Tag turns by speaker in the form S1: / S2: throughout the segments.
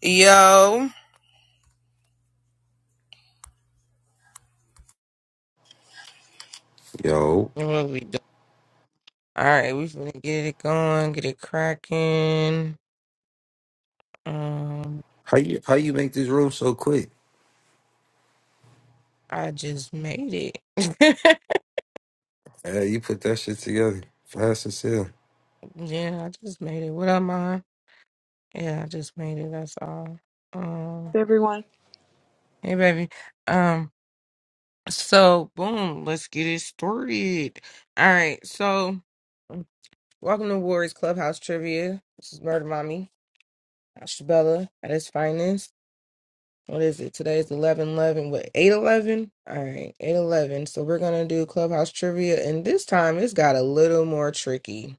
S1: Yo,
S2: Yo,
S1: what we doing? All right, we finna get it going, get it cracking. Um,
S2: how you how you make this room so quick?
S1: I just made it.
S2: Uh, you put that shit together fast as hell.
S1: yeah, I just made it. What up, mom? Yeah, I just made it. That's all. Um,
S3: everyone?
S1: hey, baby. Um, so boom, let's get it started. All right, so welcome to Warriors Clubhouse Trivia. This is Murder Mommy, Ashabella at its finest. what is it? Today is 11 eleven. What, 8 11? All right, 8 11. So we're going to do clubhouse trivia. And this time it's got a little more tricky.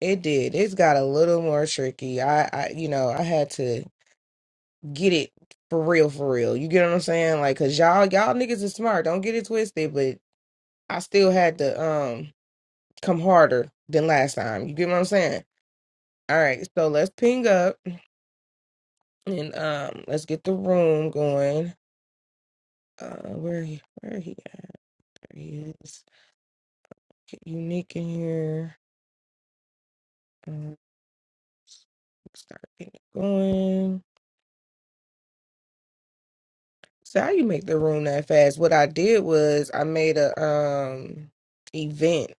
S1: It did. It's got a little more tricky. I, I you know, I had to get it for real, for real. You get what I'm saying? Like, cause y'all, y'all niggas is smart. Don't get it twisted. But I still had to um come harder than last time. You get what I'm saying? All right, so let's ping up and um let's get the room going. Uh, where he? Where he? At? There he is. Get unique in here. Um, start getting it going. So how you make the room that fast? What I did was I made a um event.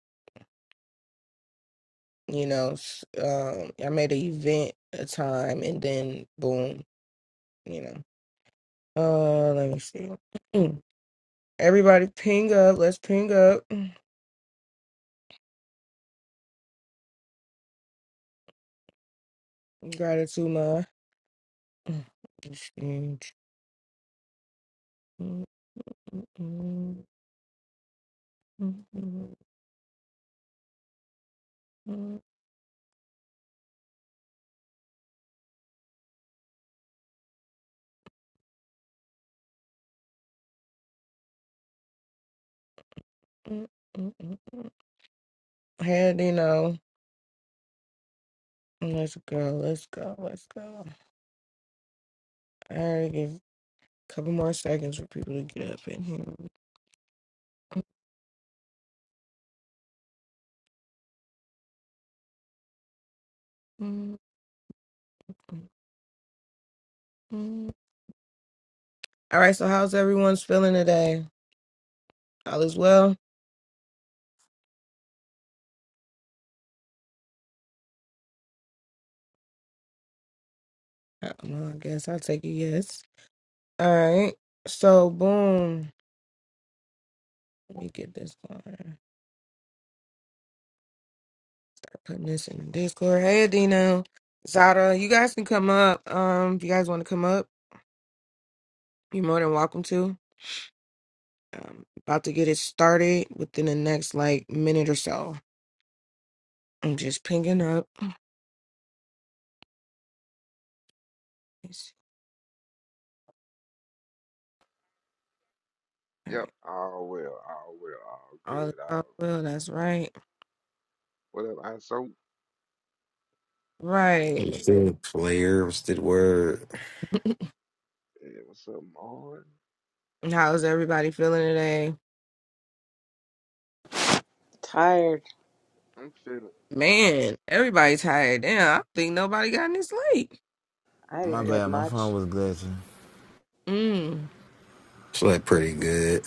S1: You know, s- um, I made an event a time, and then boom. You know. Uh, let me see. Mm. Everybody, ping up. Let's ping up. Mm. Gratitude, ma. Mm. Let's see. Mm, mm, mm, mm, mm, mm, mm, mm, mm. Hey, Dino. Let's go. Let's go. Let's go. I already give a couple more seconds for people to get up in here. Mm, mm, mm. All right. So, how's everyone's feeling today? All is well? Uh, Well, I guess I'll take a yes. All right. So, boom. Let me get this going. Putting this in the Discord. Hey, Adino. Zara, you guys can come up. Um, if you guys want to come up, you're more than welcome to. Um, about to get it started within the next like minute or so. I'm just pinging up.
S4: Yep,
S1: Alright.
S4: all well, all well, all
S1: All is
S4: good, all
S1: all well, that's right.
S4: what up, I so
S1: Right.
S4: what's up?
S2: Player was the word.
S4: Yeah, what's up, Martin?
S1: How's everybody feeling today?
S3: Tired.
S4: I'm feeling
S1: Man, everybody tired. Damn, I don't think nobody got any sleep.
S3: I
S5: My
S3: didn't
S4: hey,
S3: get
S5: bad, my
S3: much.
S5: phone was glitching.
S1: Mm.
S2: Slept pretty good.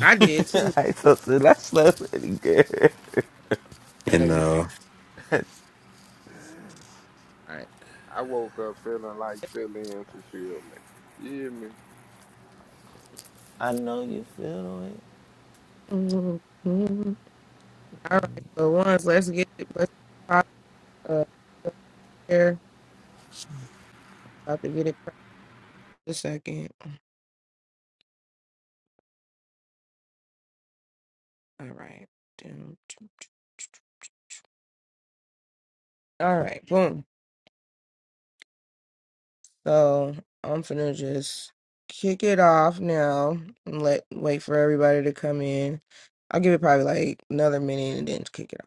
S1: I did too.
S5: I thought that- that's not really good.
S2: And
S1: All
S2: uh,
S1: right.
S4: I woke up feeling like feeling fulfillment. You hear me?
S5: I know you feel it.
S1: Mhm. Mhm. All right. So once let's get it let's pop uh up here. About to get it cracked a second. All right. Dum, dum. All right. Boom. So I'm finna just kick it off now and let wait for everybody to come in. I'll give it probably like another minute and then kick it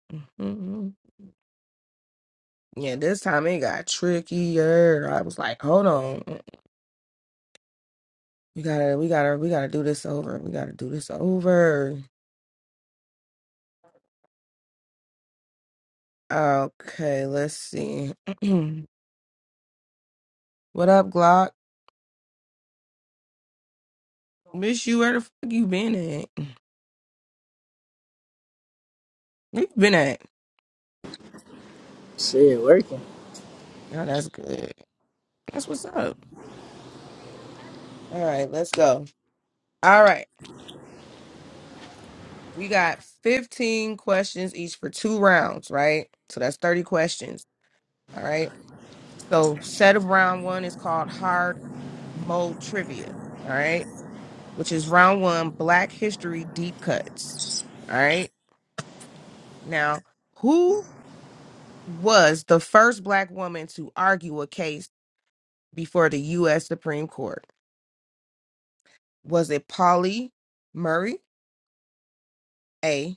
S1: off. hmm Yeah, this time it got trickier. I was like, hold on, mm, we gotta, we gotta, we gotta do this over. We gotta do this over. Okay, let's see. what up, Glock? Miss you. Where the fuck you been at? Where you been at?
S6: Shit, working.
S1: Oh, that's good. That's what's up. All right, let's go. All right. We got 15 questions each for two rounds, right? So that's 30 questions. All right. So set of round one is called hard mode trivia. All right. Which is round one, black history deep cuts. All right. Now, who was the first black woman to argue a case before the U.S. Supreme Court? Was it Polly Murray? A.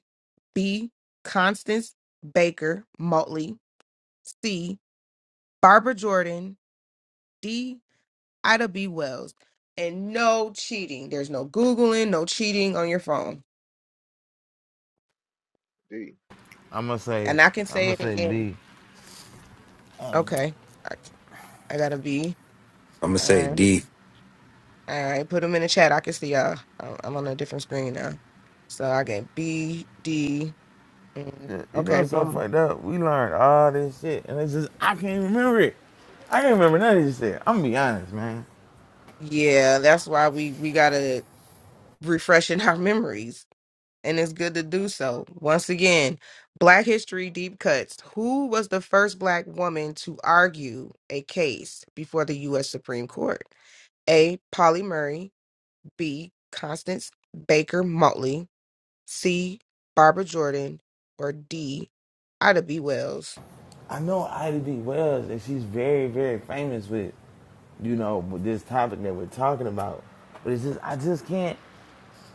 S1: B. Constance Baker Motley. C. Barbara Jordan. D. Ida B. Wells. And no cheating. There's no Googling, no cheating on your phone.
S4: D.
S5: I'ma say,
S1: And I can say
S5: I'ma
S1: it
S5: say
S1: again.
S5: B.
S1: Okay. I, I got a B.
S2: I'm gonna
S1: All
S2: say
S1: right.
S2: D.
S1: All right. Put them in the chat. I can see y'all. I'm, I'm on a different screen now. So I get B, D. mm,
S5: Yeah, You know
S1: Okay.
S5: what's so
S1: One.
S5: fucked up? We learned all this shit, and it's just I can't remember it. I can't remember none of this shit. I'm gonna be honest, man.
S1: Yeah. That's why we, we got to refresh in our memories. and it's good to do so. Once again, Black History Deep Cuts. Who was the first Black woman to argue a case before the U.S. Supreme Court? A. Polly Murray. B. Constance Baker Motley. C. Barbara Jordan. Or D. Ida B. Wells.
S5: I know Ida B. Wells, and she's very, very famous with, you know, with this topic that we're talking about. But it's just I just can't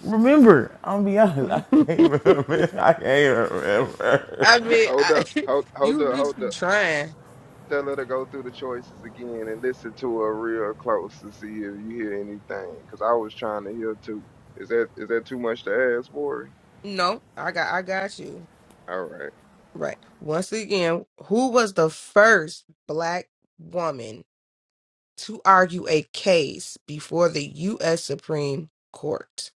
S5: remember. I'm gonna be honest. I
S1: I
S5: can't remember. I can't remember.
S1: mean,
S4: Hold
S1: I,
S4: up, hold
S1: you
S4: hold
S1: at
S4: up,
S1: least
S4: hold
S1: you
S4: up.
S1: trying.
S4: Tell her to go through the choices again and listen to her real close to see if you hear anything. Cause I was trying to hear too. Is that is that too much to ask for?
S1: No, I got, I got you.
S4: All right.
S1: Right. Once again, who was the first Black woman to argue a case before the U.S. Supreme Court.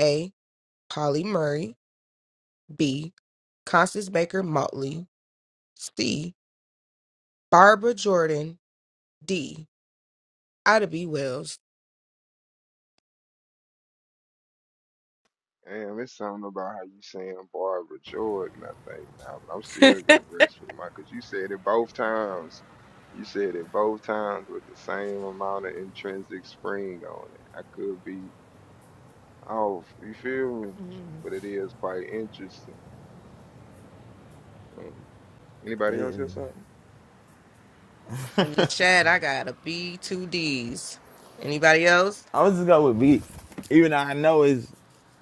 S1: A. Polly Murray. B. Constance Baker Motley. C. Barbara Jordan. D. Ida B. Wells.
S4: Damn, it's something about how you saying Barbara Jordan, I think now, but I'm still gonna rest with my cause you said it both times. You said it both times with the same amount of intrinsic spring on it. I could be off, you feel me?
S1: Mm.
S4: But it is quite interesting. Um, anybody else hear something?
S1: In the chat, I got a B, two Ds. Anybody else?
S5: I'ma just go with B. Even though I know it's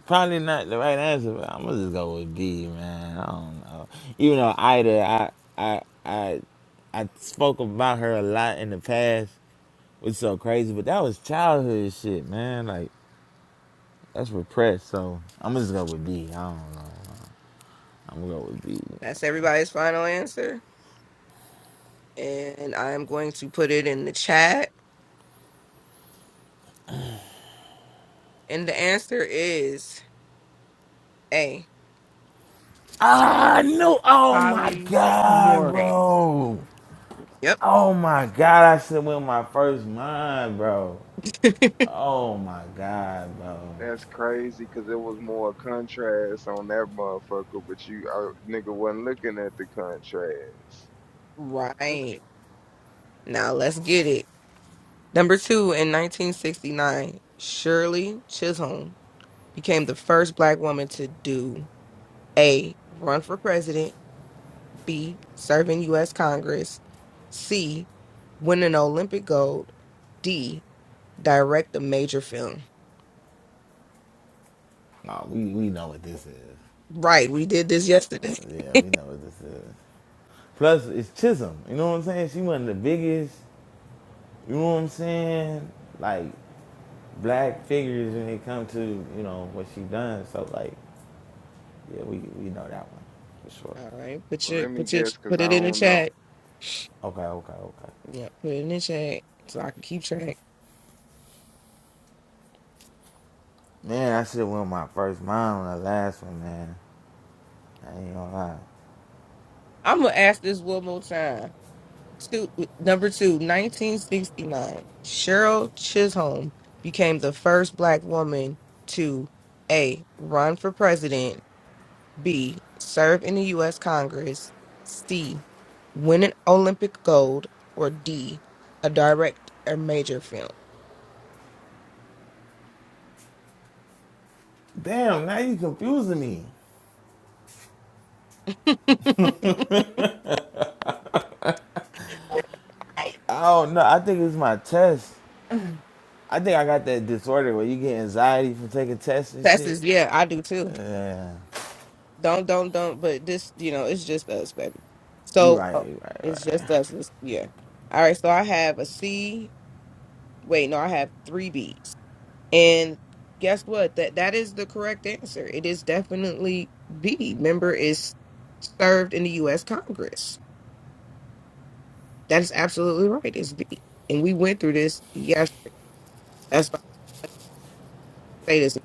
S5: probably not the right answer, but I'ma just go with B, man. I don't know. Even though Ida, I I I I spoke about her a lot in the past, which is so crazy, but that was childhood shit, man. Like that's repressed, so I'ma just go with B. I don't know. I'm gonna go with B.
S1: That's everybody's final answer. And I'm going to put it in the chat. And the answer is A.
S5: Ah, no! Oh my
S1: Polly
S5: god,
S1: Mori.
S5: bro!
S1: Yep.
S5: Oh my god, I should have went with my first mind, bro. Oh my god, bro.
S4: That's crazy, cause it was more contrast on that motherfucker, but you uh, nigga wasn't looking at the contrast. That's,
S1: right. Now let's get it. Number two, in 1969, Shirley Chisholm became the first black woman to do A. Run for president, B. Serve in U.S. Congress, C. Win an Olympic gold, D. Direct a major film.
S5: Oh, we, we know what this is.
S1: Right, we did this
S5: Uh,
S1: yesterday.
S5: Yeah, we know what this is. Plus, it's Chisholm. You know what I'm saying? She wasn't the biggest, you know what I'm saying? Like, black figures when it comes to, you know, what she done. So, like, yeah, we, we know that one for sure.
S1: All right, put
S4: well,
S1: your
S4: let me
S1: put your
S4: guess, cause
S1: put
S4: I
S1: it in the
S4: don't know.
S1: chat.
S5: Okay, okay, okay.
S1: Yeah, put it in the chat so I can keep track.
S5: Man, I should have won my first mine on the last one, man. I ain't gonna lie.
S1: I'm gonna ask this one more time. two, number two nineteen sixty nine. Cheryl Chisholm became the first black woman to A. run for president, B. serve in the U.S. Congress, C. win an Olympic gold, or D. a direct a major film.
S5: Damn, now you confusing me.
S1: Right.
S5: I don't know. I think it's my test. I think I got that disorder where you get anxiety from taking tests and
S1: That's
S5: shit.
S1: is yeah, I do too.
S5: Yeah,
S1: Don't don't don't. But this, you know, it's just us, baby.
S5: you
S1: So
S5: right,
S1: uh,
S5: you right, you
S1: it's
S5: right.
S1: just us. It's, yeah. All right. So I have a C. Wait, no, I have three B's. And guess what? That that is the correct answer. It is definitely B. Member is served in the U.S. Congress. That is absolutely right. It's B. And we went through this yesterday. That's why I say this.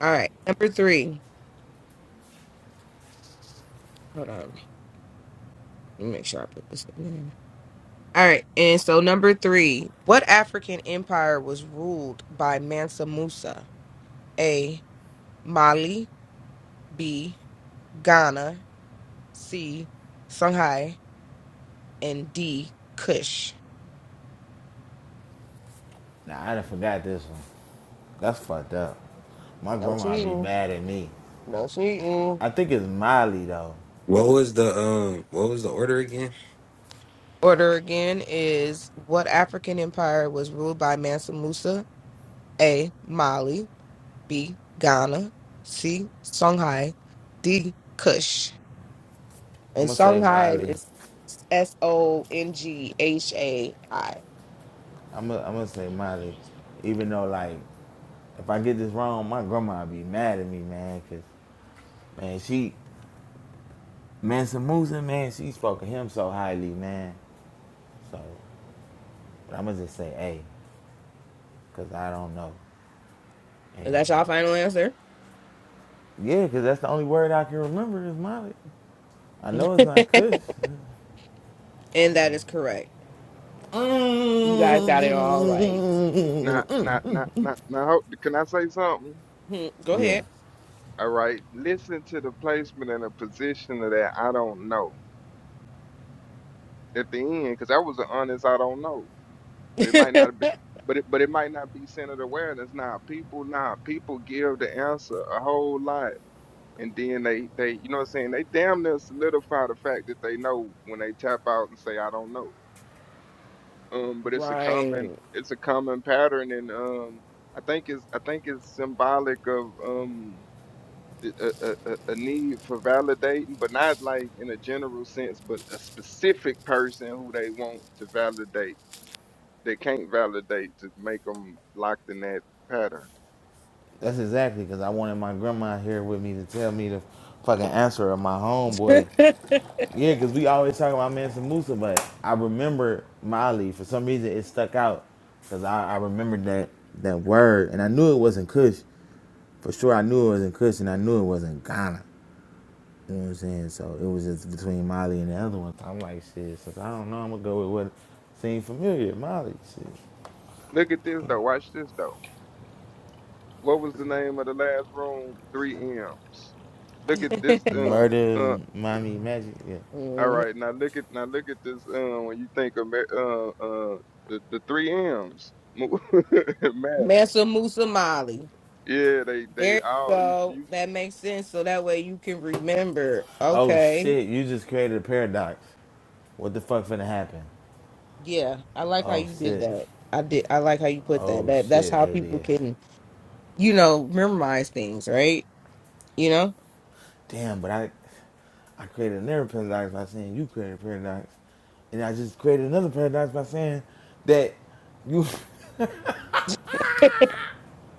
S1: All right. Number three. Hold on. Let me make sure I put this in there. All right. And so number three. What African empire was ruled by Mansa Musa? A. Mali. B. Ghana. C. Songhai and D Kush.
S5: Nah, I done forgot this one. That's fucked up. My
S1: No
S5: grandma be
S1: cheating.
S5: mad at me.
S1: No cheating.
S5: I think it's Miley though.
S2: What was the um? What was the order again?
S1: Order again is what African empire was ruled by Mansa Musa? A. Mali. B. Ghana. C. Songhai. D. Kush. And
S5: I'm gonna say
S1: Songhai
S5: Miley.
S1: is S O N G H A I.
S5: I'm gonna, I'm gonna say Miley, even though like if I get this wrong, my grandma be mad at me, man. Cause man, she man Samusa, man, she spoke of him so highly, man. So but I'm gonna just say A, cause I don't know. And
S1: Is that y'all final answer?
S5: yeah, cause that's the only word I can remember is Miley. I
S1: and
S5: know it's not Kush.
S1: that is correct. You guys got it all right.
S4: Now,
S5: Mm-mm.
S4: now, now, now, now, hold- can I say something?
S1: Hmm, Go
S5: Yeah,
S1: ahead.
S4: All right. Listen to the placement and the position of that. I don't know at the end because that was an honest. I don't know, but it might not be. But it, but it might not be centered awareness. Now, people, now people give the answer a whole lot, and then they, they, you know what I'm saying? They damn near solidify the fact that they know when they tap out and say, "I don't know." Um, but it's a
S1: right.
S4: common, it's a common pattern, and um, I think it's, I think it's symbolic of um a, a, a a need for validating, but not like in a general sense, but a specific person who they want to validate. They can't validate to make them locked in that pattern.
S5: that's exactly because I wanted my grandma here with me to tell me the fucking answer of my homeboy. Yeah, because we always talk about Mansa Musa, but I remember Mali. For some reason, it stuck out because I, I remembered that that word, and I knew it wasn't Kush. For sure, I knew it wasn't Kush, and I knew it wasn't Ghana. You know what I'm saying? So it was just between Mali and the other one. I'm like, shit, so I don't know. I'm gonna go with what seemed familiar, Mali, Shit.
S4: Look at this though. Watch this though. What was the name of the last room? Three M's. Look at this. Uh,
S5: Murder
S4: uh.
S5: Mommy Magic. Yeah.
S4: All
S1: Mhm.
S4: right. Now look at now look at this. Uh, when you think of Ma- uh uh the the three M's, Madly.
S1: Mansa Musa Mali.
S4: Yeah, they
S1: There
S4: they
S1: you
S4: all you,
S1: go.
S4: you
S1: That makes sense. So that way you can remember.
S5: Oh
S1: Okay.
S5: shit, you just created a paradox. What the fuck finna happen?
S1: Yeah. I like how
S5: Oh
S1: you did
S5: shit.
S1: that. I did I like how you put that.
S5: Oh
S1: That that's
S5: shit,
S1: how people
S5: ADS.
S1: can, you know, memorize things, right? You know?
S5: Damn, but I I created another paradox by saying you created a paradox. And I just created another paradox by saying that you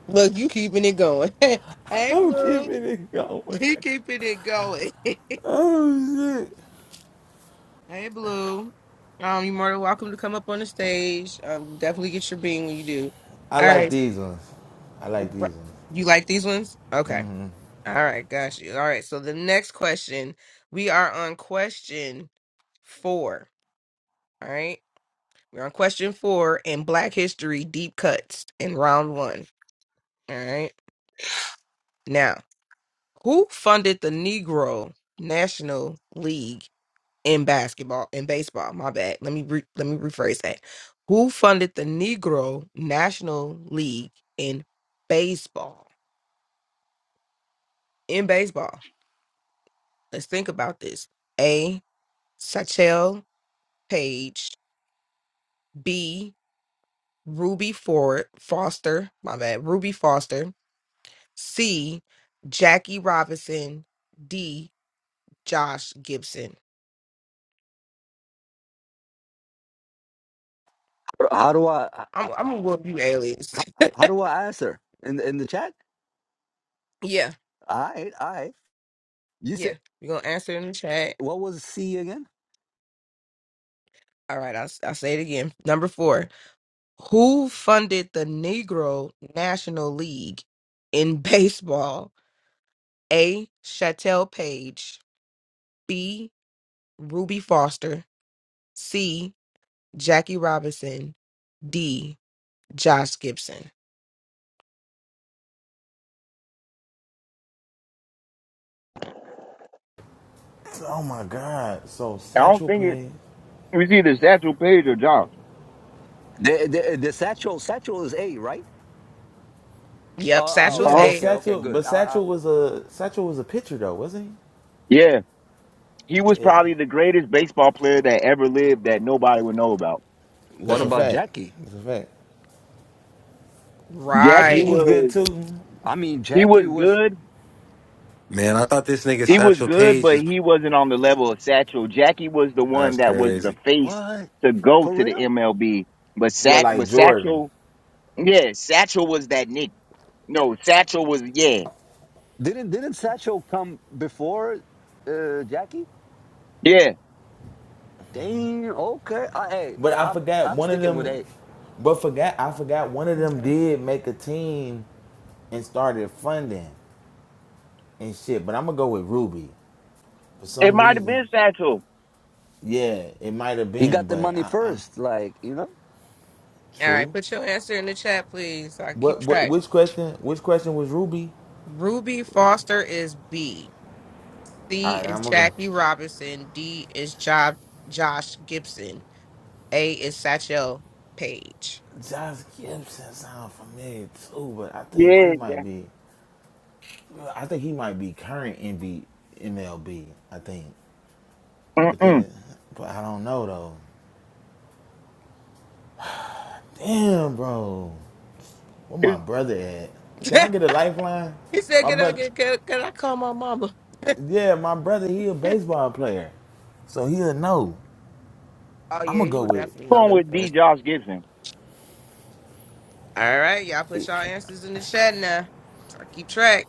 S1: Look, you keeping it going. hey
S5: I'm keeping
S1: Blue.
S5: it going.
S1: You keeping it going. hey
S5: Oh shit.
S1: Blue. Um, you're more than welcome to come up on the stage. Um, definitely get your being when you do.
S5: I
S1: All
S5: like
S1: right.
S5: these ones. I like these ones.
S1: You like these ones? Okay. All right, got you. All right, so the next question, we are on question four. All right, we're on question four in Black History Deep Cuts in round one. All right, now who funded the Negro National League in basketball in baseball? My bad. Let me re- let me rephrase that. Who funded the Negro National League in baseball? In baseball, let's think about this. A. Satchel Paige. B. Ruby Ford Foster. My bad. Ruby Foster. C. Jackie Robinson. D. Josh Gibson.
S7: How do I
S1: I'm I'm gonna work you
S7: how,
S1: aliens.
S7: how do I answer in the, in the chat?
S1: yeah,
S7: All right, all right. You said
S1: yeah. We're gonna answer in the chat.
S7: what was C again?
S1: All right, I'll, I'll say it again. Number four. Who funded the Negro National League in baseball? A. Chattel Page. B. Ruby Foster. C. Jackie Robinson. D. Josh Gibson.
S5: Oh my god. So
S8: I don't
S5: satchel
S8: think it,
S5: page.
S8: it was either Satchel Paige or Josh.
S7: The the, the satchel satchel is A, right? Oh,
S1: Yep,
S7: oh,
S5: Yeah,
S1: satchel's
S7: okay,
S8: Huh?
S5: but
S7: okay,
S1: A.
S7: okay,
S5: Satchel,
S7: good.
S5: but
S7: I, I,
S5: Satchel was a Satchel was a pitcher though, wasn't
S8: Yeah. He
S5: he?
S8: was
S5: Yeah,
S8: probably the greatest baseball player that ever lived that nobody would know about.
S7: what
S5: That's a
S1: Mm,
S7: about
S5: fact.
S7: Jackie?
S5: That's a fact.
S8: Jackie
S5: he was
S1: right.
S5: good
S8: was
S5: too.
S7: I mean,
S8: he was
S7: Jackie was
S8: good.
S2: Man, I thought this nigga
S7: uh,
S8: He was
S2: Satchel
S8: good,
S2: Page
S8: but
S2: was.
S8: he wasn't on the level of Satchel. Jackie was the one
S2: That's
S8: that was the
S2: crazy.
S8: face
S7: what
S8: to go
S7: for
S8: to the
S7: real?
S8: MLB. But
S7: I,
S5: Yeah,
S8: Sat
S5: like
S8: but
S5: Jordan.
S8: Satchel yeah, Satchel was that nigga. No, Satchel was yeah.
S7: didn't didn't satchel come before uh, Jackie?
S8: Yeah.
S7: Dang, okay. I, hey,
S5: But I
S7: I'm
S5: forgot
S7: I'm
S5: one of
S7: sticking with
S5: them.
S7: A.
S5: But forgot I forgot one of them
S1: Okay.
S5: did make a team and started funding and shit. But I'm gonna go with Ruby for
S8: It
S5: some
S8: might have
S5: reason.
S8: been Satchel.
S5: Yeah, it might have
S7: He
S5: been,
S7: got the
S5: but
S7: money
S5: I, I
S7: first, like you know.
S1: All right,
S5: true.
S1: put your answer in the chat, please. so I keep
S5: What what
S1: track.
S5: which question? Which question was Ruby?
S1: Ruby Foster is B.
S5: All
S1: C
S5: right,
S1: is
S5: I'm gonna go.
S1: Jackie Robinson. D is Job Josh Gibson. A is Satchel Page.
S5: Josh Gibson sound familiar too, but I think he
S8: Yeah.
S5: might
S8: that-
S5: be. I think he might be current MB, MLB. I think, but
S8: Mm-mm.
S5: then, but I don't know though. Damn, bro, where
S8: It
S5: my
S8: was
S5: brother at? Can I
S1: he
S5: get a lifeline?
S1: said,
S5: My
S1: "Can I
S5: brother,
S1: get can, can I call my mama?"
S5: yeah, my brother. He a baseball player, so he'll know.
S1: Oh
S5: I'm
S1: yeah,
S5: gonna
S1: he
S5: go
S1: would definitely
S5: with.
S1: know
S8: going
S1: this.
S8: with
S1: man.
S8: D. Josh Gibson.
S1: All right, y'all put y'all answers in the chat now. So I keep track.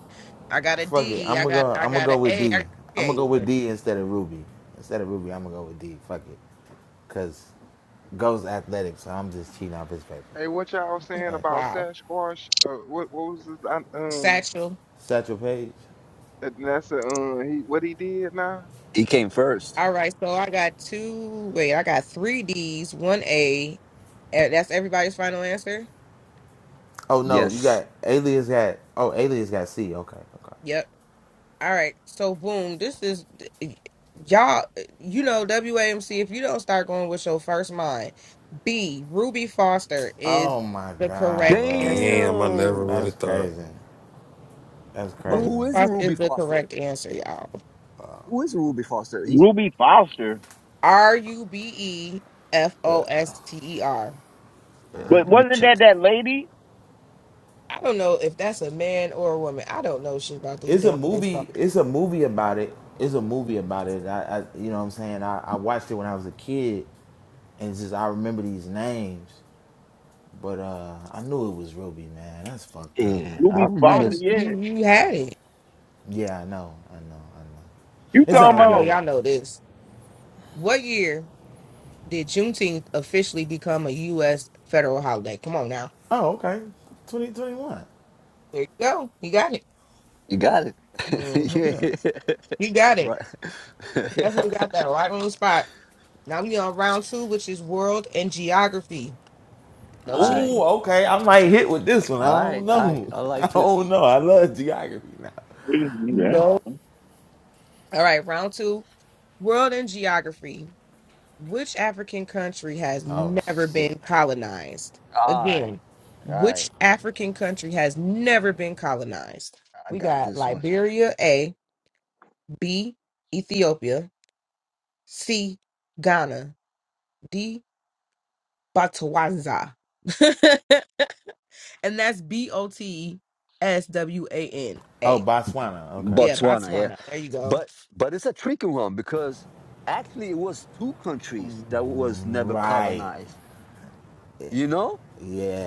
S1: I got a
S5: Fuck it.
S1: D.
S5: I'm
S1: I
S5: gonna
S1: got
S5: go.
S1: I
S5: I'm gonna
S1: got a
S5: go with
S1: A. I got
S5: D. I'm gonna
S1: a,
S5: go with
S1: but
S5: D instead of Ruby. Instead of Ruby, I'm gonna go with D. Fuck it, cause goes athletic. So I'm just cheating off his paper.
S4: Hey, what y'all saying
S5: Right.
S4: about
S1: wow.
S4: Sasquatch? Uh, what what was this? I, um,
S1: Satchel.
S5: Satchel Page.
S4: that- that's a um, he what he did now?
S7: He came first.
S1: All right, so I got two. Wait, I got three D's, one A. Eh, That's everybody's final answer.
S5: Oh no, you
S4: Yeah.
S7: Yes.
S5: got Alias got. Oh, Alias got C. Okay. Okay.
S1: Yep. All right. So boom, this is y'all. You know WAMC. If you don't start going with your first mind, B. Ruby Foster is
S5: Oh my
S1: the
S5: god,
S1: correct
S5: bro.
S1: answer.
S2: Damn, I never
S7: Damn.
S2: would
S5: That's
S2: have thought.
S5: crazy. That's
S7: But
S1: Ruby
S5: crazy.
S7: who is
S1: Foster
S7: Ruby
S1: is the
S7: Foster?
S1: correct answer, y'all.
S7: Who is Ruby Foster? He.
S8: Ruby Foster
S1: R U B E F O S T E R.
S7: Uh,
S8: But
S7: let me
S8: wasn't that
S7: check.
S8: that lady?
S1: I don't know if that's a man or a woman. I don't know shit about this
S5: It's a
S1: damn baseball.
S5: movie. It's a movie about it. It's a movie about it. I, I you know what I'm saying. I, I watched it when I was a kid, and it's just I remember these names. But uh, I knew it was Ruby, man. That's fucked up,
S7: Yeah,
S5: man.
S7: I
S8: Ruby
S7: remember.
S8: Foster,
S1: Okay,
S7: s-
S8: yeah.
S1: You, you had it.
S5: Yeah, I know, I know, I know.
S8: You
S5: It's
S8: talking
S1: Okay,
S5: all
S1: I know
S8: about
S5: good.
S1: y'all know this. What year did Juneteenth officially become a U.S. federal holiday? Come on now.
S5: Oh, okay. 2021.
S1: There you go. You got it.
S7: You got
S1: hmm
S5: Yeah.
S7: it. yeah.
S1: You got it.
S7: Right.
S1: You definitely got that right on the spot. Now we on round two, which is world and geography. No
S7: all right.
S5: Ooh,
S1: cheating.
S5: okay. I might hit with this one.
S7: All
S5: I
S7: right.
S5: don't
S7: All right.
S5: know.
S7: I
S5: I
S7: like this.
S5: don't know. I love geography now.
S8: what is yeah.
S1: No. All right, round two, world and geography. Which African country has
S5: Oh
S1: never
S5: shit.
S1: been colonized?
S7: All right.
S1: Again,
S7: All right.
S1: which African country has never been colonized?
S7: I
S1: We
S7: got
S1: got
S7: this one.
S1: Liberia, A, B, Ethiopia, C, Ghana, D, Botswana. and that's B O T E S W A N
S5: Oh,
S1: A.
S5: Botswana. Okay.
S1: Yeah,
S7: Botswana. Yeah.
S1: Botswana. There you go.
S7: But but it's a tricky one because actually it was two countries that was never
S5: Right.
S7: colonized. You know?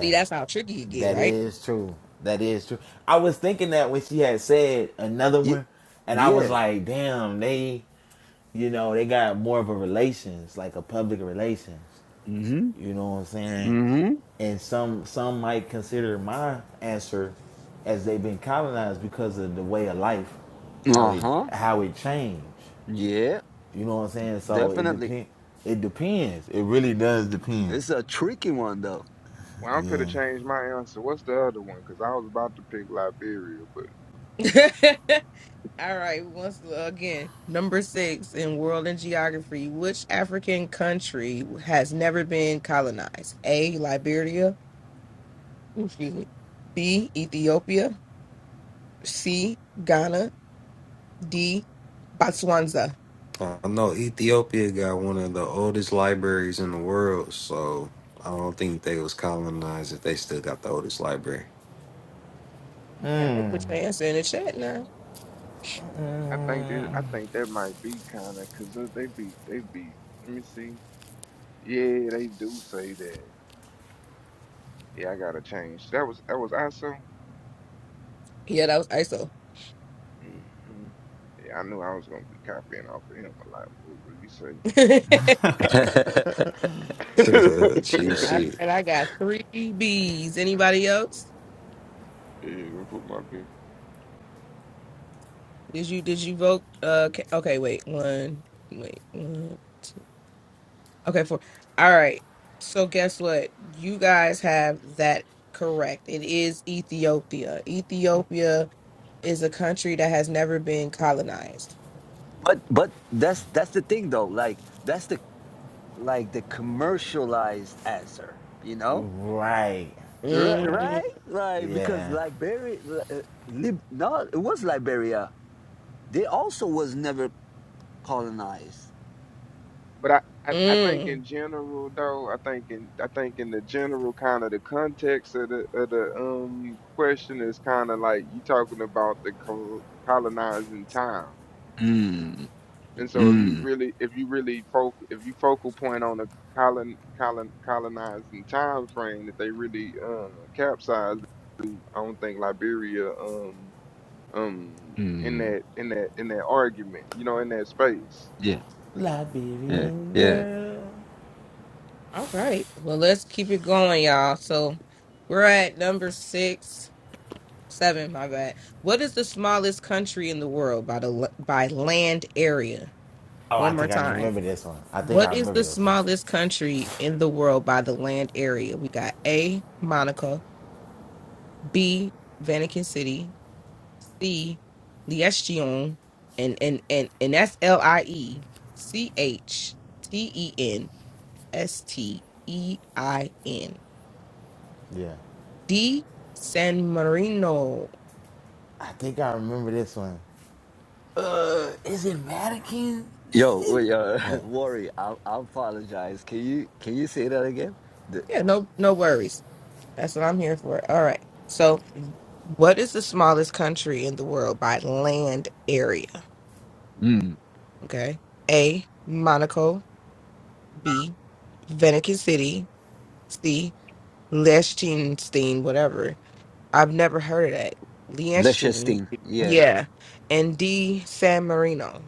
S1: See, that's how tricky you get,
S5: That
S1: right?
S5: is true. That is true. I was thinking that when she had said another
S7: Ye-
S5: one, and I was
S7: Yeah.
S5: like, damn, they. You know, they got more of a relations, like a public relations.
S7: Mm-hmm.
S5: You know what I'm saying?
S7: Mm-hmm.
S5: And some some might consider my answer as they've been colonized because of the way of life, how it
S7: Uh-huh.
S5: how it changed.
S7: Yeah.
S5: You know what I'm saying? So it
S7: Definitely.
S5: depend it depends. It really does depend.
S7: It's a tricky one though.
S4: Well, I'm finna
S5: Yeah.
S4: change my answer. What's the other one? Cause I was about to pick Liberia, but
S1: All right, once uh, again, number six in world and geography, which African country has never been colonized? A. Liberia, ooh, excuse me. B. Ethiopia. C. Ghana. D. Botswana.
S2: I know Ethiopia got one of the oldest libraries in the world, so I don't think they was colonized if they still got the oldest library.
S1: Now, I put your answer in the chat now.
S4: I think that I think that might be kind of cause uh, they be they be. Let me see. Yeah, they do say that. Yeah, I gotta change. That was that was ISO.
S1: Yeah, that was ISO.
S4: Mm-hmm. Yeah, I knew I was gonna be copying off of him a lot. What would you say?
S2: Cheap
S1: All right,
S2: shit.
S1: I got three B's. Anybody else?
S4: yeah, gonna put my
S1: Did you did you vote? Uh, ca- okay, wait, one, wait, one. Okay, four. All right. So guess what? You guys have that correct. It is Ethiopia. Ethiopia is a country that has never been colonized.
S7: But but that's that's the thing though. Like that's the like the commercialized answer, you know?
S5: Right.
S7: Ri-
S5: Right.
S1: mm
S7: right? Like because
S5: Yeah.
S7: Liberia uh, Lib, no, it was Liberia. They also was never colonized.
S4: But I, I, I think
S1: mm.
S4: in general though, I think in I think in the general kind of the context of the of the um question is kind of like you talking about the col- colonizing time.
S7: Mm,
S4: And so if you
S7: mm,
S4: really if you really focal if you focal point on the colon colon colonizing time frame that they really um capsized, I don't think Liberia um um in
S7: mm.
S4: that in that in that argument, you know, in that space.
S7: Yeah, yeah,
S5: Liberian
S7: yeah.
S5: girl.
S1: All right. Well, let's keep it going, y'all. So we're at number six, seven. My bad. What is the smallest country in the world by the l- by land area?
S5: Oh, I
S1: One more
S5: think I
S1: time.
S5: remember this one. I think
S1: What
S5: I
S1: is the
S5: remember this one.
S1: smallest country in the world by the land area? We got A, Monaco. B. Vatican City, C. Liechtenstein, and and and and that's L I E C H T E N S T E I N
S5: Yeah.
S1: D San Marino.
S5: I think I remember this one. Uh, is it Vatican?
S7: Yo,
S5: City?
S7: wait, uh,
S5: What?
S7: worry. I, I apologize. Can you can you say that again? The
S1: Yeah, no no worries. That's what I'm here for. All right. So, what is the smallest country in the world by land area?
S7: mm,
S1: Okay. A. Monaco. B. Vatican City. C. Liechtenstein. Whatever I've never heard of that. Liechtenstein.
S7: Liechtenstein. Yeah.
S1: Yeah. And D, San Marino.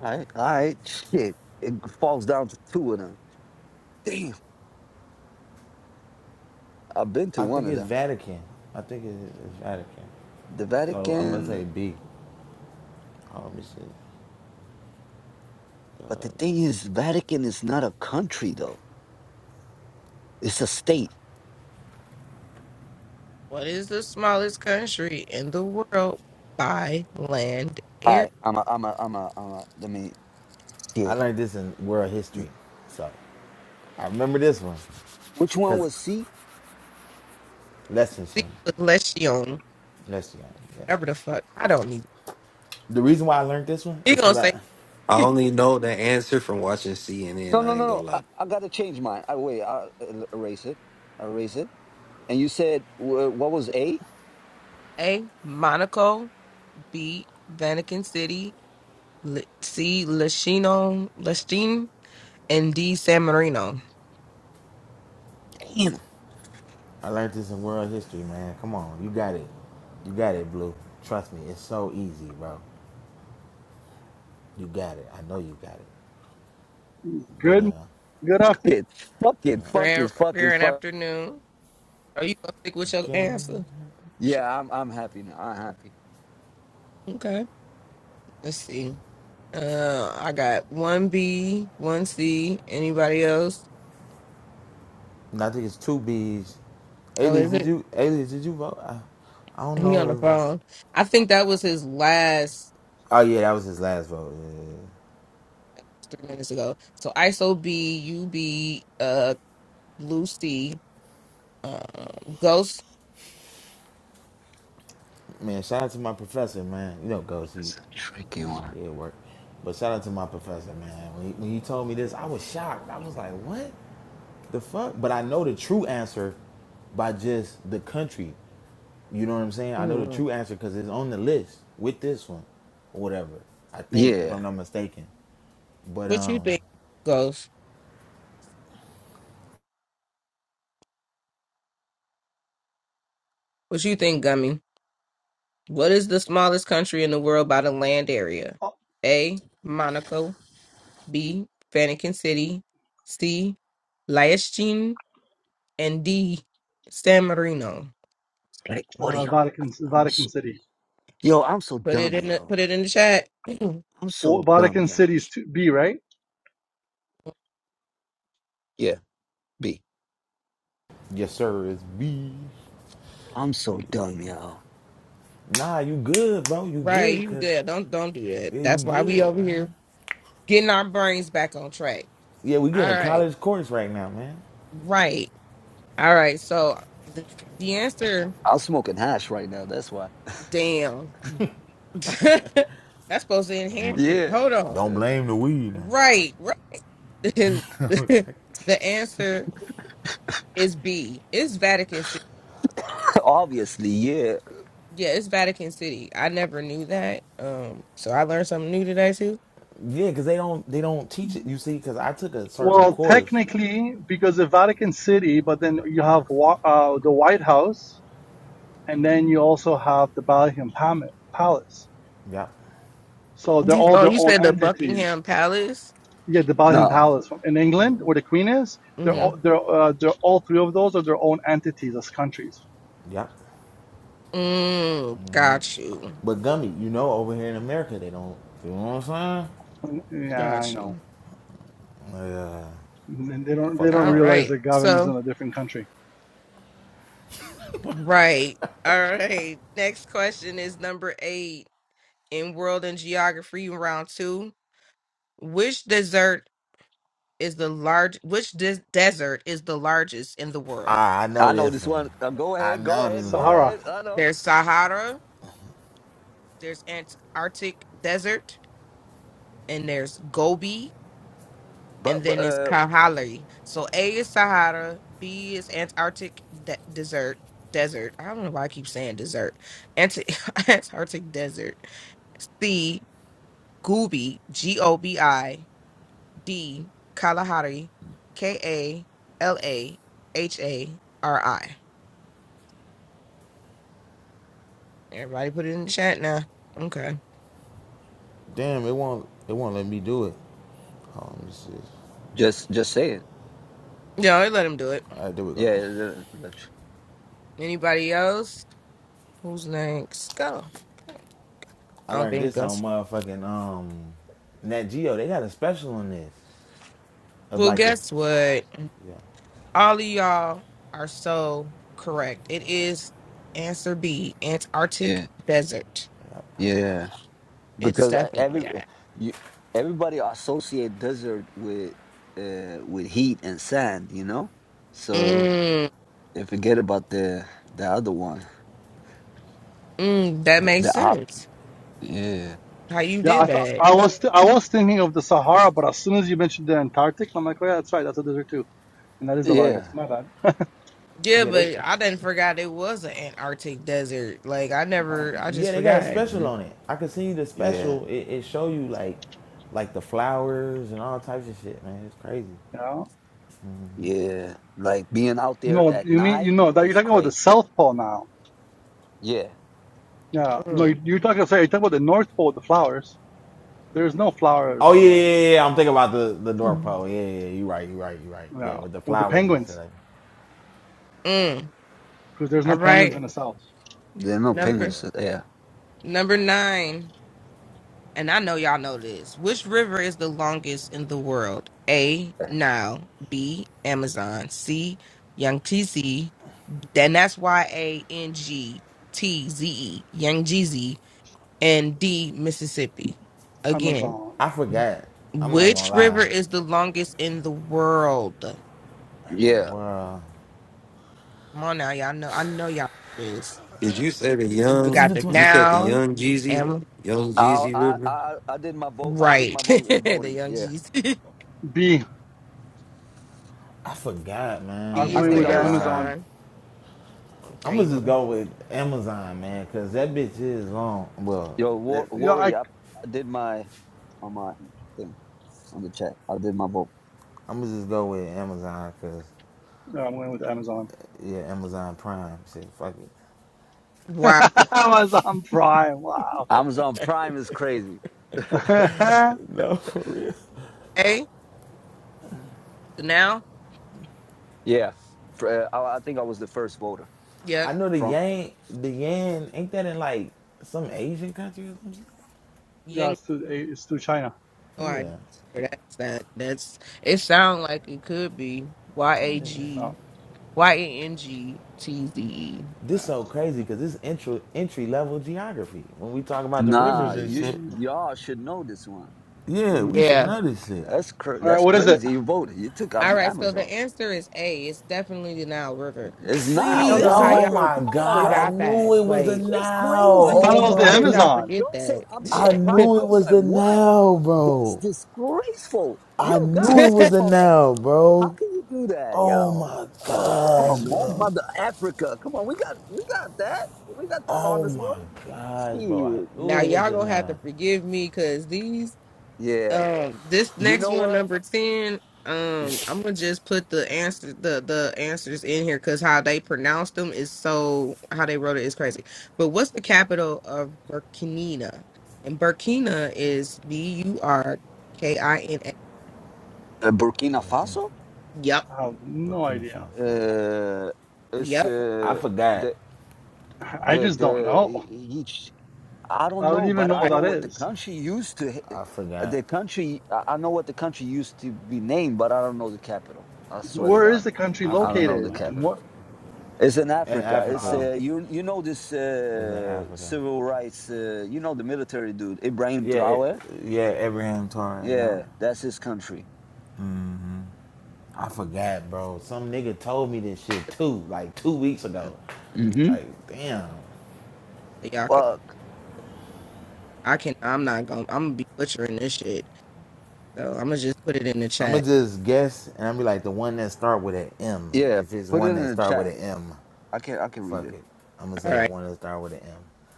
S7: All right, all right, shit. It falls down to two of them. Damn, I've been to
S5: I
S7: one
S5: think
S7: of
S5: it's
S7: them.
S5: Vatican. I think it- it's Vatican.
S7: The
S5: So I'm gonna
S7: Vatican,
S5: say B. Oh, let me see.
S7: but the
S5: Uh,
S7: thing is, Vatican is not a country though. It's a
S5: yeah.
S7: state.
S1: What is the smallest country in the world by land,
S7: All
S1: air,
S7: right, I'm a, I'm a, I'm a, I'm a. Let me
S5: I
S7: shit.
S5: learned this in world history, so I remember this one
S7: Which one
S5: because
S7: was C?
S1: sea,
S5: Lexington,
S1: Lechion?
S5: Lexington. Yeah.
S1: Whatever the fuck. I don't need
S5: The reason why I learned this one
S1: it. you
S5: is
S1: going
S5: because
S1: to say
S5: I
S2: I only know the answer from watching CNN.
S7: No, no,
S2: I ain't
S7: no,
S2: gonna
S7: no. I,
S2: lie.
S7: I gotta change mine. I wait. I will erase it. Erase it. And you said wh- what was A?
S1: A, Monaco. B, Vatican City. L- C, Lechino, Liechtenstein. And D, San Marino.
S7: Damn.
S5: I learned this in world history, man. Come on, you got it, you got it, Blue. Trust me, it's so easy, bro. You got it. I know you got it. But
S9: Good,
S5: uh,
S9: good
S7: Fuck
S9: afternoon,
S7: it. Fuck it.
S5: no.
S7: Fuck
S1: Grand,
S7: it. Fuck it.
S1: grand
S7: Fuck.
S1: afternoon. Are you going to stick with your
S5: again,
S1: answer?
S7: Yeah, I'm I'm happy now. I'm happy.
S1: Okay. Let's see. Uh, I got one B, one C. Anybody else?
S5: and I think it's two B's.
S1: Oh, wait
S5: Alias,
S1: a
S5: did
S1: minute.
S5: you? Alias, did you vote? I, I don't
S1: He on the
S5: know if.
S1: phone. I think that was his last
S5: Oh yeah, that was his last vote. Yeah. yeah, yeah.
S1: three minutes ago. So ISO B, U B, UB, uh, Lucy, uh, Ghost.
S5: Man, shout out to my professor, man. You know, Ghost, he,
S7: That's a tricky one.
S5: he at work. But shout out to my professor, man. When he, when he told me this, I was shocked. I was like, what the fuck? But I know the true answer by just the country. You know what I'm saying? I know the
S1: Mm,
S5: true answer because it's on the list with this one, or whatever. I think, if
S7: Yeah.
S5: I'm not mistaken. But
S1: What you
S5: um,
S1: think, Ghost? What you think, Gummy? What is the smallest country in the world by the land area? A. Monaco. B. Vatican City. C. Liechtenstein. And D. San Marino.
S7: Like, what are
S9: uh,
S7: y'all?
S9: Vatican,
S7: I'm
S9: Vatican
S7: so,
S9: City.
S7: yo, I'm so
S1: Put it
S7: dumb,
S1: in the
S7: yo.
S1: put it in the chat.
S7: I'm so
S9: Well,
S7: dumb,
S9: Vatican
S7: y'all.
S9: City is to B, right?
S7: Yeah, B.
S5: Yes, sir. It's B.
S7: I'm so
S5: Yeah.
S7: dumb, y'all.
S5: Nah, you good, bro. You
S1: right,
S5: good,
S1: you
S5: cause
S1: good. Don't don't do that.
S5: yeah, you
S1: That's why we
S5: good,
S1: over here
S5: man.
S1: getting our brains back on track.
S5: Yeah, we
S1: All
S5: getting a
S1: right.
S5: college course right now, man.
S1: Right. All right. So th- the answer,
S7: I'm smoking hash right now. That's why.
S1: damn. That's supposed to
S5: Don't,
S1: enhance it.
S7: Yeah.
S1: Hold on.
S5: don't blame the weed. Man.
S1: Right. Right. the answer is B. It's Vatican City.
S7: Obviously, yeah.
S1: Yeah, it's Vatican City. I never knew that. Um, so I learned something new today too.
S5: Yeah, cause they don't they don't teach it. You see, cause I took a certain
S9: Well,
S5: course.
S9: technically, because of Vatican City, but then you have wa- uh, the White House, and then you also have the Buckingham Pam- Palace.
S5: Yep,
S9: So they're
S1: You,
S9: all
S1: oh,
S9: their
S1: you
S9: own
S1: said the
S9: entities.
S1: Buckingham Palace.
S9: Yeah, the Buckingham
S7: Nah,
S9: Palace from- in England, where
S1: Mm-hmm.
S9: the Queen is. They're
S5: yep,
S9: all, they're, uh, they're all three of those are their own entities as countries.
S5: yep.
S1: Mm, got you.
S5: But gummy, you know, over here in America, they don't. You know what I'm
S9: Yeah, I
S1: Got
S9: know.
S1: you.
S5: saying? Yeah,
S9: And they don't they
S5: fucked
S9: don't
S1: All
S5: up.
S9: realize
S1: right.
S9: their government's
S1: So,
S9: in a different country.
S1: right. All right. Next question is number eight in World and Geography round two. Which desert is the large which des- desert is the largest in the world?
S5: Ah, I know
S7: I know
S5: this
S7: this
S5: one.
S7: one. Uh, go
S5: I
S7: ahead, go
S5: know
S7: ahead,
S5: this
S7: go
S5: one.
S9: Sahara.
S7: ahead. I know.
S1: There's Sahara, there's Antarctic desert, and there's Gobi and
S7: But, but
S1: then it's
S7: uh,
S1: Kalahari. So A is Sahara, B is Antarctic de- desert, desert. I don't know why I keep saying desert. Anti- Antarctic desert. C Gobi, G O B I. D Kalahari, K A L A H A R I. Everybody put it in the chat now. Okay.
S5: Damn, it won't it won't let me do it. Hold on, let me see.
S7: just just saying.
S1: Yeah, I let him do it.
S5: Alright, there we go.
S7: Yeah, the-
S1: Anybody else? Who's next? Go. Go.
S5: I
S1: I don't
S5: learned
S1: think
S5: this on
S1: that's.
S5: motherfucking um Nat Geo. They got a special on this. Of
S1: Well,
S5: like the
S1: guess what?
S5: Yeah.
S1: All of y'all are so correct. It is answer B, Antarctic
S7: yeah,
S1: desert.
S7: yeah.
S1: It's
S7: Because uh, every
S1: definitely
S7: uh,
S1: that.
S7: you, everybody associate desert with uh with heat and sand, you know. So
S1: Mm,
S7: And forget about the the other one.
S1: mm, that
S7: The,
S1: makes
S7: the op.
S1: sense.
S7: Yeah.
S1: How you
S9: Yeah, I
S1: did
S9: thought
S1: that.
S9: I was th- I was thinking of the Sahara, but as soon as you mentioned the Antarctic, I'm like, oh yeah, that's right, that's a desert too, and that is the largest.
S7: Yeah.
S9: My bad.
S1: Yeah,
S5: Yeah, they
S1: but I didn't forgot it was an Antarctic desert. Like I
S9: Uh,
S1: never I just
S5: yeah, they got a
S1: forgot.
S5: special
S7: hmm
S5: on it. I can see the
S7: Yeah.
S5: special. It, it show you like like the flowers and all types of shit, man. It's crazy.
S9: yeah.
S7: Yeah. Like being out there
S9: No,
S7: at
S9: you mean you
S7: night
S9: know that you're
S7: is
S9: talking about the
S7: crazy.
S9: South Pole now.
S7: Yeah.
S9: Yeah. No,
S1: Mm.
S9: you, you're talking sorry, you're talking about the North Pole, the flowers. There's no flowers
S5: Oh yeah,
S9: on
S5: yeah,
S9: the
S5: yeah. yeah. I'm thinking about the the door pole. Yeah, yeah, yeah. you right, you right, you right.
S9: yeah
S5: Yeah, with the
S9: with the
S5: flowers and shit
S9: penguins
S5: like
S1: Mm.
S9: because there's
S1: All
S9: no penguins
S1: right.
S9: in the South.
S7: There are no
S1: Number
S5: Yeah.
S7: penguins. out there.
S1: number nine. and I know y'all know this. Which river is the longest in the world? A. Nile. B. Amazon. C. Yangtze. Then that's Y A N G T Z E. Yangtze. And D. Mississippi. Again,
S9: Amazon.
S5: I forgot. I'm not even gonna
S1: which river
S5: lie.
S1: is the longest in the world? Come
S5: I don't
S7: Yeah.
S5: know,
S1: on now, y'all know. I know y'all know this.
S2: Did you say the
S1: We
S2: young?
S5: It's
S1: got the
S2: You
S5: between.
S2: said the
S1: Nile.
S2: young Jeezy,
S1: Am
S2: young
S7: I
S2: Jeezy
S7: I
S2: River.
S7: I, I did my vote. I did my
S1: right.
S7: vote
S1: the
S7: voting. Yeah.
S1: Yangtze.
S9: B.
S5: I forgot, man.
S9: I'm
S1: B
S7: I
S5: I'm
S1: is
S9: going
S5: not
S7: think
S1: the
S9: with
S7: I
S9: the
S5: gonna
S7: was
S5: lie.
S9: Amazon.
S1: Amazon.
S5: I'm
S1: Okay,
S5: gonna just
S1: you
S5: go with Amazon, man, cause that bitch is long. Well,
S7: yo war,
S5: that
S9: Yeah,
S7: worry.
S9: I.
S7: I, I did my on my thing on the chat. I did my vote.
S5: I'm gonna just go with Amazon, cause
S9: Yeah, I'm going with the Amazon.
S5: yeah, Amazon Prime shit. Fuck it.
S1: going.
S9: Amazon Prime. Wow.
S7: Amazon Prime is crazy.
S9: yeah,
S5: No, for real.
S1: Hey, so now,
S7: Yeah. Fr- uh, I, I think I was the first voter
S5: I
S1: yep,
S5: know the
S7: from.
S5: yang, the yen ain't that in like some Asian country or something?
S1: you ain't
S9: it's to it's to China.
S1: got no
S5: Oh,
S1: idea
S5: Yeah.
S1: where that's at. That's it. Sound like it could be Y A G
S9: No.
S1: Y A N G T Z E.
S9: yeah.
S5: This so crazy because this entry entry level geography. When we talk about the
S7: Nah,
S5: rivers and
S7: you sh-
S5: shit,
S9: Mm,
S7: y'all should know this one.
S5: yeah, we should
S1: Yeah.
S5: know this shit.
S7: That's cr-
S9: All right,
S7: that's
S9: what is it?
S7: crazy. You voted. You took
S1: All
S7: Am-
S1: right. So the
S7: Amazon.
S1: answer is A. It's definitely the Nile River.
S7: It's
S1: I
S9: Is
S7: now.
S1: don't
S5: See,
S9: it?
S1: know
S7: This is
S1: how
S5: oh
S1: y'all
S7: River.
S5: my
S7: Come on,
S5: God, I
S7: y'all.
S1: forgot that.
S5: knew it was the
S7: It's
S1: Like,
S7: it's
S5: now.
S9: I
S7: crazy,
S9: thought it
S5: Oh
S9: was
S7: y'all.
S9: the
S7: I
S1: how
S5: my
S1: did
S5: God,
S7: thought
S1: y'all
S7: y-
S9: Amazon.
S1: forget
S7: y'all said
S1: that?
S5: I
S7: Amazon Prime.
S5: knew
S7: I
S5: it
S7: was
S5: was
S7: like,
S5: the
S7: what?
S5: now,
S7: That's
S5: bro.
S7: disgraceful.
S5: I
S7: Yo,
S5: knew it
S7: guys,
S5: was
S7: come
S5: the
S7: on.
S5: now,
S7: How
S5: bro.
S7: can you do that,
S5: Oh
S7: y'all?
S5: my
S7: Oh, come
S5: gosh,
S7: on, man.
S5: bro.
S7: Mother Africa. Come on, we got we got that. We got the
S5: Oh
S7: longest
S5: my
S7: one.
S5: gosh, bro. I
S7: Shit.
S1: now
S5: knew it was
S1: y'all
S5: the
S1: gonna have to
S5: now.
S1: forgive me because these
S7: Yeah.
S1: Um, this
S7: You
S1: next
S7: know
S1: one,
S7: what?
S1: number ten.
S7: Yeah.
S1: Um, I'm gonna just put the answer the the answers in here because how they pronounce them is so how they wrote it is crazy. But what's the capital of Burkina? And Burkina is B U R K I N A.
S7: Uh, Burkina
S5: But
S7: Faso?
S5: yeah,
S1: Yep,
S9: I have no
S5: Burkina
S9: idea.
S5: Faso.
S7: uh, it's
S1: yep.
S5: I
S7: uh,
S5: forgot.
S7: the
S9: I
S7: the
S9: just don't
S7: the
S9: know.
S7: e, e, each. I don't
S9: I don't
S7: know,
S9: even
S7: but
S9: know
S7: I
S9: what
S1: Right.
S7: know
S9: that
S7: what the
S9: is.
S7: country used to. h-
S5: I
S7: uh,
S5: forgot.
S7: The country, I I know what the country used to be named, but I don't know the capital. I swear to
S9: Where is
S7: God,
S9: the country
S5: I
S7: I don't know
S9: located?
S5: forgot,
S7: the
S5: bro.
S9: And
S7: capital.
S9: what?
S7: It's in
S5: In
S7: Africa. It's
S9: Uh,
S5: Africa,
S7: uh, you. You know this
S5: is in
S7: uh,
S5: Africa.
S7: civil rights. Uh, you know the military dude, Ibrahim
S5: Yeah, it,
S7: Traore.
S5: yeah, Abraham Torres. Yeah.
S7: Yeah, that's his country.
S5: I forgot, bro. Some nigga told me this shit too, like two weeks ago.
S7: Mm-hmm.
S5: Like, damn.
S1: So y'all can
S7: Fuck.
S1: I can I'm not gonna I'm gonna be butchering this shit. So I'm gonna just put it in the
S5: I'ma
S1: chat.
S5: just guess and I'll be like the one that start with an M.
S7: Yeah,
S5: If it's
S7: put it
S5: one
S7: in
S5: that
S7: the
S5: start with
S7: chat.
S5: an M,
S7: I can I can read it.
S5: fuck it. I'ma
S1: All
S5: say the
S1: right,
S5: one that start with an M.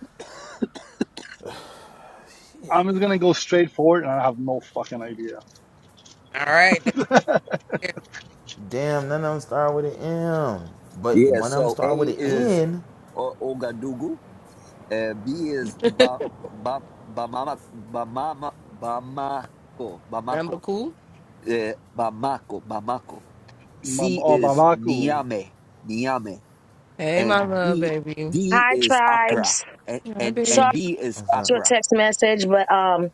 S9: I'm just gonna go straight forward, and I have no fucking idea.
S1: all right.
S9: I
S5: Damn, none of them start with an M. But
S7: Yeah,
S5: one of them
S7: so
S5: start with
S7: A
S5: an
S7: is
S5: N.
S7: O- Ogadugu, uh, B is ba, ba, Bamama, Bamama, Bamako,
S1: Remember,
S7: Bamako,
S1: cool.
S7: uh, Bamako, Bamako. C
S9: Oh,
S7: is
S9: Bamako.
S7: Niame, Niame,
S1: Hey, my
S7: and
S1: love,
S7: D
S1: baby.
S7: D
S10: Hi,
S7: is Accra,
S10: tribes.
S7: and
S1: Hi,
S7: and, and
S10: Sorry
S1: baby.
S7: D
S5: I
S7: is
S5: was like,
S10: to a
S7: Accra.
S10: text message, but um,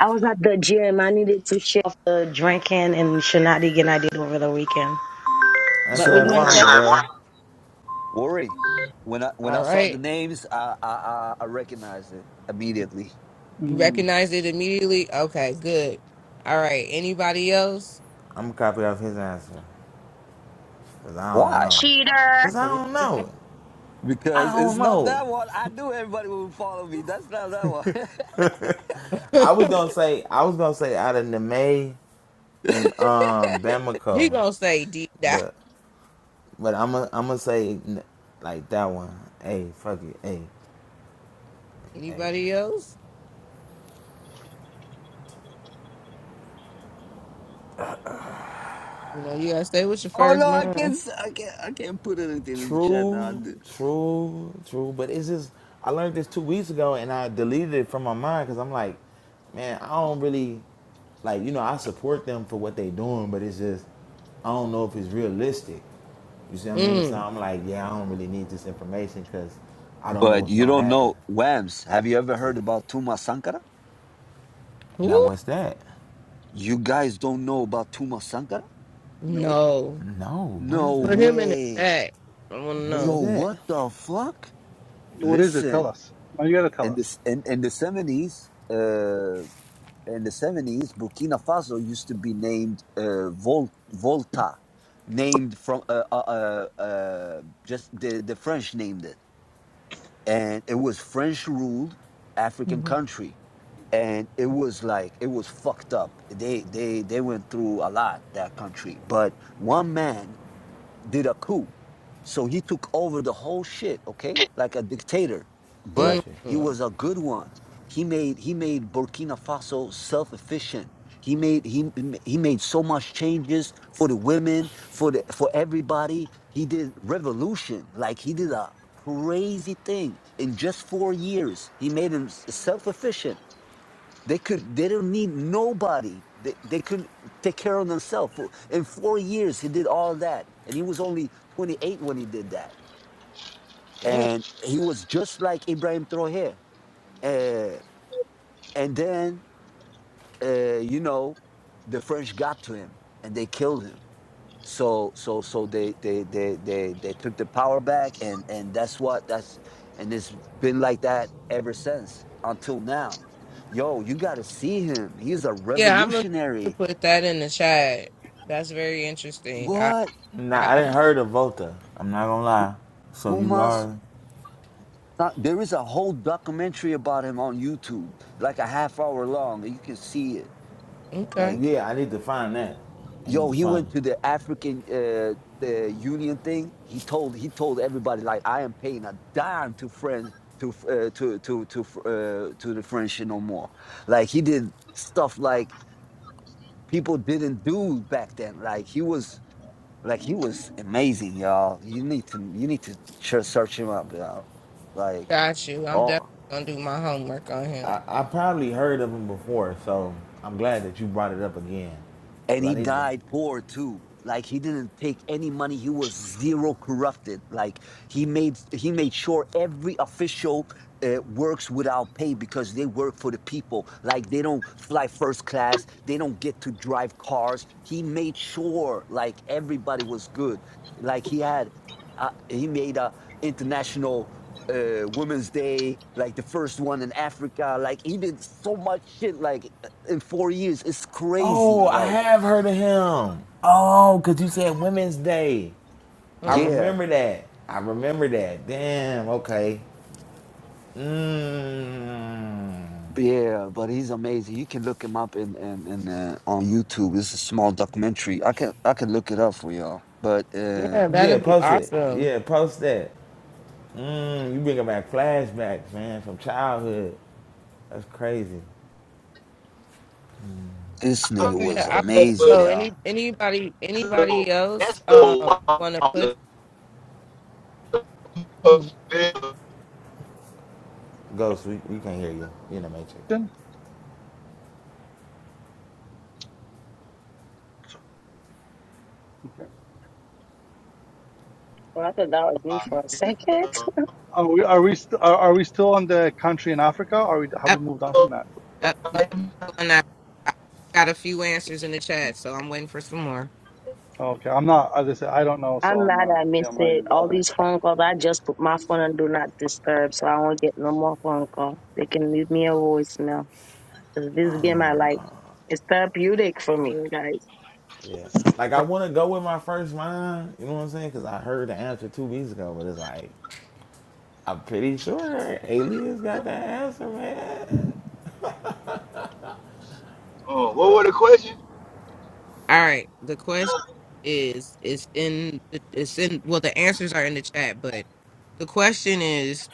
S10: I was at the gym. I needed to shake off the drinking and shenanigans I did over the weekend.
S5: answer
S10: But
S7: so
S10: we're
S5: that
S10: doing text.
S5: phone,
S7: worry,
S5: girl.
S7: worry. When I when I
S1: All
S7: saw the
S1: right.
S7: names, I I, I I recognized it immediately.
S1: You
S9: Mm,
S1: recognize it immediately? Okay, good. All right. Anybody else?
S5: I'ma copy off his answer. Cause I don't
S7: Why?
S5: know. Cause I
S1: Put it
S5: don't
S1: in
S5: know. I
S7: Because it's
S5: don't
S7: not
S5: know.
S7: that one. I knew everybody would follow me. That's not that one.
S1: the
S5: I was
S1: chat.
S5: gonna say I was gonna say out of the May. in um
S1: he
S5: Bamako,
S1: gonna say deep dive.
S5: but but I'm i am i gonna say like that one. Hey, fuck it. Hey, hey.
S1: Anybody else? You know, you gotta stay with your
S7: oh
S1: first
S7: no, I can't.
S1: mind.
S7: s- I can't. I can't put anything in the chat now. I
S5: True,
S7: did-
S5: true, true. But it's just I learned this two weeks ago and I deleted it from my mind because I'm like, man, I don't really like you know I support them for what they doing, but it's just I don't know if it's realistic. You see what I mean? So
S1: Mm.
S5: I'm like, yeah, I don't really need this information because I don't know
S7: But
S5: what's
S7: you
S5: gonna
S7: don't
S5: happen.
S7: know Whams. Have you ever
S5: Yeah.
S7: heard about Tuma Sankara?
S5: Now
S1: Who?
S5: what's that?
S7: You guys don't know about Tuma Sankara?
S9: no.
S1: No.
S5: No, what
S7: No
S5: is
S1: Put
S5: that?
S1: him in the
S7: way.
S1: chat. I wanna
S5: What
S7: Yo,
S5: is
S1: know.
S5: that?
S7: what the fuck?
S9: What is it? Tell
S7: Listen,
S9: us. Now you gotta tell
S7: in
S9: us.
S7: this in, in the seventies, uh, in the 70s, Burkina Faso used to be named uh, Vol- Volta, named from uh, uh, uh, uh, just the, the French named it. And it was French ruled African
S1: Mhm.
S7: country. And it was like it was fucked up. They they they went through a lot that country. But one man did a coup. So he took over the whole shit, okay? Like a dictator. But
S5: Bless you.
S7: he
S1: mm
S7: was a good one. He made he made Burkina Faso self-efficient. He made he m- he made so much changes for the women, for the for everybody. He did revolution. Like he did a crazy thing in just 4 years. He made him s- self-efficient. They could. They don't need nobody. They they could take care of themselves. For- In four years, he did all that, and he was only 28 when he did that.
S1: Damn.
S7: And he was just like Ibrahim Traoré. Uh, and then, uh, you know, the French got to him and they killed him. So so so they they they they they took the power back, and and that's what that's and it's been like that ever since until now. Yo, you got to see him. He's a
S1: Yeah, I'm gonna
S7: revolutionary
S1: put that in the chat. That's very interesting. I,
S7: What?
S5: Nah,
S1: I
S5: I
S1: I-
S5: didn't heard of Volta. I'm not gonna
S7: Fu-
S5: lie. So you
S7: Fumas?
S5: are?
S7: Th- There is a whole documentary about him on YouTube, like a half hour long, and you can see it.
S1: okay.
S7: Like,
S5: Yeah, I need to find that. I need
S7: yo,
S5: to
S7: he
S5: find
S7: went
S5: it.
S7: to the African uh, the Union thing. He told he told everybody like, I am paying a dime to friends to f- uh, to to to f- uh, to the French no more. Like he did stuff like people didn't do back then. Like he was Like he was amazing, y'all. You need to you need to ch- search him up, y'all. Like,
S1: Got you. I'm
S7: oh,
S1: definitely gonna do my homework on
S5: I,
S1: him.
S5: I probably heard of him before, so I'm glad that you brought it up again.
S7: and
S5: Cause I
S7: he
S5: need to.
S7: died poor too like he didn't take any money he was zero corrupted like he made he made sure every official uh, works without pay because they work for the people like they don't fly first class they don't get to drive cars he made sure like everybody was good like he had uh, he made a international uh, women's day like the first one in africa like he did so much shit like in four years it's crazy
S5: Oh, I
S7: like
S5: have heard of him. Oh, cause you said Women's Day. I
S1: Mm.
S7: Yeah,
S5: remember that. I remember that. Damn. Okay. Mmm.
S7: yeah, but he's amazing. You can look him up in in, in uh, on YouTube. It's a small documentary. I can I can look it up for y'all. But uh,
S1: Yeah,
S5: Yeah.
S1: that'd be
S5: Post it.
S1: awesome.
S5: Yeah. Post that. Mm, you bringing back flashbacks, man, from childhood. That's crazy.
S7: this
S1: But
S7: nigga
S8: knew you
S7: was
S1: yeah,
S8: were
S1: I,
S8: up, but
S7: amazing,
S1: so any
S7: y'all.
S1: anybody
S8: that's a
S1: anybody
S8: little,
S1: else
S8: that's a little
S1: uh want to
S8: wild
S1: put?
S8: to
S1: Mm,
S8: fulfill.
S5: Ghost, we, we can not hear you. You in the matrix.
S9: Okay.
S10: Well, I thought that was me for a second.
S9: Are we are we st- are, are we still on the country in Africa? Or are we have we
S1: Yep,
S9: moved on from that?
S1: yep. No, doing that. I got a few answers in the chat, so I'm waiting for some more.
S9: Okay, I'm not. As I said, I don't know, so
S10: I'm
S9: I'm
S10: mad
S9: not.
S10: I missed
S9: I'm not
S10: it.
S9: even
S10: All
S9: bothering.
S10: these phone calls, I just put my phone on do not disturb, so I won't get no more phone calls. They can leave me a voicemail. 'Cause This game I like. It's therapeutic for me, guys.
S5: Yeah. Like, I
S1: Right.
S5: want to go with my first line, you know what I'm saying? Because I heard the answer two weeks ago, but it's like, I'm pretty sure aliens got the answer, man.
S8: Oh, what was the question?
S1: All right. The question is, it's in, it's in. Well, the answers are in the chat, but the question is,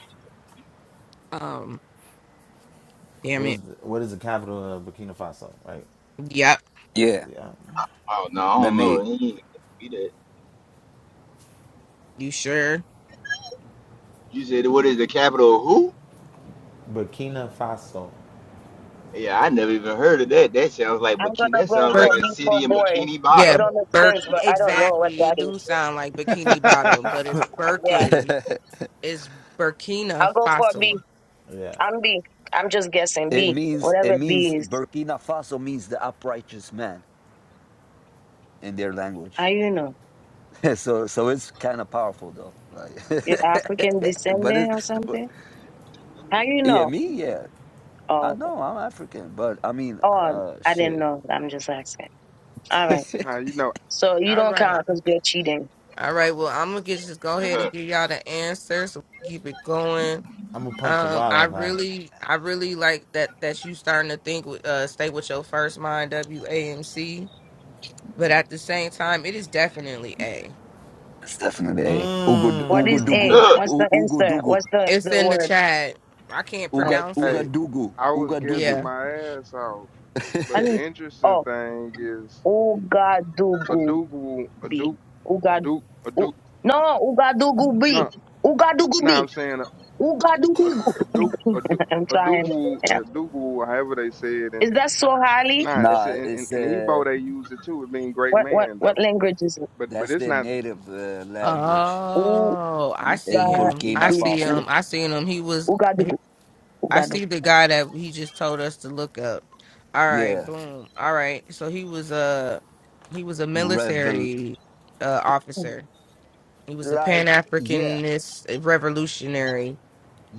S1: um, damn
S5: What
S1: it.
S5: is, what is the capital of Burkina Faso, right?
S1: Yep.
S7: Yeah,
S5: Yeah.
S8: Oh no, I
S7: let
S8: don't know.
S7: me.
S8: It ain't gonna be that.
S1: You sure?
S8: You said what is the capital of who?
S5: Burkina Faso.
S8: Yeah, I never even heard of that. That sounds like
S10: I'm
S8: bikini.
S10: gonna
S8: That
S10: go
S8: sounds like
S10: for
S8: a
S1: Birkin.
S8: city
S10: B4
S8: in
S10: boy.
S8: Bikini
S10: It
S8: Bottom.
S1: Yeah.
S10: don't make
S1: Birk.
S10: sense, but I don't know what
S1: Exactly.
S10: that
S1: It do
S10: is.
S1: sound like Bikini Bottom, but it's
S10: Yeah.
S1: Birkin.
S7: it
S1: It's Burkina
S10: I'll go for B.
S1: Faso.
S5: Yeah.
S10: I'm B. I'm just guessing. B.
S7: means it
S10: Whatever
S7: means
S10: B is.
S7: Burkina Faso means the uprighteous man in their
S10: How
S7: language.
S10: you know?
S7: so so it's kind of powerful though. Like,
S10: You're African
S7: but
S10: descendant or
S7: it's but-
S10: something? How you
S7: yeah,
S10: know?
S7: me yeah. I
S10: Oh,
S7: know I'm African, but I mean,
S10: oh,
S7: uh,
S10: I didn't
S7: shit.
S10: know. I'm just asking. All right.
S4: Now, you know,
S10: So you
S1: All
S10: don't
S1: right.
S10: count because you're cheating.
S1: All right. Well, I'm gonna get, just go ahead and give y'all the answer so we keep it going.
S5: I'm going to punch the
S1: Um,
S5: water
S1: I
S5: if I.
S1: really, I really like that that you starting to think with uh stay with your first mind, W A M C. But at the same time, it is definitely A.
S7: It's definitely a Ugo
S10: What
S7: Ugo
S10: is
S5: Mmm.
S10: A?
S7: Dugu.
S8: Uh,
S10: What's
S7: U-
S10: the
S7: Ugo
S10: answer?
S7: Dugu.
S10: What's the,
S1: It's
S10: the
S1: in the
S10: word?
S1: chat. I can't
S10: Oh,
S7: Uga
S1: pronounce
S7: Uga
S4: Hey,
S1: it.
S7: Dugu.
S4: I was
S7: Uga
S4: guessing
S7: Dugu.
S1: Yeah.
S4: my ass off,
S10: I
S4: but the
S10: didn't.
S4: interesting
S10: Oh,
S4: thing is a
S10: Ugadugubi.
S4: Dougal, a Duke, a
S10: Ugad.
S4: Duke, a
S10: U,
S4: Duke.
S10: no, Ugadugubi.
S4: No, no,
S10: Ugadugubi.
S4: I'm saying a a
S10: Ugadubigu.
S4: a Duke, a Duke,
S10: I'm
S4: a
S10: trying.
S4: Dougal,
S10: Yeah.
S4: a Dougal, however they say it,
S10: Is
S4: and
S10: that Swahili?
S4: nah, it's
S7: nah,
S4: in, in
S7: it's
S4: in
S7: uh
S4: Igbo they use it too. It mean great
S10: What what
S4: man
S10: what
S4: though,
S10: language is it?
S4: but but
S7: that's
S4: it's
S7: their
S4: not.
S7: native uh, language
S1: Oh, I
S10: Ugadugu.
S1: see
S7: in
S1: him. I
S7: Burkina
S1: see him.
S7: Faso.
S1: I seen him. He was.
S10: Ugadugu.
S1: I
S10: Ugadugu.
S1: see the guy that he just told us to look up. All right,
S7: Yeah.
S1: boom. All right. So he was a he was a
S7: Rebel
S1: military uh,
S10: Hmm,
S1: officer. He was a Pan
S7: like yeah,
S1: Africanist revolutionary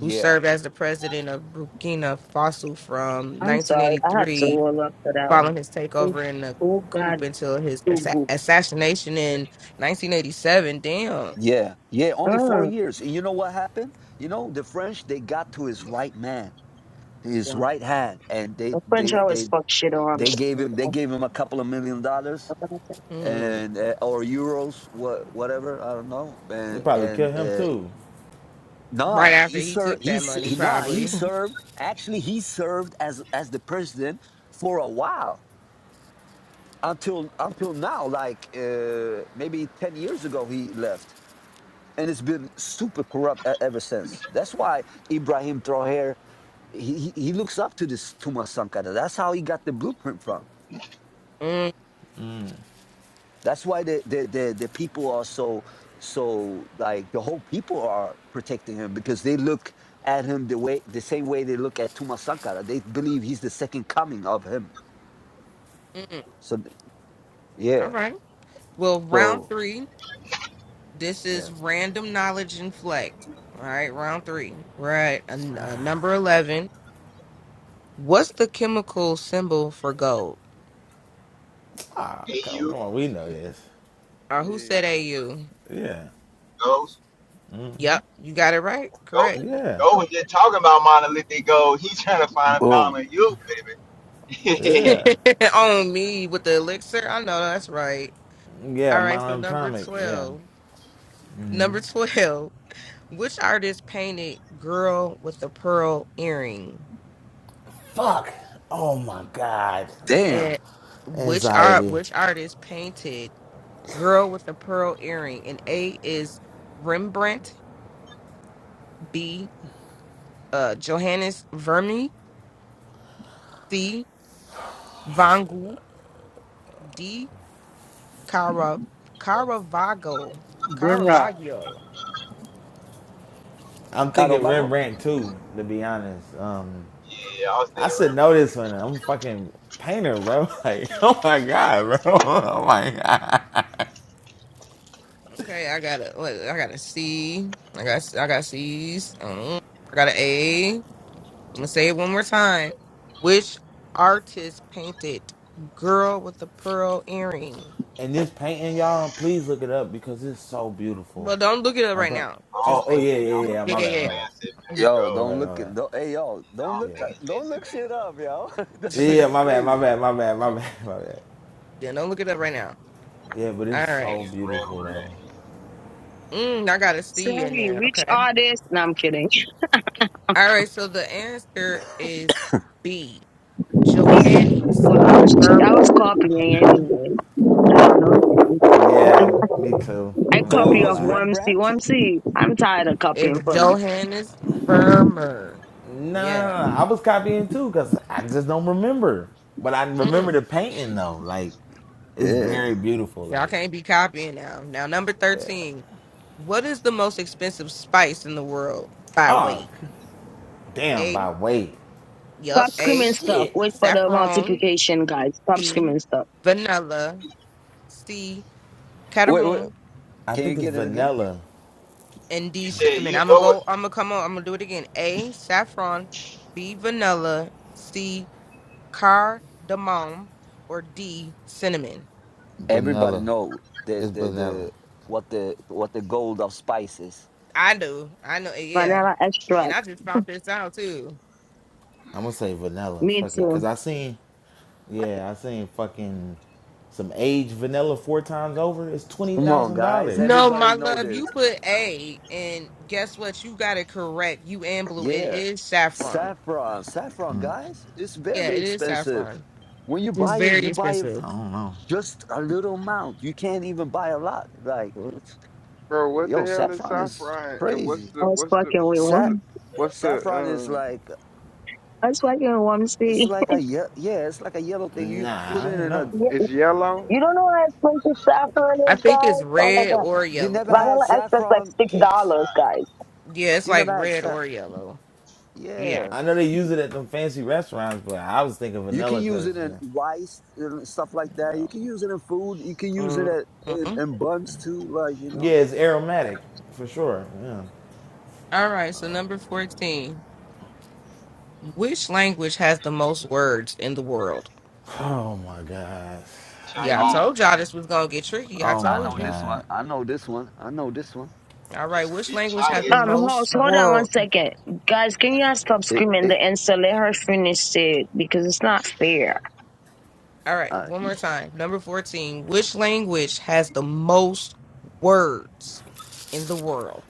S1: who served as the president of Burkina Faso from
S10: I'm sorry. I had to
S1: 1983,
S10: roll up for that
S1: following
S10: one.
S1: his takeover in the
S10: U-
S1: coup until his assa-
S10: Ugadugu.
S1: assassination in 1987. Damn.
S7: Yeah, yeah, only four
S10: Mm.
S7: years. And you know what happened? You know, the French they got to his right man, his
S10: Wow.
S7: right hand, and they
S10: The French
S7: they
S10: always
S7: they
S10: fuck shit on.
S7: they gave him they gave him a couple of million dollars
S1: Mm.
S7: and uh, or euros, what whatever I don't know.
S5: They
S7: And
S5: probably
S7: and
S5: kill him
S7: uh,
S5: too.
S1: Right
S7: nah,
S1: after
S7: he
S1: he
S7: served.
S1: took
S7: He,
S1: that
S7: s-
S1: money,
S7: he nah, he
S1: probably.
S7: served. Actually, he served as as the president for a while until until now. Like uh, maybe ten years ago, he left, and it's been super corrupt e- ever since. That's why Ibrahim Traoré. He, he he looks up to this Tuma Sankara. That's how he got the blueprint from
S1: Mm,
S7: That's why the the the, the people are so so like the whole people are protecting him because they look at him the way the same way they look at Tuma Sankara. They believe he's the second coming of him.
S1: mm.
S7: So th-
S1: All
S7: yeah.
S1: right. Well, round
S7: So
S1: three This
S7: yeah.
S1: is random knowledge and flex. All right, round three. We're at a, a number 11. What's the chemical symbol for gold?
S5: Ah,
S8: hey,
S5: come, come
S8: you
S5: on, we know this.
S1: Uh, who said
S4: Yeah.
S1: AU?
S5: Yeah,
S1: Yep, you got it right.
S8: Go,
S1: Correct.
S5: yeah,
S8: go was just talking about monolithic gold. He's trying to find a
S7: Boom.
S8: fountain of youth, baby.
S5: yeah,
S1: On me with the elixir. I know that's right.
S5: yeah.
S1: All right, so number
S5: Monatomic. Yeah.
S1: 12. Number 12. Which artist painted Girl with the Pearl Earring?
S5: Fuck. Oh my god. Ugh.
S7: Damn.
S1: And which art
S5: Anxiety.
S1: which artist painted Girl with a Pearl Earring. And A is Rembrandt. B, uh, Johannes Vermeer. C, Van Gogh. D, Cara, Caravaggio.
S9: Brimrat,
S1: Caravaggio.
S5: I'm
S7: Caro
S5: thinking
S7: Vago?
S5: Rembrandt too. To be honest, um,
S8: yeah, I was
S5: I
S8: thinking
S5: should know
S8: Rembrandt.
S5: this one. I'm a fucking painter, bro. Like, oh my god, bro. Oh my god.
S1: Okay, I got a, what, I got a C. I got, I got C's. Um, I got an A. I'm gonna say it one more time. Which artist painted "Girl with a Pearl Earring"?
S5: And this painting, y'all, please look it up because it's so beautiful.
S1: Well, don't look it up
S5: I'm.
S1: right
S5: pro-
S1: now.
S8: I don't
S1: Just
S5: Oh, oh
S1: wait.
S5: yeah, yeah,
S8: think it. I
S5: yeah.
S8: don't
S5: yeah.
S1: Yeah,
S5: My
S8: think
S5: bad,
S8: it's
S5: my
S1: yeah,
S5: bad,
S8: Vincent
S1: yeah.
S8: Van
S7: Yo,
S5: my
S8: Gogh.
S7: don't
S5: bad, my
S7: look
S5: bad.
S7: at don't, hey yo,
S8: I
S7: don't
S8: don't
S7: look
S5: Yeah.
S8: think
S7: at
S8: it's
S7: don't
S8: Vincent
S7: look
S8: Van
S7: shit
S8: Gogh.
S7: up, yo.
S1: yeah.
S7: That-
S5: Yeah,
S7: that's
S5: my bad, my
S7: crazy.
S5: bad, my bad, my bad, my bad.
S1: Yeah, don't look it up right now.
S5: Yeah, but it's
S1: All
S8: I think
S1: right.
S5: so
S8: it's
S5: beautiful though.
S8: Rembrandt.
S1: Mm, I got a C in
S10: Sorry,
S1: there.
S10: which
S1: Okay.
S10: artist? No, I'm kidding.
S1: All right. So the answer is B.
S7: Damn.
S1: Johannes
S10: Well, I was che- I was
S1: Vermeer.
S10: copying anyway. I don't know.
S5: Yeah, me too.
S10: I
S5: I'm not
S7: So it
S10: copy
S5: gonna
S10: of
S7: was
S5: lie.
S10: Wormsy.
S7: Rembrandt?
S10: Wormsy, I'm tired of
S1: It's
S10: copying from you.
S1: Johannes Vermeer.
S5: No, no, no, no.
S1: Yeah.
S5: I was copying too because I just don't remember. But I remember
S1: Mm.
S5: the painting though. Like, it's
S7: Yeah.
S5: very beautiful.
S1: Y'all
S5: Like,
S1: can't be copying now. Now, number 13. What is the most expensive spice in the world by
S5: oh,
S1: weight?
S5: damn,
S1: A.
S5: by weight.
S1: Yup.
S10: Stop screaming
S1: A.
S10: stuff.
S5: Shit.
S10: Wait for the
S1: Saffron.
S10: multiplication, guys. Stop
S1: B.
S10: screaming stuff.
S1: Vanilla. C.
S7: Wait, wait.
S1: Cardamom.
S5: I
S7: Can you
S5: think it's
S7: get it again?
S5: vanilla.
S1: and
S8: You
S1: D
S8: said
S1: cinnamon.
S8: you
S1: I'm gonna
S8: what
S1: go.
S8: was
S1: I'm gonna come on. I'm gonna do it again. A saffron, B vanilla, C cardamom, or D cinnamon.
S7: Everybody
S5: Vanilla.
S7: know the
S5: It's
S7: the
S5: vanilla.
S7: the what the what the gold of spices.
S1: I do. I know. eh, Yeah.
S10: vanilla
S1: And
S10: extract.
S1: I just found this out too.
S5: I'm gonna say vanilla.
S10: Me
S5: Fuck it,
S10: too.
S5: cause I seen, yeah, I seen fucking some aged vanilla four times over. It's twenty
S7: Come on,
S5: thousand
S7: guys.
S5: dollars.
S1: No,
S7: Everybody
S1: my
S7: know
S1: love, you
S7: this.
S1: put A, and guess what? You got it correct. You and blue. It
S7: Yeah.
S1: is saffron.
S7: Saffron, saffron, guys, it's
S1: Yeah,
S7: very
S1: it is
S7: expensive.
S1: saffron.
S7: When you
S1: It's
S7: buy it,
S1: very
S7: you buy it f-
S5: I
S1: expensive.
S5: don't know.
S7: just a little amount. You can't even buy a lot. Like it's
S4: Bro, what the
S7: yo,
S4: hell is
S7: saffron is
S4: saffron? And what's
S7: crazy.
S10: I
S4: the
S10: was
S4: what's the
S10: fucking with
S4: what's
S7: Sa-
S4: the
S10: one.
S4: what's the
S7: saffron is
S4: um?
S7: like
S10: I was fucking with one
S7: it's
S10: see.
S7: like a ye- yeah, it's like a yellow thing. You put
S4: It's
S5: Nah, I
S7: it
S5: don't
S7: in a.
S5: know.
S10: Yeah.
S4: it's yellow.
S10: You don't know how expensive saffron
S1: I
S10: is,
S1: think it's
S10: guys? Oh my
S1: red
S10: god.
S1: or
S7: You
S1: yellow.
S7: never had
S10: Vanilla extract like
S7: saffron
S10: six
S7: cakes.
S10: dollars, guys.
S1: Yeah, it's
S7: You
S1: like
S7: never had
S1: red
S7: saff.
S1: or yellow. Yeah.
S7: Yeah.
S5: I know they use it at them fancy restaurants, but I was thinking
S7: You can
S5: vanilla
S7: use
S5: cause
S7: it
S5: yeah,
S7: in rice and stuff like that. You can use it in food. You can use it at, in,
S1: Mhm.
S7: in buns too. Like you
S5: yeah
S7: know.
S5: it's aromatic for sure. Yeah.
S1: All right, so number 14. Which language has the most words in the world?
S5: Oh my god.
S1: Yeah, I
S7: Oh
S8: Chinese?
S1: told y'all
S7: shit!
S1: this was going to get tricky. I
S5: Oh
S7: I
S5: my
S1: told
S7: know
S1: you.
S7: this one.
S5: god.
S7: I know this one. I know this one.
S1: All right,
S8: It's
S1: which
S8: it's
S1: language has the
S8: Chinese. It's
S10: Um,
S1: most
S10: host, hold on one
S1: world?
S10: second. Guys, can y'all stop
S7: It
S10: screaming the
S7: it.
S10: answer. let her finish it because it's not fair.
S1: All right,
S7: I
S1: one more time. Number 14. Which language has the most words in the world?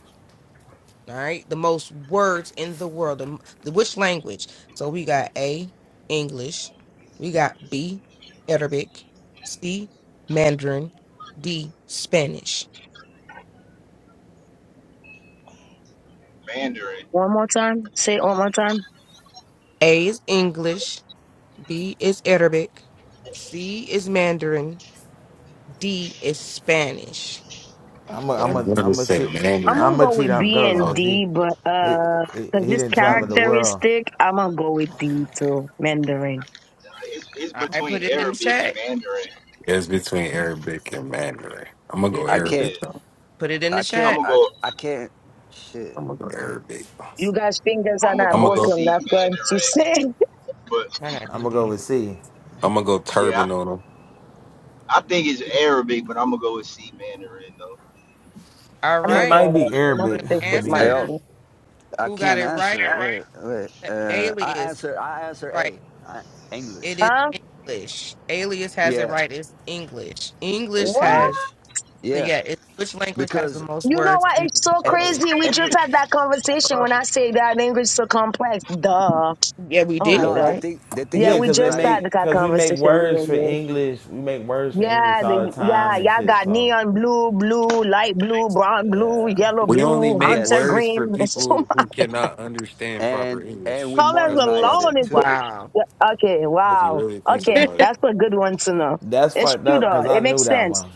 S1: All right, the most words in the world. The, the which language? So we got A, English. We got B, Arabic. C, Mandarin. D, Spanish.
S8: Mandarin.
S10: One more time. Say it one more time.
S1: A is English, B is Arabic, C is Mandarin, D is Spanish.
S5: I'm a
S2: Yeah,
S5: I'm
S2: I'm
S5: a
S2: gonna
S5: I'm a
S2: say
S5: cheat
S10: I'm
S2: Mandarin.
S10: gonna
S5: I'm a
S10: go
S5: cheat
S10: with
S5: on
S10: B
S5: Ghost
S10: and
S2: Oh,
S5: because he
S10: D, but
S5: he,
S10: uh,
S5: he
S10: cause
S5: he
S10: this
S5: didn't travel the world.
S10: characteristic, I'm gonna go with D too, Mandarin.
S8: Nah, It's it's
S1: I
S8: between
S1: put it in the
S8: Arabic and
S1: chat.
S8: Mandarin.
S2: it's between Arabic and Mandarin. I'm
S1: Put
S2: gonna
S1: it
S2: go
S7: I
S1: in
S8: Yeah,
S2: Arabic.
S7: can't.
S2: though.
S1: put it in the
S7: I
S8: I'm
S7: can't.
S1: chat.
S8: gonna
S7: I
S8: go.
S7: I can't. Shit.
S2: I'm gonna go
S7: Wait.
S2: Arabic.
S10: You guys' fingers are
S8: I'm gonna
S10: not
S2: I'm
S8: go
S2: gonna
S8: with
S2: go.
S10: broken.
S8: C
S10: That's what she
S8: Mandarin.
S10: said.
S8: But
S1: Why not
S5: I'm
S1: do
S5: gonna go
S1: these?
S5: with C.
S2: I'm gonna go
S8: yeah,
S2: turban on them.
S8: I, I think it's Arabic, but I'm gonna go with C Mandarin though.
S1: All
S10: I'm
S5: It
S10: gonna
S1: right.
S5: might
S10: go.
S5: be
S10: I'm gonna
S1: The
S5: Arabic,
S10: stick
S5: to
S10: with
S5: be
S7: Hey,
S10: my
S5: honest.
S10: D.
S1: answer
S7: yo, I
S1: who got
S7: can't
S1: it right?
S7: answer. Wait. Wait.
S1: The
S7: Uh, I
S1: alias
S7: answer. I answer
S1: right.
S7: A. I,
S1: It
S7: English.
S1: is
S10: Huh?
S1: English. Alias has it
S7: Yeah,
S1: right. It's English. English
S7: it's
S10: What?
S1: has
S7: English.
S1: the
S7: Yeah,
S1: yeah, it's which language has the
S7: because
S1: most
S10: You know
S1: words
S10: what?
S1: in
S10: It's
S1: the
S10: so
S7: every
S1: world?
S10: crazy. We just
S7: every
S10: had that conversation when I say that language so complex. Duh.
S1: Yeah, we
S10: Oh
S1: did
S10: my
S1: it,
S7: no. The
S10: god.
S1: right?
S7: thing. The thing
S10: Yeah,
S5: Yeah,
S10: we
S7: is
S5: cause they
S10: just
S7: like
S10: had
S5: make
S10: that
S5: cause we make
S10: conversation. Me
S5: words
S10: and
S5: for
S10: you.
S5: English. We make words for English
S10: Yeah,
S5: all the
S10: the,
S5: time
S10: yeah,
S5: and
S10: y'all
S5: shit.
S10: got
S5: So
S10: neon blue, blue, light blue, brown blue, yellow
S2: We only
S10: blue,
S2: make
S10: hunter
S7: yes.
S2: words for
S10: green. There's so
S2: people
S10: much.
S2: who cannot understand proper
S7: and and we
S2: English.
S10: Colors
S2: That's the
S7: modernize it
S2: problem.
S10: alone. is
S7: too.
S1: Wow.
S10: Yeah, Okay,
S2: If you
S10: wow.
S2: really think
S10: Okay,
S2: about it,
S10: that's a good one to know.
S5: that's
S10: It's
S5: fucked
S10: true
S5: up.
S10: though.
S5: Cause I
S10: It
S5: knew
S10: makes
S5: that
S10: sense.
S5: one.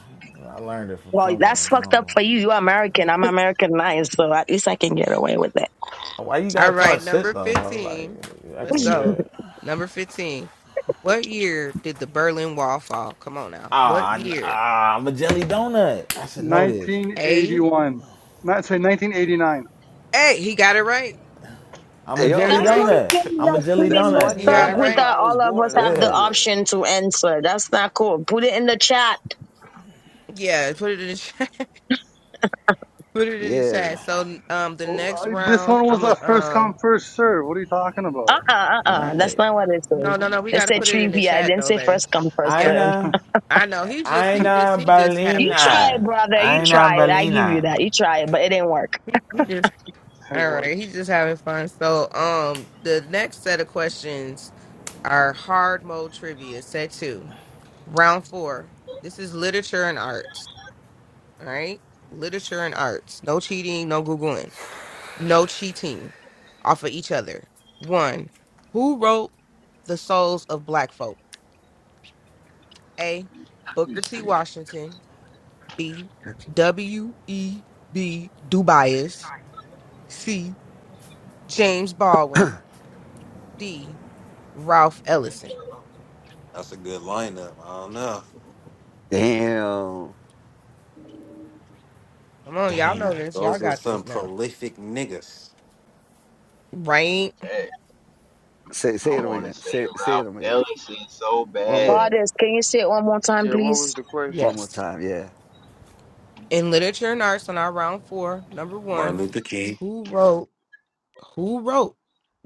S5: I learned it from
S10: Well,
S5: somewhere.
S10: that's
S5: I
S10: fucked
S5: don't
S10: up
S5: know.
S10: for you. You're American. I'm Americanized, so at least I can get away with it.
S5: Why you
S1: All
S5: gotta
S1: right,
S5: talk shit
S1: number
S5: though, bro?
S1: 15.
S5: Like that
S1: Let's
S5: can
S1: go.
S5: weird.
S1: Number 15. What year did the Berlin Wall fall? Come on now.
S5: Ah,
S1: What year?
S5: ah, I'm a jelly donut. I should know this.
S1: A.
S9: 1981. Not, sorry, 1989.
S1: A. He got it right.
S5: I'm a
S7: Hey,
S1: He got it
S5: jelly
S10: That's
S7: Yo,
S1: right.
S10: not
S5: donut.
S10: fair.
S5: I'm a
S10: That's
S5: jelly
S10: really
S7: that's one
S10: messed
S5: donut.
S1: He
S7: year
S5: Bro.
S1: got
S10: up
S1: it
S5: Like,
S10: with
S7: after my,
S1: right.
S7: I
S10: that
S7: was
S10: all of us
S7: born. I
S10: have the
S7: knew
S5: yeah,
S7: that.
S10: option to answer. That's not cool. Put it in the chat.
S1: Yeah, put it in the chat. put it in the
S7: Yeah.
S1: chat. So um the
S9: Oh,
S1: next
S9: I- this
S1: round,
S9: one was
S1: I'm
S9: a
S1: a
S9: first come,
S1: um
S9: first serve. What are you talking about?
S10: Uh uh-uh, uh uh. That's
S5: right.
S10: not what it says.
S1: no, no,
S9: Uh-huh.
S1: no. We
S10: It
S1: got to
S10: said
S1: put it in the
S10: trivia. It
S1: chat
S10: didn't
S1: though,
S10: say
S1: baby.
S10: first come first
S1: Yeah.
S10: serve.
S5: Aina,
S1: I know. He just he just
S5: Aina
S1: he just
S10: You
S1: having
S10: try it,
S1: fun.
S5: Balina.
S10: brother.
S1: He
S10: You
S1: just ha-
S5: Aina
S10: try it. I give you
S5: Balina.
S10: that. You try it, but it didn't work.
S1: he, he just
S9: It
S1: all
S9: worked.
S1: right, he's just having fun. So um the next set of questions Our hard mode trivia, set two. Round four. This is literature and arts. All right. Literature and arts. No cheating, no Googling, no cheating off of each other. One, who wrote The Souls of Black Folk? A. Booker T. Washington. B. W. E. B. Du Bois. C. James Baldwin. D. Ralph Ellison.
S2: that's a good lineup. I don't know.
S7: Damn.
S1: Come on, y'all know
S7: Damn.
S1: this. Y'all
S2: Those were
S1: got this
S2: some
S1: now.
S2: prolific niggas.
S1: Right?
S8: Fast.
S7: Say say
S8: I
S7: it
S8: want to
S7: again.
S8: say
S7: Say say
S8: Ralph
S7: it again.
S8: Ellison so
S7: One more
S8: bad.
S10: Goddess, can you say it one more time,
S4: Yeah. What
S10: please?
S4: was the
S7: one
S4: question?
S7: more
S1: Yes.
S7: time. Yeah.
S1: in literature and arts on our round four, number
S2: Martin
S1: one,
S2: Luther King.
S1: who wrote who wrote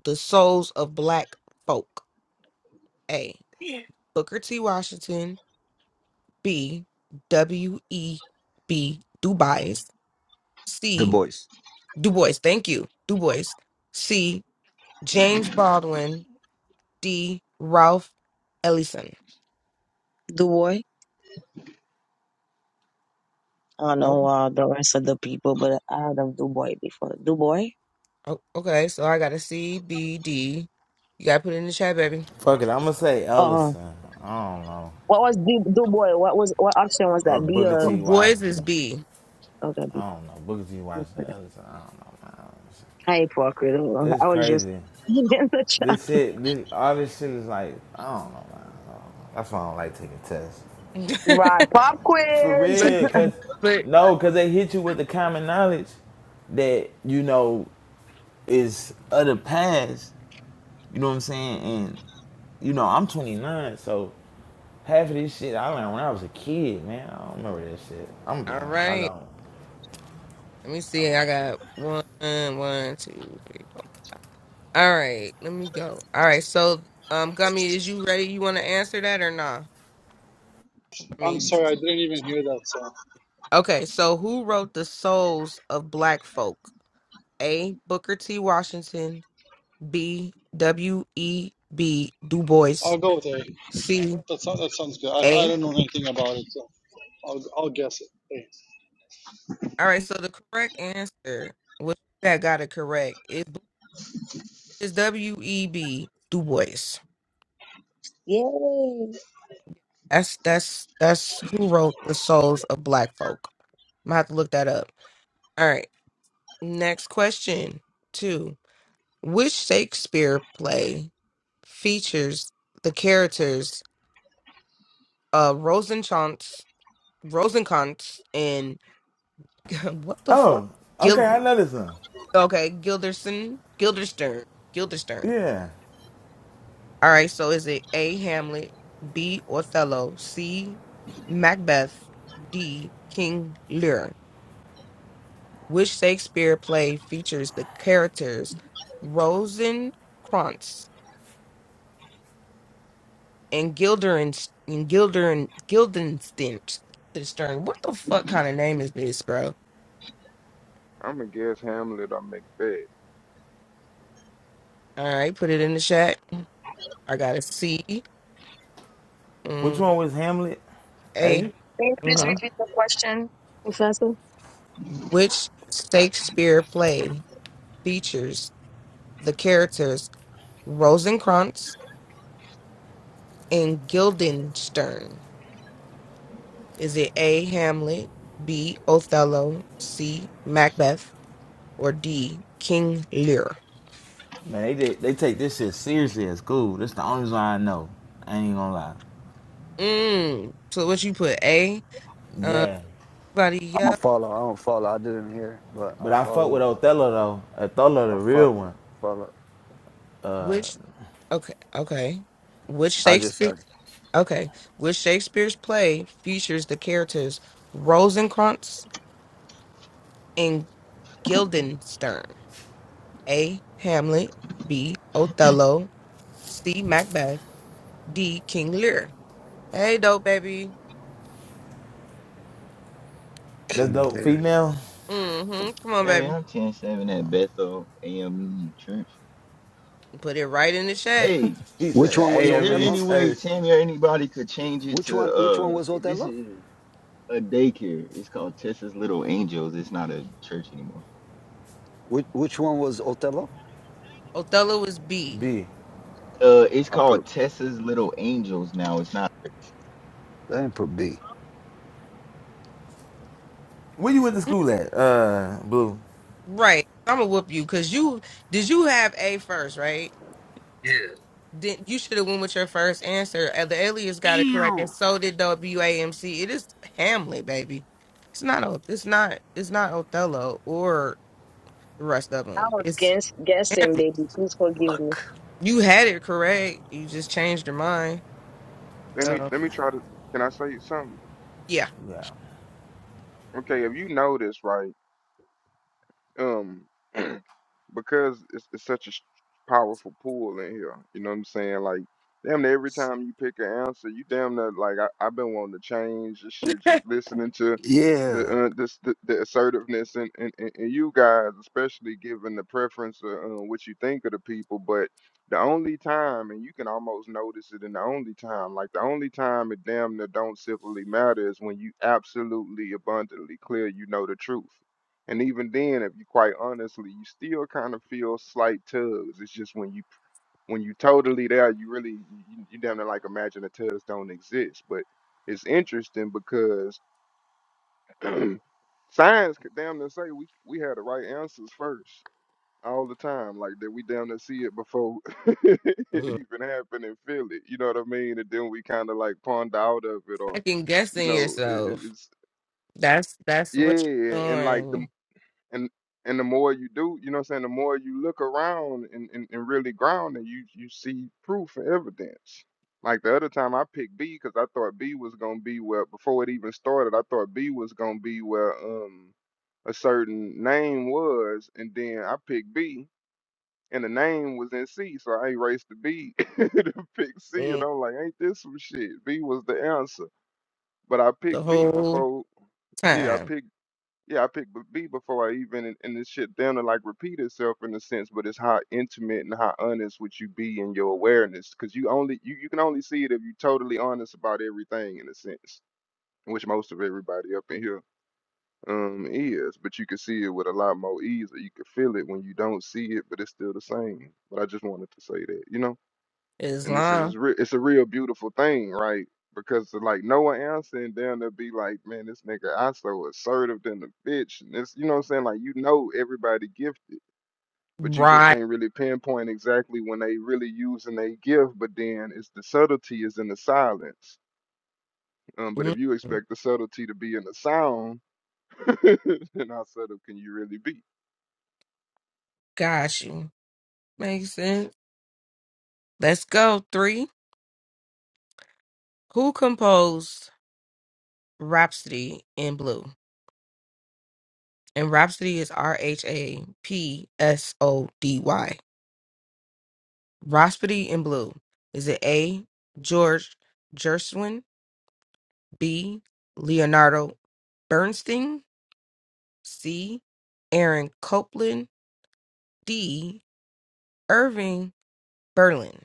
S1: The Souls of Black Folk? A.
S7: Yeah.
S1: Booker T. Washington. B. W. E. B. Du Bois.
S7: The
S1: C.
S7: boys.
S1: Du Bois. Thank you. Du Bois. C. James Baldwin. D. Ralph Ellison.
S10: Duboy. I don't know
S1: Okay.
S10: uh, the rest of the people, but I heard of Duboy before. Duboy.
S1: Oh, okay, so I got a C, B, D. You gotta put it in the chat, baby.
S5: Fuck it, I'm gonna say
S10: Uh, huh.
S5: Ellison. I don't know.
S10: what was Du- Duboy? What was what option was that?
S5: Or
S10: B
S5: Booker
S1: Du
S10: or
S5: T.
S1: Bois is
S5: Washington.
S1: B.
S10: okay, B.
S5: I don't know. Booker T. Washington, Ellison. I don't know, man.
S10: I ain't for a quiz.
S5: It's
S10: I was just
S5: crazy.
S10: in the chat.
S5: This shit, this, all this shit is like, I don't know, man. I don't know. That's why I don't like taking tests.
S10: Right, pop
S5: For
S10: quiz.
S1: but
S5: real, cause,
S1: but
S5: no, cause they hit you with the common knowledge that, you know, is of the past You know what I'm saying? And you know, I'm 29, so half of this shit I learned when I was a kid, man. I don't remember that shit. I'm gonna be
S1: All
S5: honest, I
S1: right.
S5: don't.
S1: Let me see. I got one, one, two. All right. Let me go. All right. So, um, Gummy, is you ready? You want to answer that or nah? I
S9: I'm
S1: mean, you-
S9: sorry, I didn't even hear that song.
S1: okay. So, who wrote the souls of Black folk? A. Booker T. Washington. B. W. E. B. Du Bois.
S9: I'll go with A.
S1: C.
S9: That, sounds that sounds good. I,
S1: A.
S9: I don't know anything about it, so I'll, I'll guess it. A.
S1: All right. So the correct answer, which that got it correct, is is W. E. B. Du Bois.
S10: Yay! Can
S1: That's that's that's who wrote the souls of black folk. I'm gonna have to look that up. All right. Next question two. Which Shakespeare play features the characters uh Rosencrantz Rosencrantz and what the fuck?
S5: Oh, okay,
S1: Gil
S5: I know this one.
S1: okay, Gilderson Gilderstern. Gilderstern.
S5: Yeah.
S1: All right, so is it A Hamlet, B Othello, C Macbeth, D King Lear? which Shakespeare play features the characters Rosencrantz and Gildern and Gildern Guildenstern. Stern. What the fuck kind of name is this, bro?
S4: I'm gonna guess Hamlet or Macbeth.
S1: All right, put it in the chat. I got a C,
S5: Which
S1: mm,
S5: one was Hamlet? A?
S1: A.
S10: you please
S1: hmm
S5: Alright.
S10: repeat the question, Professor?
S1: Which Shakespeare play features the characters Rosencrantz and Guildenstern? Is it A. Hamlet, B. Othello, C. Macbeth, or D, King Lear?
S5: Man, they did, they take this shit seriously at school. That's the only reason I know. I ain't gonna lie.
S1: Mm. So what you put? A. Uh,
S5: Yeah.
S1: buddy,
S7: I'm a
S1: yeah.
S7: follow. I don't follow. I didn't hear, but
S5: But
S7: I
S5: I fuck with
S7: follow.
S5: Othello though. Othello the
S7: I
S5: real
S7: fuck
S5: one.
S7: follow.
S1: Which? Okay. Okay. Which
S7: I just
S1: Shakespeare?
S7: uh,
S1: Okay. Which Shakespeare's play features the characters Rosencrantz and Guildenstern? A. Hamlet. B. Othello. C. Macbeth. D. King Lear. Hey, dope baby.
S5: The
S7: King
S5: dope
S7: Larry.
S5: female.
S1: Mm-hmm. Come on,
S8: Hey,
S1: baby.
S8: I'm 107 at Bethel AME Church.
S1: Put it right in the chat.
S8: Hey,
S5: He said
S7: Which
S5: the
S7: one was
S8: is there
S5: AME
S7: Othello?
S8: any way
S5: church.
S8: Tammy or anybody could change it
S7: Which
S8: to
S7: one? Which
S8: uh
S7: one was
S8: this
S7: Othello?
S8: is a daycare. It's called Tessa's Little Angels. It's not a church anymore.
S7: Which which one was Othello?
S1: Othello is B.
S5: B.
S8: Uh it's
S7: I
S8: called
S7: put
S8: Tessa's Little Angels now. It's not
S7: I didn't put B.
S5: Where you went to school at? Uh, Blue.
S1: Right. I'm gonna whoop you because you did you have a first, right? Then you should have went with your first answer. Uh, The alias got it correct, and
S7: Damn.
S1: so did WAMC. It is Hamlet, baby. It's not. O- It's not. It's not Othello or the rest of
S10: I
S1: them.
S10: was
S1: It's
S10: guess guessing, baby. Please forgive me.
S7: Fuck.
S1: you had it correct. You just changed your mind.
S4: Let me
S1: So
S4: let me try to. Can I say something?
S1: yeah,
S5: Yeah.
S4: Okay, if you know this right? um because it's, it's such a s- powerful pool in here you know what i'm saying like damn near every time you pick an answer you damn near like I, i've been wanting to change this shit just listening to the
S7: Yeah.
S4: uh, this the, the assertiveness and, and and and you guys especially given the preference of uh, what you think of the people but the only time and you can almost notice it in the only time like the only time it damn near don't simply matter is when you absolutely abundantly clear you know the truth and even then, if you quite honestly, you still kind of feel slight tugs. It's just when you when you totally there, you really you, you damn near like imagine the tugs don't exist. But it's interesting because science could damn near say we we had the right answers first all the time. Like that we damn near see it before it
S1: Mm.
S4: even happened and feel it. You know what I mean? And then we kind of like ponder out of it or
S1: second
S4: you
S1: guessing
S4: know it, it-
S1: yourself.
S4: it's
S1: That's that's what you're
S4: yeah. And like the
S1: doing
S4: and and the more you do, you know what I'm saying, the more you look around and, and, and really ground and you you see proof and evidence. Like the other time I picked B because I thought B was gonna be where before it even started, I thought B was gonna be where um a certain name was, and then I picked B and the name was in C, so I erased the B to pick C and
S1: mm,
S4: I'm like, ain't this some shit? B was the answer. But I
S1: the
S4: picked B
S1: whole
S4: before yeah, I
S1: time.
S4: picked yeah, I picked B B before I even and, and this shit down to like repeat itself in a sense, but it's how intimate and how honest would you be in your awareness, because you only you, you can only see it if you're totally honest about everything in a sense, which most of everybody up in here um is. But you can see it with a lot more ease, or you can feel it when you don't see it, but it's still the same. But I just wanted to say that, you know and this is
S1: Islam,
S4: re- it's a real beautiful thing, right? Because like Noah answering down there be like, man, this nigga I so assertive than the bitch, and it's you know what I'm saying. Like you know everybody gifted, but you just
S1: right?
S4: can't really pinpoint exactly when they really using they gift. But then it's the subtlety is in the silence. Um, but if
S1: Mm.
S4: you expect the subtlety to be in the sound, then how subtle can you really be?
S1: Got you. Makes sense. Let's go. Three. Who composed Rhapsody in Blue? And Rhapsody is R H A P S O D Y. Rhapsody in Blue. Is it A. George Gershwin? B. Leonardo Bernstein? C. Aaron Copland? D. Irving Berlin.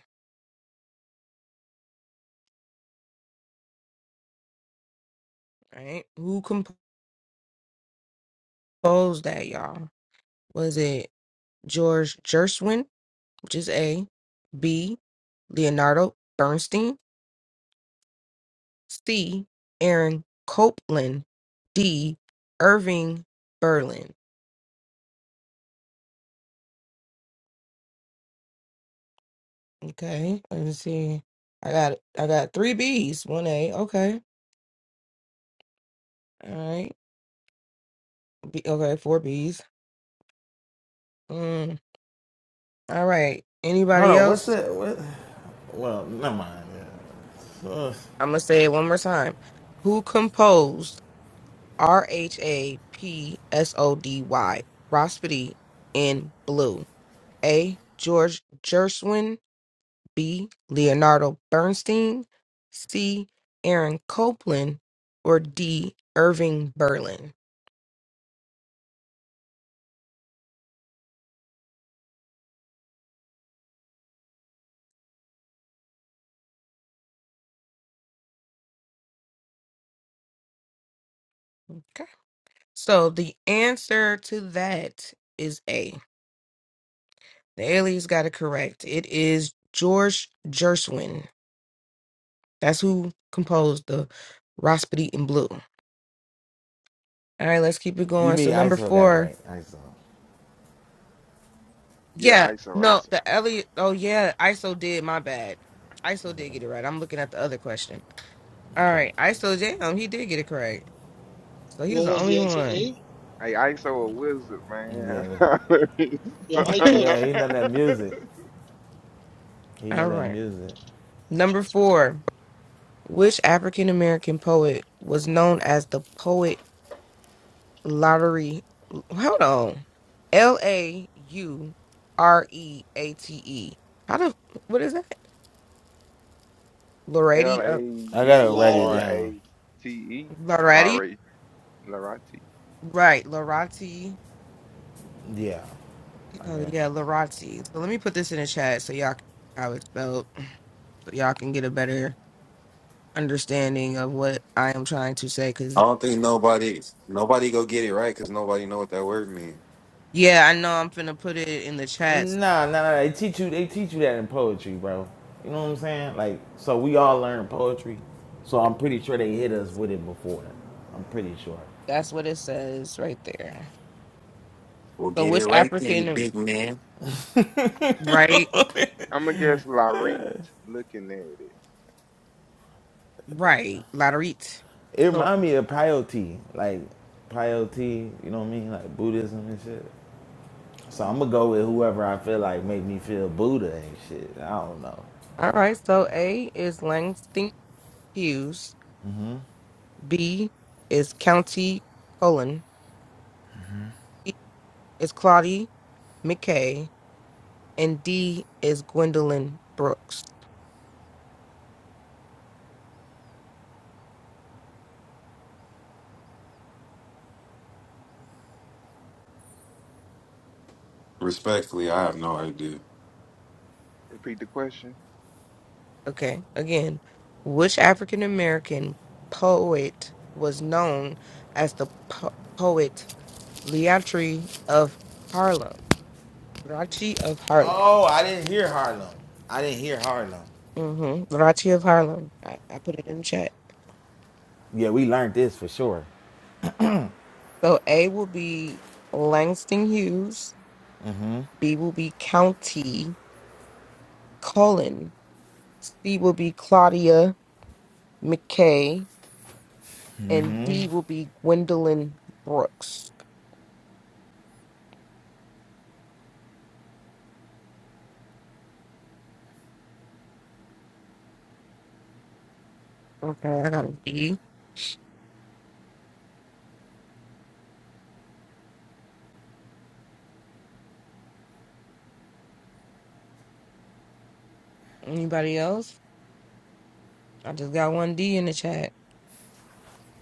S1: All right. Who composed that, y'all? Was it George Gershwin? which is A. B. Leonardo Bernstein. C. Aaron Copland. D. Irving Berlin. Okay, let me see. I got I got three B's, one A. Okay, all right. B, okay, four B's. Mm, all right.
S5: Hold
S1: Anybody
S5: on. What's
S1: else?
S5: that? What? Well, never mind. Yeah. Uh,
S1: I'm gonna say it one more time. Who composed R H A P S O D Y Rhapsody in Blue? A. George Gershwin. B. Leonardo Bernstein, C. Aaron Copland, or D. Irving Berlin. Okay. So the answer to that is A. The aliens got it correct. It is George Gershwin. That's who composed the Rhapsody in Blue. All right, let's keep it
S5: you
S1: going. So
S5: mean
S1: number
S5: ISO got it
S1: four,
S5: right? ISO.
S4: Yeah,
S1: yeah,
S4: ISO,
S1: no,
S4: ISO.
S1: the Elliot. Oh yeah, ISO did. My bad. ISO did get it right. I'm looking at the other question. All
S5: Okay.
S1: right, ISO damn, he did get it correct. So he was
S9: What
S1: the
S9: was
S1: only
S9: the answer?
S1: one.
S9: A?
S4: Hey, ISO a wizard,
S5: Yeah. but-
S9: Yeah, I chose,
S5: Yeah.
S9: I
S5: He know that
S4: man.
S5: music. He know
S1: All
S5: that
S1: right.
S5: music.
S1: Number
S9: chose
S1: four. Which African American poet was known as the poet lottery? Hold on. L A U R E A T E. How the what is that?
S4: L
S1: Loretti
S4: A
S1: uh,
S5: I gotta
S4: U
S5: write it
S4: R
S9: Larry.
S4: A
S5: down.
S4: T E.
S1: Loretti?
S4: Larate. Larate.
S1: Right, Loretti.
S5: Yeah. I
S1: Oh
S5: guess.
S1: yeah, Loretti. So let me put this in the chat so y'all can how it's spelled so y'all can get a better understanding of what I am trying to say cuz
S2: I don't think nobody nobody go get it right because nobody know what that word mean.
S1: yeah, I know I'm finna put it in the chat
S5: Nah, nah, nah. They teach you. They teach you that in poetry, bro. You know what I'm saying? Like, so we all learn poetry. So I'm pretty sure they hit us with it before. I'm pretty sure.
S1: That's what it says right there.
S2: Well,
S1: So
S2: get it
S1: which
S2: right then,
S1: African
S2: big man.
S1: right
S4: I'm going to guess Larete looking at it.
S1: right Laterit.
S5: It
S1: So
S5: remind me of Prioty, like Prioty, you know what I mean, like Buddhism and shit. So I'm
S4: Mhm.
S5: gonna go with whoever I feel like make me feel Buddha and shit. I don't know.
S1: all right, so A is Langston Hughes, B is County Cullen, C is Claudie McKay, and D is Gwendolyn Brooks.
S2: Respectfully, I have no idea.
S4: Repeat the question.
S1: Okay, again, which African American poet was known as the po- poet Leatri of Harlem? Leatri of Harlem.
S5: Oh, I didn't hear Harlem. I didn't hear Harlem.
S1: Mm-hmm. Liberace of Harlem. I, I put it in the chat.
S5: Yeah, we learned this for sure.
S1: So A will be Langston Hughes. B will be County Cullen. C will be Claudia McKay. And D will be Gwendolyn Brooks. Okay, I got a D. Anybody else? I just got one D in the chat.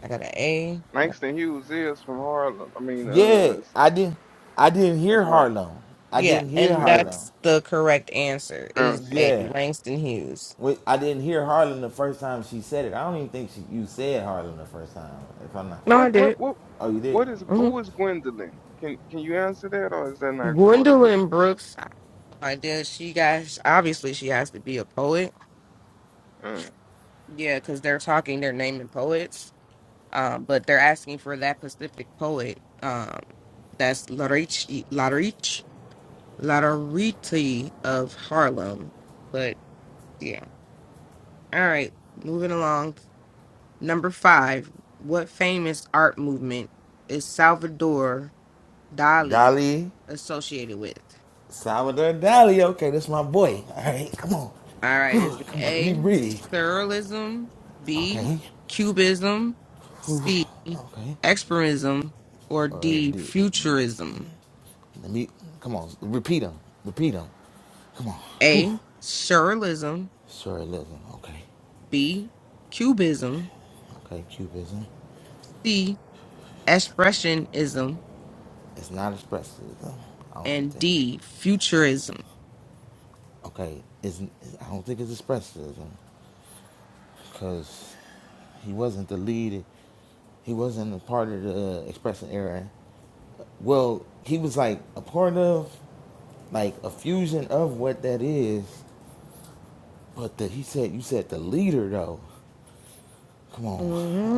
S1: I got an A. I got-
S4: Langston Hughes is from Harlem. I mean,
S5: Yeah,
S4: uh, s-
S5: I didn't. I didn't
S4: that's
S5: hear
S4: why
S5: Harlem. I
S1: Yeah,
S5: didn't hear
S1: and
S4: uh,
S5: Harlem.
S1: that's the correct answer. It is
S4: answer.
S1: A,
S5: Yeah,
S1: Langston Hughes.
S5: Wait, I didn't hear Harlem the first time she said it. I don't even think she, you said Harlem the first time. If I'm not.
S1: No, I
S4: What, what,
S1: did.
S4: what,
S5: Oh, you did.
S4: what is,
S5: Okay.
S1: hmm
S4: who is Gwendolyn? Can, can you answer that or is that not part of the,
S1: Gwendolyn Brooks. Like, does she guys? Obviously, she has to be a poet.
S4: uh,
S1: Yeah, because they're talking, they're naming poets. Um, but they're asking for that specific poet. Um, that's Larich, Larich, Lariti of Harlem. But yeah, all right. Moving along. Number five. What famous art movement is Salvador Dali
S5: Dolly.
S1: associated with?
S5: Salvador Dali. Okay, this is my boy. All right, come on.
S1: All right, is
S5: Whew,
S1: it
S5: come on, let me
S1: A,
S5: breathe.
S1: sterile,ism B,
S5: Okay.
S1: cubism,
S5: Whew,
S1: C,
S5: okay.
S1: experism, or
S5: All right,
S1: D,
S5: dude.
S1: futurism?
S5: Let me, come on, repeat them. Repeat them. Come on. Whew.
S1: A, Surrealism,
S5: Surrealism. Okay.
S1: B, cubism,
S5: Okay, Cubism.
S1: C, expressionism,
S5: It's not expressivism. I don't
S1: and
S5: think.
S1: D, futurism.
S5: Okay, it's, it's, I don't think it's expressivism. Because he wasn't the lead. He wasn't a part of the expressive era. Well, he was like a part of, like a fusion of what that is. But the, he said, you said the leader though. Come on,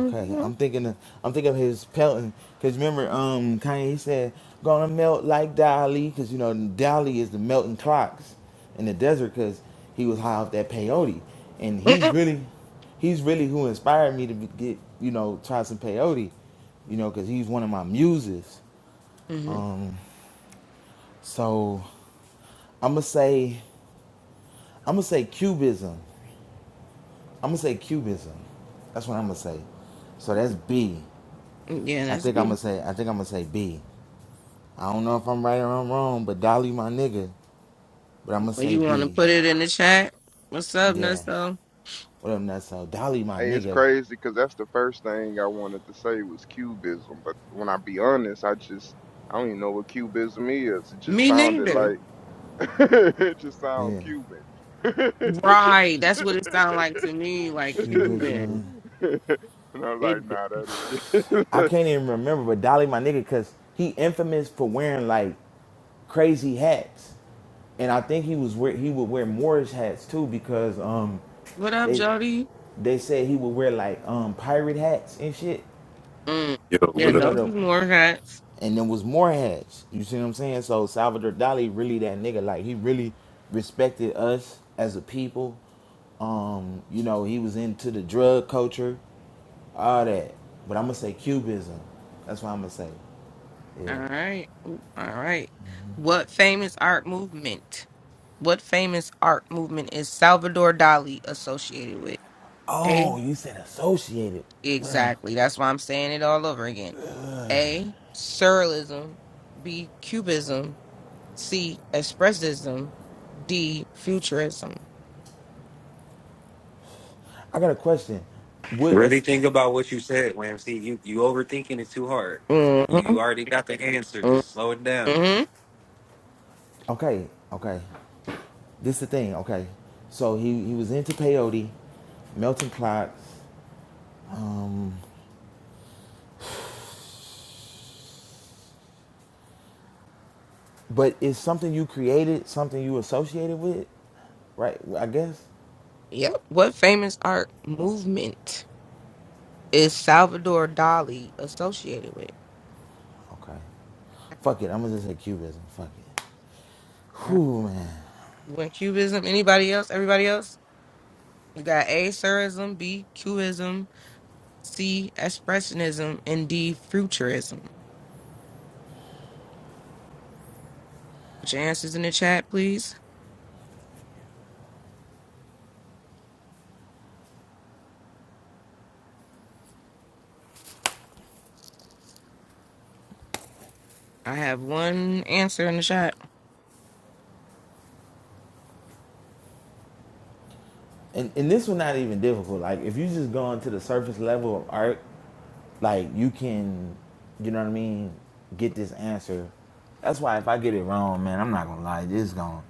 S5: okay. I'm thinking, of, I'm thinking of his pelting. Cause remember, um, Kanye he said, gonna melt like Dali. Cause you know Dali is the melting clocks in the desert. Cause he was high off that peyote, and he's really, he's really who inspired me to be- get, you know, try some peyote you know, because he's one of my muses.
S1: hmm
S5: Um, so I'm gonna say I'm gonna say cubism. I'm gonna say cubism. That's what I'm gonna say. So that's B.
S1: Yeah,
S5: I
S1: that's
S5: think I'm
S1: B.
S5: gonna say I think I'm gonna say B. I don't know if I'm right or I'm wrong, but Dolly my nigga. But I'm gonna
S1: Well,
S5: say
S1: you want to
S5: B.
S1: put it in the chat? What's up,
S5: Yeah.
S1: Nusso?
S5: What up, Nutso? Dolly my
S4: Hey, it's
S5: nigga.
S4: crazy because that's the first thing I wanted to say was cubism, but when I be honest, I just I don't even know what cubism is. It just
S1: Me
S4: sounded like
S1: neither.
S4: it just sound
S5: Yeah.
S4: Cuban. and
S1: Right, that's what it sounds like to me, like Cuban.
S5: Cubism.
S4: I was like,
S1: It, d-
S4: nah, that'll
S5: I
S4: be
S5: can't even remember, but Dolly my nigga, cause he infamous for wearing like crazy hats. And I think he was wear, he would wear Moorish hats too because um
S1: What up,
S5: they
S1: Jody?
S5: they said he would wear like um pirate hats and shit.
S1: mm,
S11: Yo,
S5: And
S1: Yeah,
S11: what
S5: you know
S1: those
S5: the
S1: is more hats.
S5: and there was more hats. You see what I'm saying? So Salvador Dali really that nigga. Like he really respected us as a people. Um, you know, he was into the drug culture, all that. But I'm gonna say Cubism. That's what I'm gonna say. Yeah.
S1: All right. Ooh, All right. What famous art movement? What famous art movement is Salvador Dali associated with? A.
S5: Oh, you said associated. Well,
S1: Exactly. That's why I'm saying it all over again. A. Surrealism. B. Cubism. C. Expressism. D. Futurism.
S5: I got a question. Would
S2: Really
S5: us
S2: think about what you said, Wamsy. You you overthinking it too hard. You
S1: Mm-hmm.
S2: you already got the answer. Just slow it down.
S1: Mm-hmm.
S5: okay, okay. This is the thing, okay. So he, he was into peyote, melting clocks, but is something you created something you associated with? Right, I guess?
S1: Yep. What famous art movement? is Salvador Dali associated with?
S5: Okay. Fuck it, I'm gonna just say cubism. Fuck it.
S1: All right.
S5: Whew man.
S1: You want Cubism? Anybody else? Everybody else? We got A. Surism, B. Cubism, C. Expressionism, and D. Futurism. Put your answers in the chat, please. I have one answer in the chat.
S5: And and this one not even difficult. Like if you just go into the surface level of art, Like you can, you know what I mean, get this answer. That's why if I get it wrong, man, I'm not gonna lie, this is gonna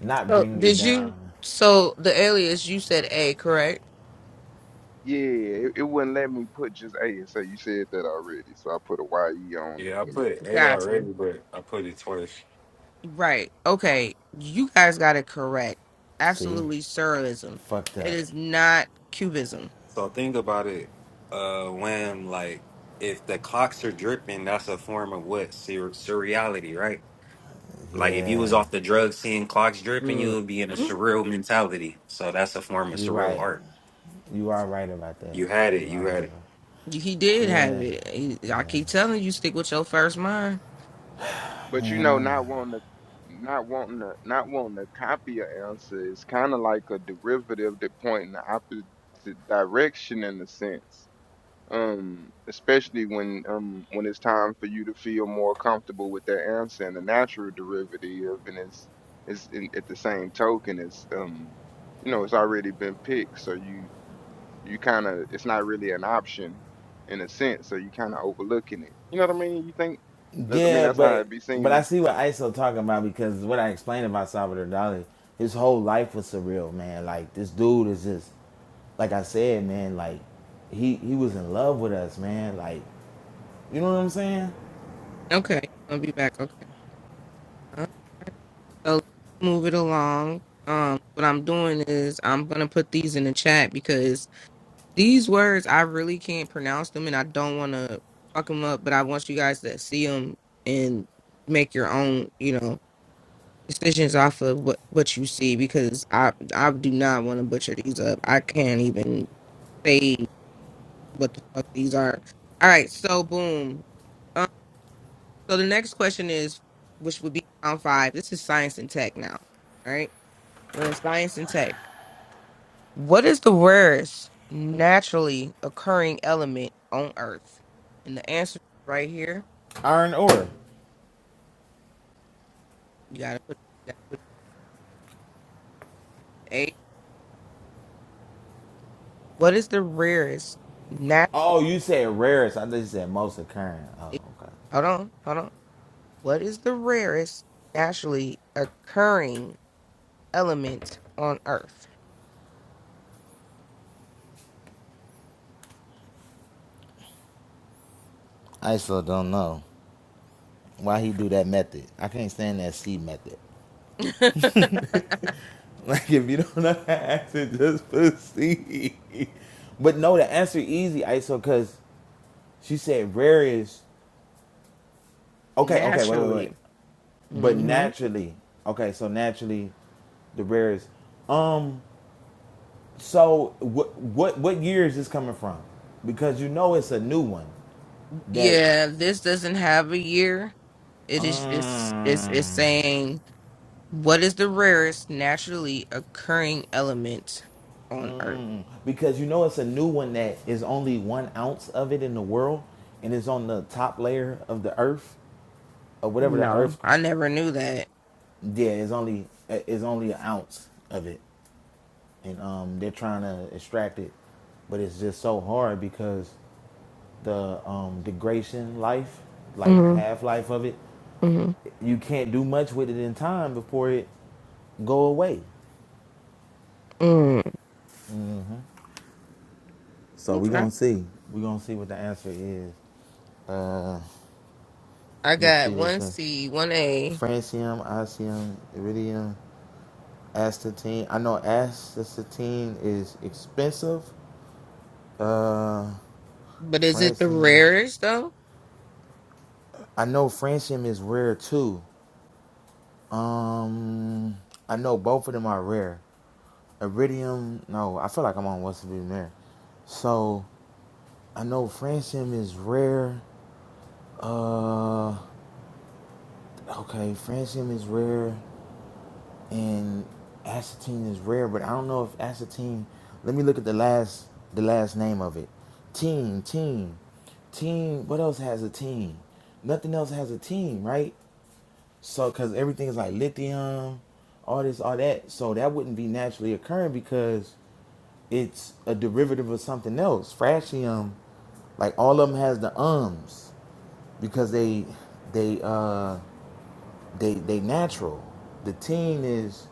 S5: not
S1: So
S5: bring me
S1: did you?
S5: down.
S1: So the alias you said A, correct?
S4: Yeah, it, it wouldn't let me put just A and say you said that already, so I put a YE on it.
S2: Yeah, I
S4: to-
S2: put A
S1: Got you.
S2: already, but I put it twice.
S1: Right. Okay. You guys got it correct.
S5: See?
S1: Absolutely,
S5: I
S1: Surrealism.
S5: fucked
S1: It
S5: up.
S1: is not Cubism.
S2: So think about it, uh, Wham. Like if the clocks are dripping, that's a form of what Sur- surreality, right? Like if you was
S5: Yeah.
S2: off the drugs, seeing clocks dripping, you
S1: Mm.
S2: would be in a surreal mentality. So that's a form of
S5: You
S2: surreal
S5: right.
S2: art.
S5: You are right about that.
S2: You had it.
S5: You are
S2: You
S5: right
S2: had it.
S5: about
S1: He
S5: that.
S1: did have
S5: Yeah.
S1: it. He- I keep telling you, stick with your first mind.
S4: But you
S5: Man,
S4: know,
S5: I'm
S4: not wanting to not wanting to not wanting to copy an answer is kind of like a derivative that point in the opposite direction in a sense um, especially when um, when it's time for you to feel more comfortable with that answer and the natural derivative, and it's it's in, at the same token, it's um, you know, it's already been picked, so you you kind of it's not really an option in a sense, so you kind of overlooking it. You know what I mean? You think that I mean
S5: Yeah,
S4: that's how
S5: but
S4: it be
S5: but I
S4: seeming.
S5: see what ISO talking about because what I explained about Salvador Dali, his whole life was surreal, man. Like this dude is just like I said, man, like he he was in love with us, man. Like, you know what I'm saying?
S1: Okay, I'll be back. Okay. All right. So let's move it along. Um, what I'm doing is I'm gonna put these in the chat because these words I really can't pronounce them, and I don't want to fuck them up. But I want you guys to see them and make your own, you know, decisions off of what what you see because I I do not want to butcher these up. I can't even say what the fuck these are. All right, so boom. So the next question is, which would be round five. This is science and tech now. All right. We're in science and tech. What is the rarest naturally occurring element on Earth? And the answer is right here.
S5: Iron ore.
S1: You gotta put, you gotta put A. What is the rarest nat
S5: Oh, you said rarest. I thought you said most occurring. Oh, okay.
S1: hold on, hold on. What is the rarest naturally occurring element on Earth?
S5: ISO don't know why he do that method. I can't stand that C method. Like if you don't know the answer, just put C. But no, the answer easy, ISO, cause She said rare is okay, okay, wait, wait,
S1: naturally.
S5: wait. But
S1: hmm
S5: naturally, okay, so naturally, the rare is. Um, so what what what year is this coming from? Because you know it's a new one that
S1: Yeah, this doesn't have a year. It is just it's it's
S5: um
S1: saying what is the rarest naturally occurring element on Earth?
S5: because you know it's a new one that is only one ounce of it in the world and it's on the top layer of the earth or whatever the
S1: No,
S5: earth
S1: I never knew that.
S5: yeah, it's only it's only an ounce of it. and um, they're trying to extract it, but it's just so hard because the um, degradation life, like
S1: Mm,
S5: half life of it,
S1: mm,
S5: you can't do much with it in time before it go away.
S1: mm.
S5: So we're
S1: Okay.
S5: gonna see. We're gonna see what the answer is. Uh,
S1: I
S5: let me
S1: got
S5: see what's
S1: one
S5: in.
S1: C, one A,
S5: Francium, osmium, iridium, astatine. I know astatine is expensive. Uh,
S1: but is it the
S5: francium.
S1: rarest though?
S5: I know francium is rare too. Um, I know both of them are rare. Iridium, no, I feel like I'm on what's to be rare. So I know francium is rare. Uh, okay, francium is rare, and acetine is rare, but I don't know if acetine. Let me look at the last the last name of it. Team, team, team. What else has a team? Nothing else has a team, right? So, because everything is like lithium, all this, all that. So that wouldn't be naturally occurring because it's a derivative of something else. Fractium, like all of them has the ums because they, they, uh, they, they natural. The teen is,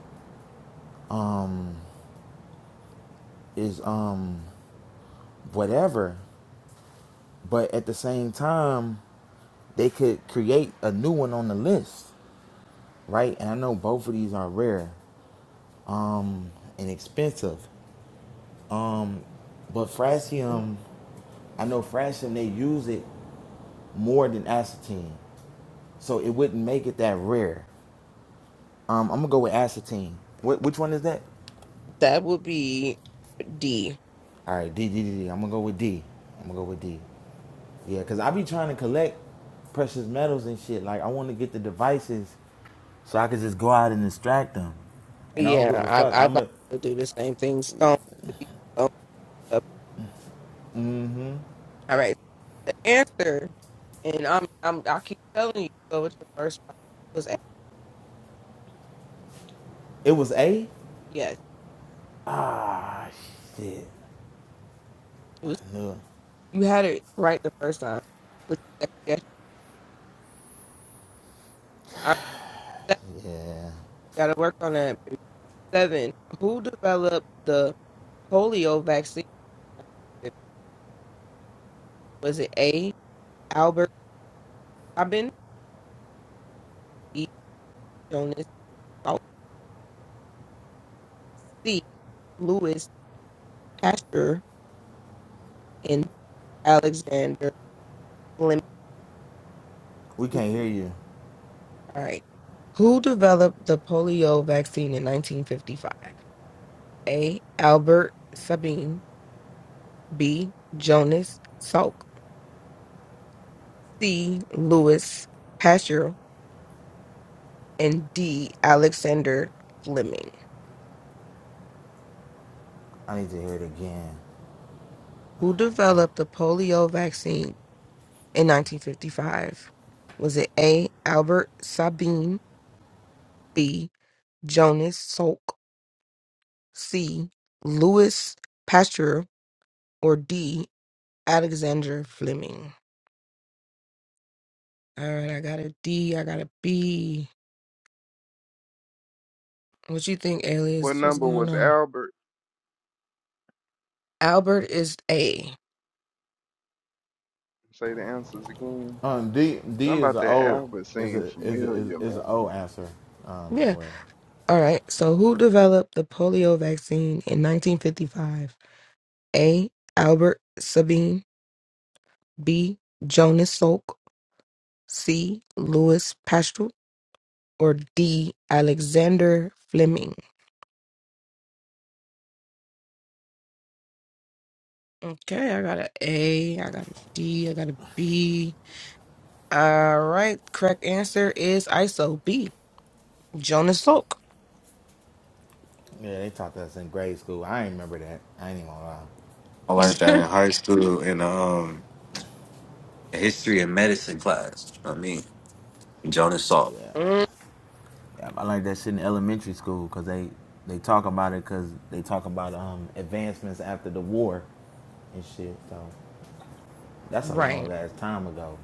S5: is, um, whatever. But at the same time, they could create a new one on the list, right? And I know both of these are rare, um, and expensive. But fractium I know francium they use it more than acetine, so it wouldn't make it that rare. Um, I'm gonna go with acetine. What, which one is that?
S1: That would be D.
S5: All right, D, D, D, D. I'm gonna go with D. I'm gonna go with D. Yeah, cause I be trying to collect precious metals and shit. Like I want to get the devices so I could just go out and distract them. And I don't
S1: Yeah,
S5: give a fuck.
S1: I I'd
S5: I'm
S1: like
S5: a.
S1: to do the same thing. Stone would be stone up. All right. The answer, and I'm I'm I keep telling you, go with your first one was A.
S5: It was A.
S1: Yes.
S5: Ah shit. I knew. it.
S1: You had it right the first time. But you second-guessed. All right, seven,
S5: Yeah.
S1: gotta work on that. baby. Seven. Who developed the polio vaccine? Was it A. Albert Sabin, B. Jonas Salk, C. Louis Pasteur, and Alexander Fleming?
S5: We
S1: All
S5: can't hear you.
S1: right. Who developed the polio vaccine in 1955? A. Albert Sabin, B. Jonas Salk, C. Louis Pasteur, and D. Alexander Fleming,
S5: I need to hear it again.
S1: who developed the polio vaccine in 1955? Was it A. Albert Sabin, B. Jonas Salk, C. Louis Pasteur, or D. Alexander Fleming? All right, I got a D, I got a B. What you think,
S4: What
S1: alias? What's
S4: number
S1: going
S4: was
S1: on?
S4: Albert?
S1: Albert is A.
S4: Say the answers again.
S5: Um, D D
S4: Something
S5: is
S4: about
S5: an
S4: that
S5: old
S4: Albert
S5: is
S4: seemed
S5: a is a, is
S4: familiar,
S5: is an
S4: man.
S5: old answer. Um,
S1: Yeah.
S5: where
S1: All right. So, who developed the polio vaccine in 1955? A. Albert Sabine, B. Jonas Salk, C. Louis Pasteur, or D. Alexander Fleming. Okay, I got an A, I got a D, I got a B. All right, correct answer is ISO B. Jonas Salk.
S5: yeah, they taught us in grade school. I ain't remember that. I ain't even gonna lie.
S2: I learned that in high school in um history and medicine class. I mean, Jonas Salk.
S5: Yeah,
S1: Mm,
S5: Yeah, I like that shit in elementary school because they they talk about it because they talk about um advancements after the war. and shit. So that's a long
S1: right.
S5: ass time ago.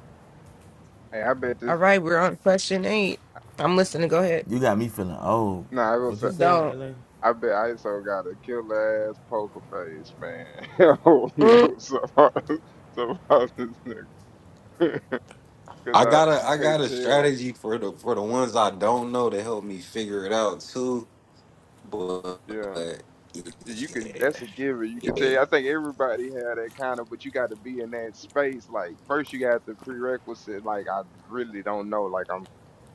S4: Hey, I bet
S1: All
S4: this.
S1: right, we're on question eight. I'm listening. Go ahead.
S5: You got me feeling old.
S4: No, I was.
S5: What you say,
S1: Don't.
S5: LA?
S4: I bet ISO got a killer ass poker face, man. I don't know
S1: Mm,
S4: so about, so about this nigga. Cause
S2: I
S4: I
S2: got a
S4: you
S2: I
S4: can't
S2: got a
S4: tell.
S2: strategy for the for the ones I don't know to help me figure it out too. But
S4: Yeah. You you could
S2: yeah,
S4: that's a given. You could
S2: yeah.
S4: tell I think everybody had that kind of but you gotta be in that space. Like first you got the prerequisite, like I really don't know. Like I'm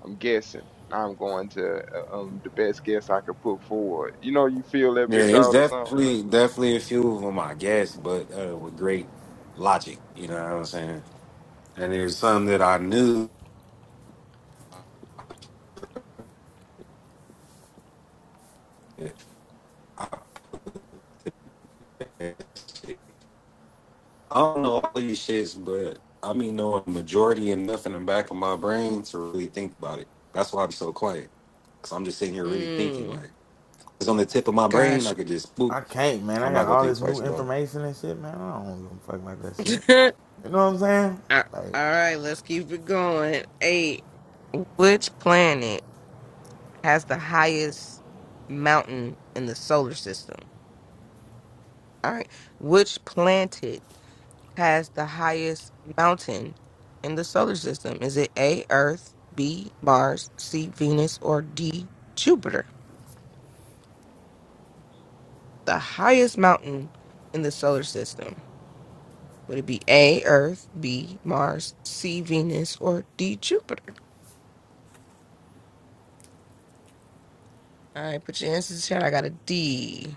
S4: I'm guessing. I'm going to uh, um the best guess I could put forward. You know you feel that
S2: Yeah,
S4: bitch
S2: it's
S4: out or something?
S2: definitely definitely a few of them, I guess, but uh, with great logic. You know what I'm saying? and it was something that I knew. I don't know all these shits, but I mean knowing majority and nothing in the back of my brain to really think about it. That's why I'm so quiet, cause I'm just sitting here really thinking.
S1: mm,
S2: Like it's on the tip of my brain,
S1: gosh.
S2: I could just boop.
S5: I can't, man. I
S2: I'm
S5: got
S2: not gonna
S5: all
S2: think
S5: this
S2: twice
S5: new
S2: about it.
S5: information and shit, man. I don't give a fuck about that shit. You know what I'm saying?
S1: All
S5: Like,
S1: right, let's keep it going. Eight. Which planet has the highest mountain in the solar system? All right. Which planet has the highest mountain in the solar system? Is it A, Earth, B, Mars, C, Venus, or D, Jupiter? The highest mountain in the solar system. Would it be A, Earth, B, Mars, C, Venus, or D, Jupiter? All right, put your answers in the chat. I got a D.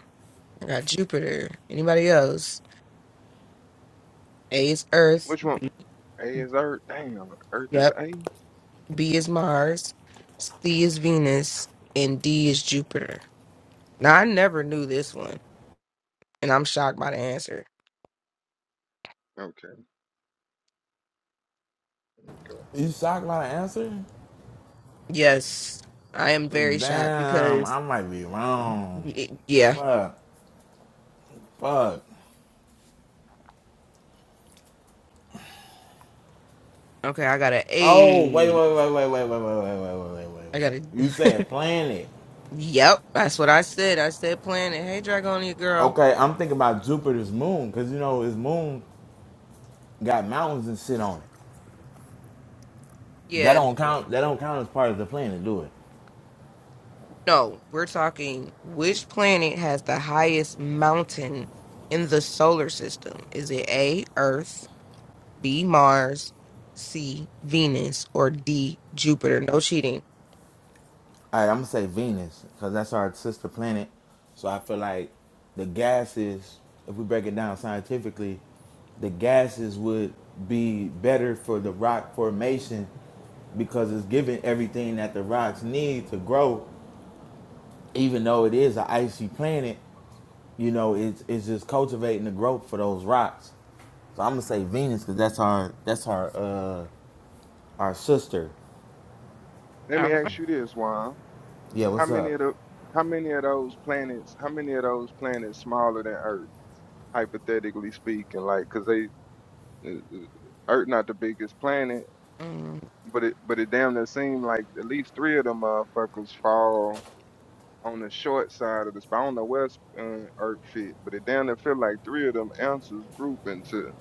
S1: I got Jupiter. Anybody else? A is Earth.
S4: Which one? A is Earth. Damn, Earth is
S1: Yep.
S4: A?
S1: B is Mars, C is Venus, and D is Jupiter. Now, I never knew this one, and I'm shocked by the answer.
S4: Okay. let me go.
S5: You shocked by the answer?
S1: Yes, I am very shocked
S5: Damn,
S1: because,
S5: I might be wrong.
S1: y- yeah.
S5: Fuck. Fuck.
S1: Okay, I got an
S5: Oh, wait, wait,
S1: A.
S5: wait, wait, wait, wait, wait, wait, wait, wait, wait, wait. wait.
S1: I got
S5: You
S1: a.
S5: said planet.
S1: yep, that's what I said. I said planet. Hey, Dragonia girl.
S5: Okay, I'm thinking about Jupiter's moon, because you know his moon got mountains and shit on it. That
S1: Yeah,
S5: don't
S1: no.
S5: count that don't count as part of the planet, do it?
S1: No, we're talking which planet has the highest mountain in the solar system? Is it A, Earth? B Mars, C Venus, or D Jupiter. No cheating.
S5: All right, I'm gonna say Venus because that's our sister planet. So I feel like the gases, if we break it down scientifically, the gases would be better for the rock formation because it's giving everything that the rocks need to grow. Even though it is an icy planet, you know, it's it's just cultivating the growth for those rocks. So I'm gonna say Venus because that's our that's our uh our sister.
S4: Let me
S1: All right.
S4: ask you this, Juan.
S5: Yeah,
S4: How
S5: what's
S4: many
S5: up?
S4: of the how many of those planets, how many of those planets smaller than Earth, hypothetically speaking, like, 'cause they uh, uh, Earth not the biggest planet,
S1: Mm,
S4: but it but it damn near seem like at least three of them motherfuckers fall on the short side of the spot. I don't know where sp- uh, Earth fit, but it damn near feel like three of them answers group into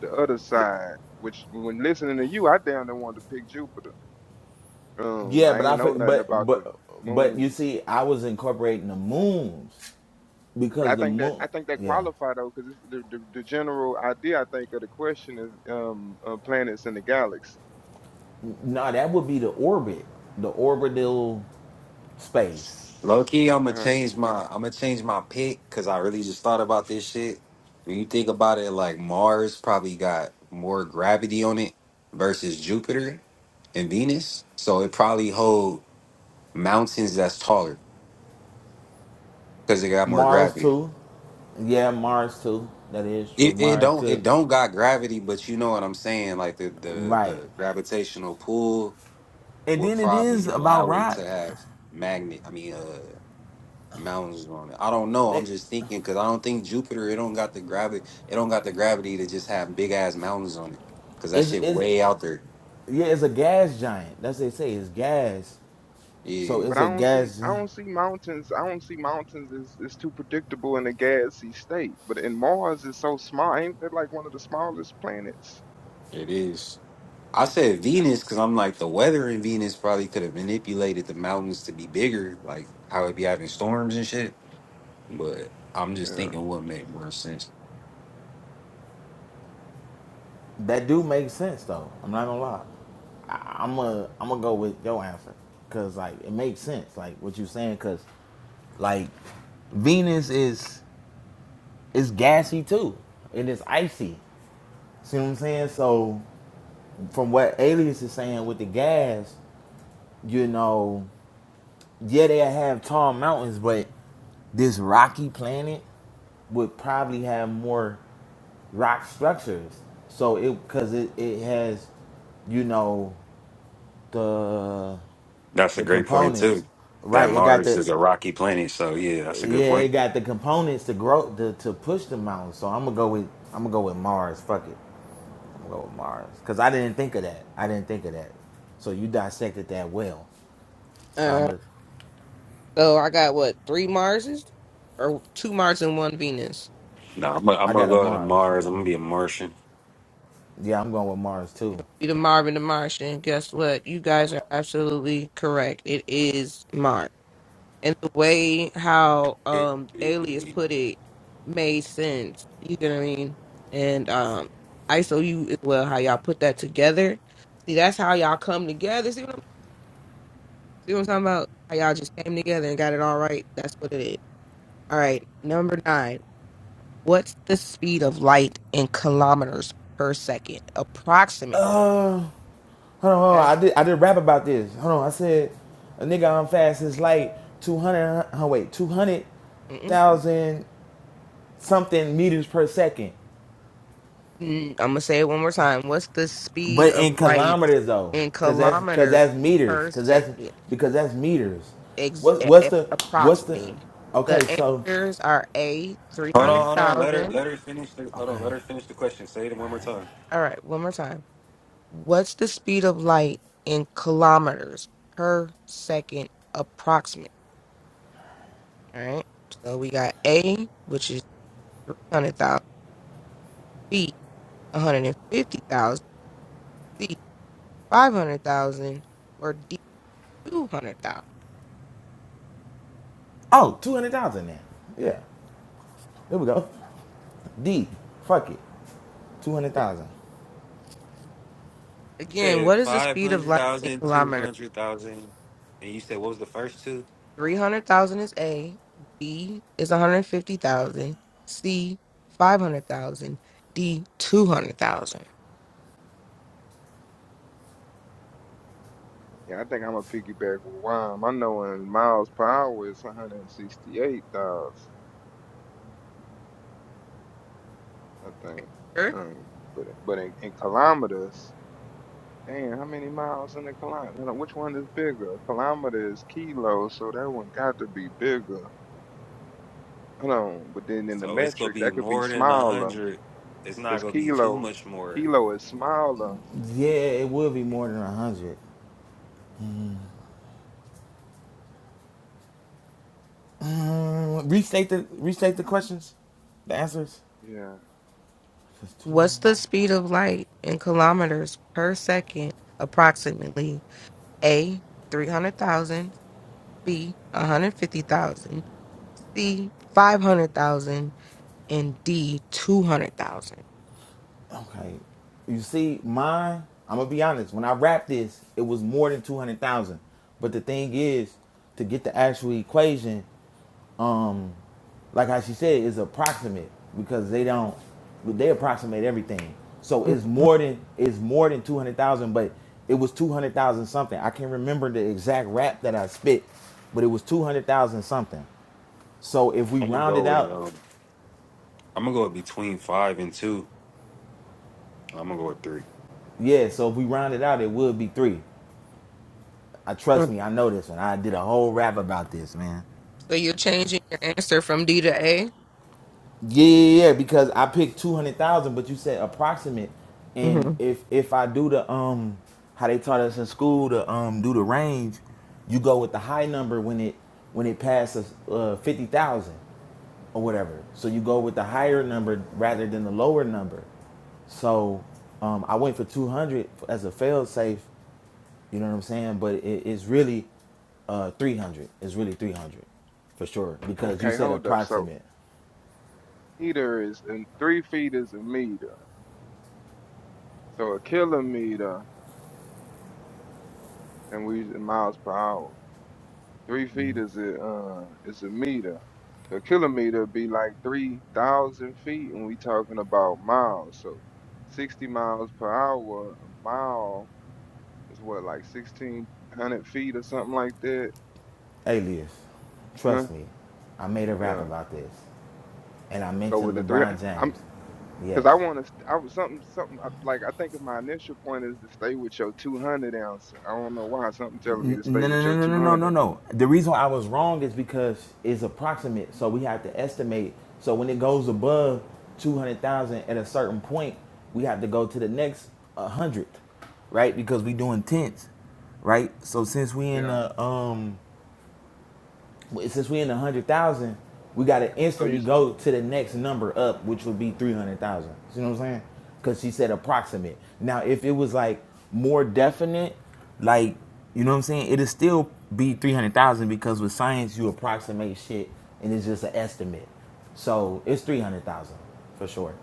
S4: the other side. Which when listening to you, I damn near wanted to pick Jupiter. Um, but
S5: Yeah,
S4: I
S5: but
S4: ain't
S5: I
S4: know nothing
S5: but
S4: about the
S5: but but you
S4: moons
S5: see, I was incorporating the moons
S4: But I
S5: because the
S4: think that
S5: moon.
S4: I think that
S5: Yeah,
S4: qualify though, because the, the the general idea I think of the question is um uh, planets in the galaxy.
S5: no, that would be the orbit, the orbital space.
S2: Low key, I'm gonna
S4: Uh-huh.
S2: change my I'm gonna change my pick because I really just thought about this shit. When you think about it, like Mars probably got more gravity on it versus Jupiter and Venus, so it probably hold mountains that's taller because it got more
S5: Mars
S2: gravity.
S5: too. Yeah, Mars too. That is true.
S2: It, it
S5: Mars
S2: don't it
S5: could.
S2: don't got gravity, but you know what I'm saying. Like the the
S5: Right.
S2: the gravitational pull
S5: And
S2: will
S5: then it is
S2: probably
S5: about
S2: allow it
S5: rock.
S2: to have magnet. I mean, uh, mountains on it. I don't know.
S5: That
S2: I'm just thinking because I don't think Jupiter. It don't got the gravity. It don't got the gravity to just have big ass mountains on it. Cause that
S5: is
S2: shit
S5: is
S2: way out there.
S5: yeah, it's a gas giant. That's what they say. It's gas. So
S2: Yeah,
S4: But
S5: it's a
S4: I don't see I
S5: gas.
S4: don't see mountains I don't see mountains is is too predictable in a gassy state. But in Mars is so small, ain't that like one of the smallest planets?
S2: it is. I said Venus because I'm like the weather in Venus probably could have manipulated the mountains to be bigger, like how it be having storms and shit. But I'm just
S4: Yeah,
S2: thinking what make more sense.
S5: That do make sense though. I'm not gonna lie. I, I'm a I'm gonna go with your answer because like it makes sense like what you're saying because like Venus is is gassy too and it's icy. See what I'm saying? So from what Alias is saying with the gas, you know, yeah they have tall mountains, but this rocky planet would probably have more rock structures. So it because it, it has, you know, the
S2: That's a
S5: the
S2: great point
S5: components
S2: too. That
S5: right it got
S2: Mars
S5: the
S2: is a rocky planet, so yeah, that's a good
S5: yeah it
S2: point.
S5: got the components to grow to, to push the mountain so i'm gonna go with i'm gonna go with mars fuck it i'm gonna go with mars because i didn't think of that i didn't think of that so you dissected that well so
S1: uh,
S5: i'm a,
S1: so I got what three Marses, or two Mars and one Venus.
S2: No, I'm gonna, I'm
S5: i
S2: gonna
S5: got a
S2: go to
S5: mars
S2: Mars. I'm gonna
S5: I'm,
S2: be a Martian.
S5: yeah i'm going with mars too
S1: Be the Marvin the Martian. Guess what? You guys are absolutely correct. It is Mars, and the way how um Alias put it made sense. You get what I mean? And um, ISO you as well. How y'all put that together? See, that's how y'all come together. See what I'm See what I'm talking about? How y'all just came together and got it all right. That's what it is. All right. Number nine. What's the speed of light in kilometers per second, approximately?
S5: uh hold on, hold on
S1: Okay.
S5: i did i did rap about this hold on i said a nigga on fast is like 200 huh, wait 200
S1: Mm-mm.
S5: thousand something meters per second
S1: Mm, I'm gonna say it one more time. What's the speed
S5: But in
S1: of light
S5: kilometers though,
S1: in
S5: cause that's cause
S1: kilometers
S5: that's meters,
S1: per
S5: cause that's
S1: second,
S5: because that's meters.
S1: ex-
S5: What's
S1: a-
S5: what's
S1: a-
S5: the what's the?
S1: approximately?
S5: Okay,
S1: The
S5: so
S1: answers are A,
S2: Hold on, hold on. Let her
S1: 300,000.
S2: let her finish. The, hold on,
S5: okay.
S2: let her finish the question. Say it one more time.
S1: All right, one more time. What's the speed of light in kilometers per second approximate? All right. So we got A, which is 300,000, B, 150,000, C, 500,000, or D, 200,000.
S5: Oh, two hundred thousand then. Yeah, there we go. D, fuck it, two hundred thousand.
S2: You
S1: Again,
S2: said
S1: what is the
S2: five
S1: speed of
S2: hundred
S1: light in
S2: thousand, two
S1: kilometers?
S2: hundred thousand, and you said what was the first two?
S1: 300,000 is A, B is 150,000, C, 500,000, D, 200,000.
S4: yeah. I think I'm a piggyback with Wime. I know in miles per hour it's 168,000. I think. Um, but but in, in kilometers. Damn, how many miles in a kilometer? Which one is bigger? Kilometer is kilo, so that one got to be bigger. Hold on, but then in the
S2: So it's gonna
S4: metric,
S2: be
S4: that could be
S2: more than a
S4: smaller,
S2: hundred. It's not
S4: cause
S2: gonna be too
S4: kilo,
S2: much more.
S4: kilo is smaller.
S5: Yeah, it will be more than a hundred. Um, restate the restate the questions, the answers.
S4: Yeah.
S5: Cause two. hundred.
S1: What's the speed of light in kilometers per second, approximately? A. 300,000, B. 150,000, C. 500,000, and D. 200,000.
S5: Okay. You see, mine, I'm gonna be honest, when I wrapped this, it was more than two hundred thousand. But the thing is, to get the actual equation, um, like how she said, is approximate because they don't they approximate everything. So it's
S1: Mhm.
S5: more than it's more than two hundred thousand, but it was two hundred thousand something. I can't remember the exact rap that I spit, but it was two hundred thousand something. So if we
S2: I'm gonna
S5: round it
S2: go with
S5: out,
S2: um. I'm gonna go between five and two. I'm gonna go with three.
S5: yeah, so if we round it out, it would be three. I
S1: So
S5: trust me, I know this one. I did a whole rap about this, man.
S1: you're changing your answer from D to A?
S5: Yeah, yeah, yeah, yeah, because I picked two hundred thousand, but you said approximate, and
S1: Mm-hmm.
S5: if if I do the um how they taught us in school to um do the range, you go with the high number when it when it passes uh, fifty thousand or whatever. So you go with the higher number rather than the lower number. So um, I went for 200 as a fail safe, You know what I'm saying? But it, it's really uh, 300. It's really 300 for sure because you
S4: Okay,
S5: said
S4: hold up. So
S5: approximate.
S4: meter is and three feet is a meter, so a kilometer, and we use it in miles per hour. Three feet is a uh, is a meter. A kilometer be like three thousand feet, and we talking about miles. So sixty miles per hour, a mile is what like sixteen hundred feet or something like that.
S5: Alias,
S4: Huh?
S5: trust me, I made a rap
S4: Yeah.
S5: about this and I
S4: Go with
S5: mentioned
S4: the three.
S5: LeBron
S4: I'm
S5: James.
S4: because I
S5: Yes.
S4: want to. I was something something I- like I think of my initial point is to stay with your two hundred ounce. I don't know why something telling me to stay
S5: No, no,
S4: with your
S5: no, no, no,
S4: two
S5: no, no,
S4: hundred.
S5: no. The reason I was wrong is because it's approximate, so we have to estimate. So when it goes above two hundred thousand at a certain point, we have to go to the next uh, hundred, right? Because we doing tens, right? So since we in
S4: Yeah.
S5: the um since we in the hundred thousand, we gotta
S4: So you.
S5: instantly
S4: s-
S5: go to the next number up, which would be three hundred thousand. You know what I'm saying? Because she said approximate. Now, if it was like more definite, like you know what I'm saying, it'd still be three hundred thousand because with science you approximate shit and it's just an estimate. So it's three hundred thousand for sure.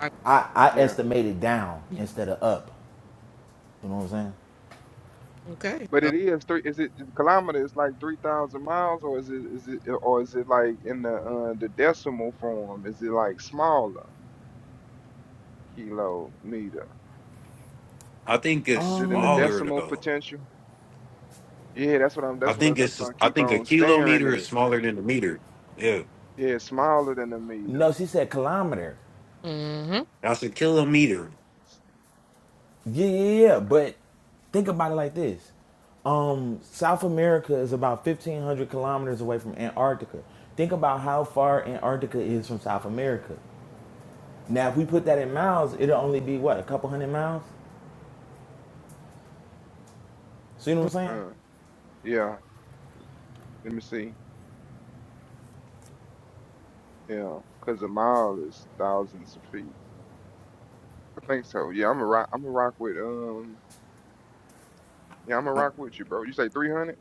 S1: I-
S5: I I
S4: Yeah.
S5: estimated down instead of up. You know what I'm saying?
S1: Okay.
S4: But
S1: So,
S4: it is three. Is it is kilometer? It's like three thousand miles, or is it is it or is it like in the uh, the decimal form? Is it like smaller kilometer?
S2: I think it's
S4: Is it in the
S5: Um,
S2: smaller
S4: decimal
S2: though.
S4: potential? Yeah, that's what I'm.
S2: I
S4: That's what I.
S2: think
S4: That's what
S2: it's
S4: I
S2: I
S4: keep
S2: think a
S4: on staring
S2: kilometer is
S4: at.
S2: smaller than a meter. Yeah,
S4: Yeah, it's smaller than a meter.
S5: no, she said kilometer.
S1: hmm
S2: that's a kilometer.
S5: Yeah, yeah, yeah. yeah. But think about it like this: um, South America is about fifteen hundred kilometers away from Antarctica. Think about how far Antarctica is from South America. Now, if we put that in miles, it'll only be what a couple hundred miles. See what I'm saying?
S4: Uh, yeah. Let me see. Yeah, because a mile is thousands of feet. I think so. Yeah, I'm a rock. I'm a rock with um. Yeah, I'm a rock with you, bro. You say three hundred?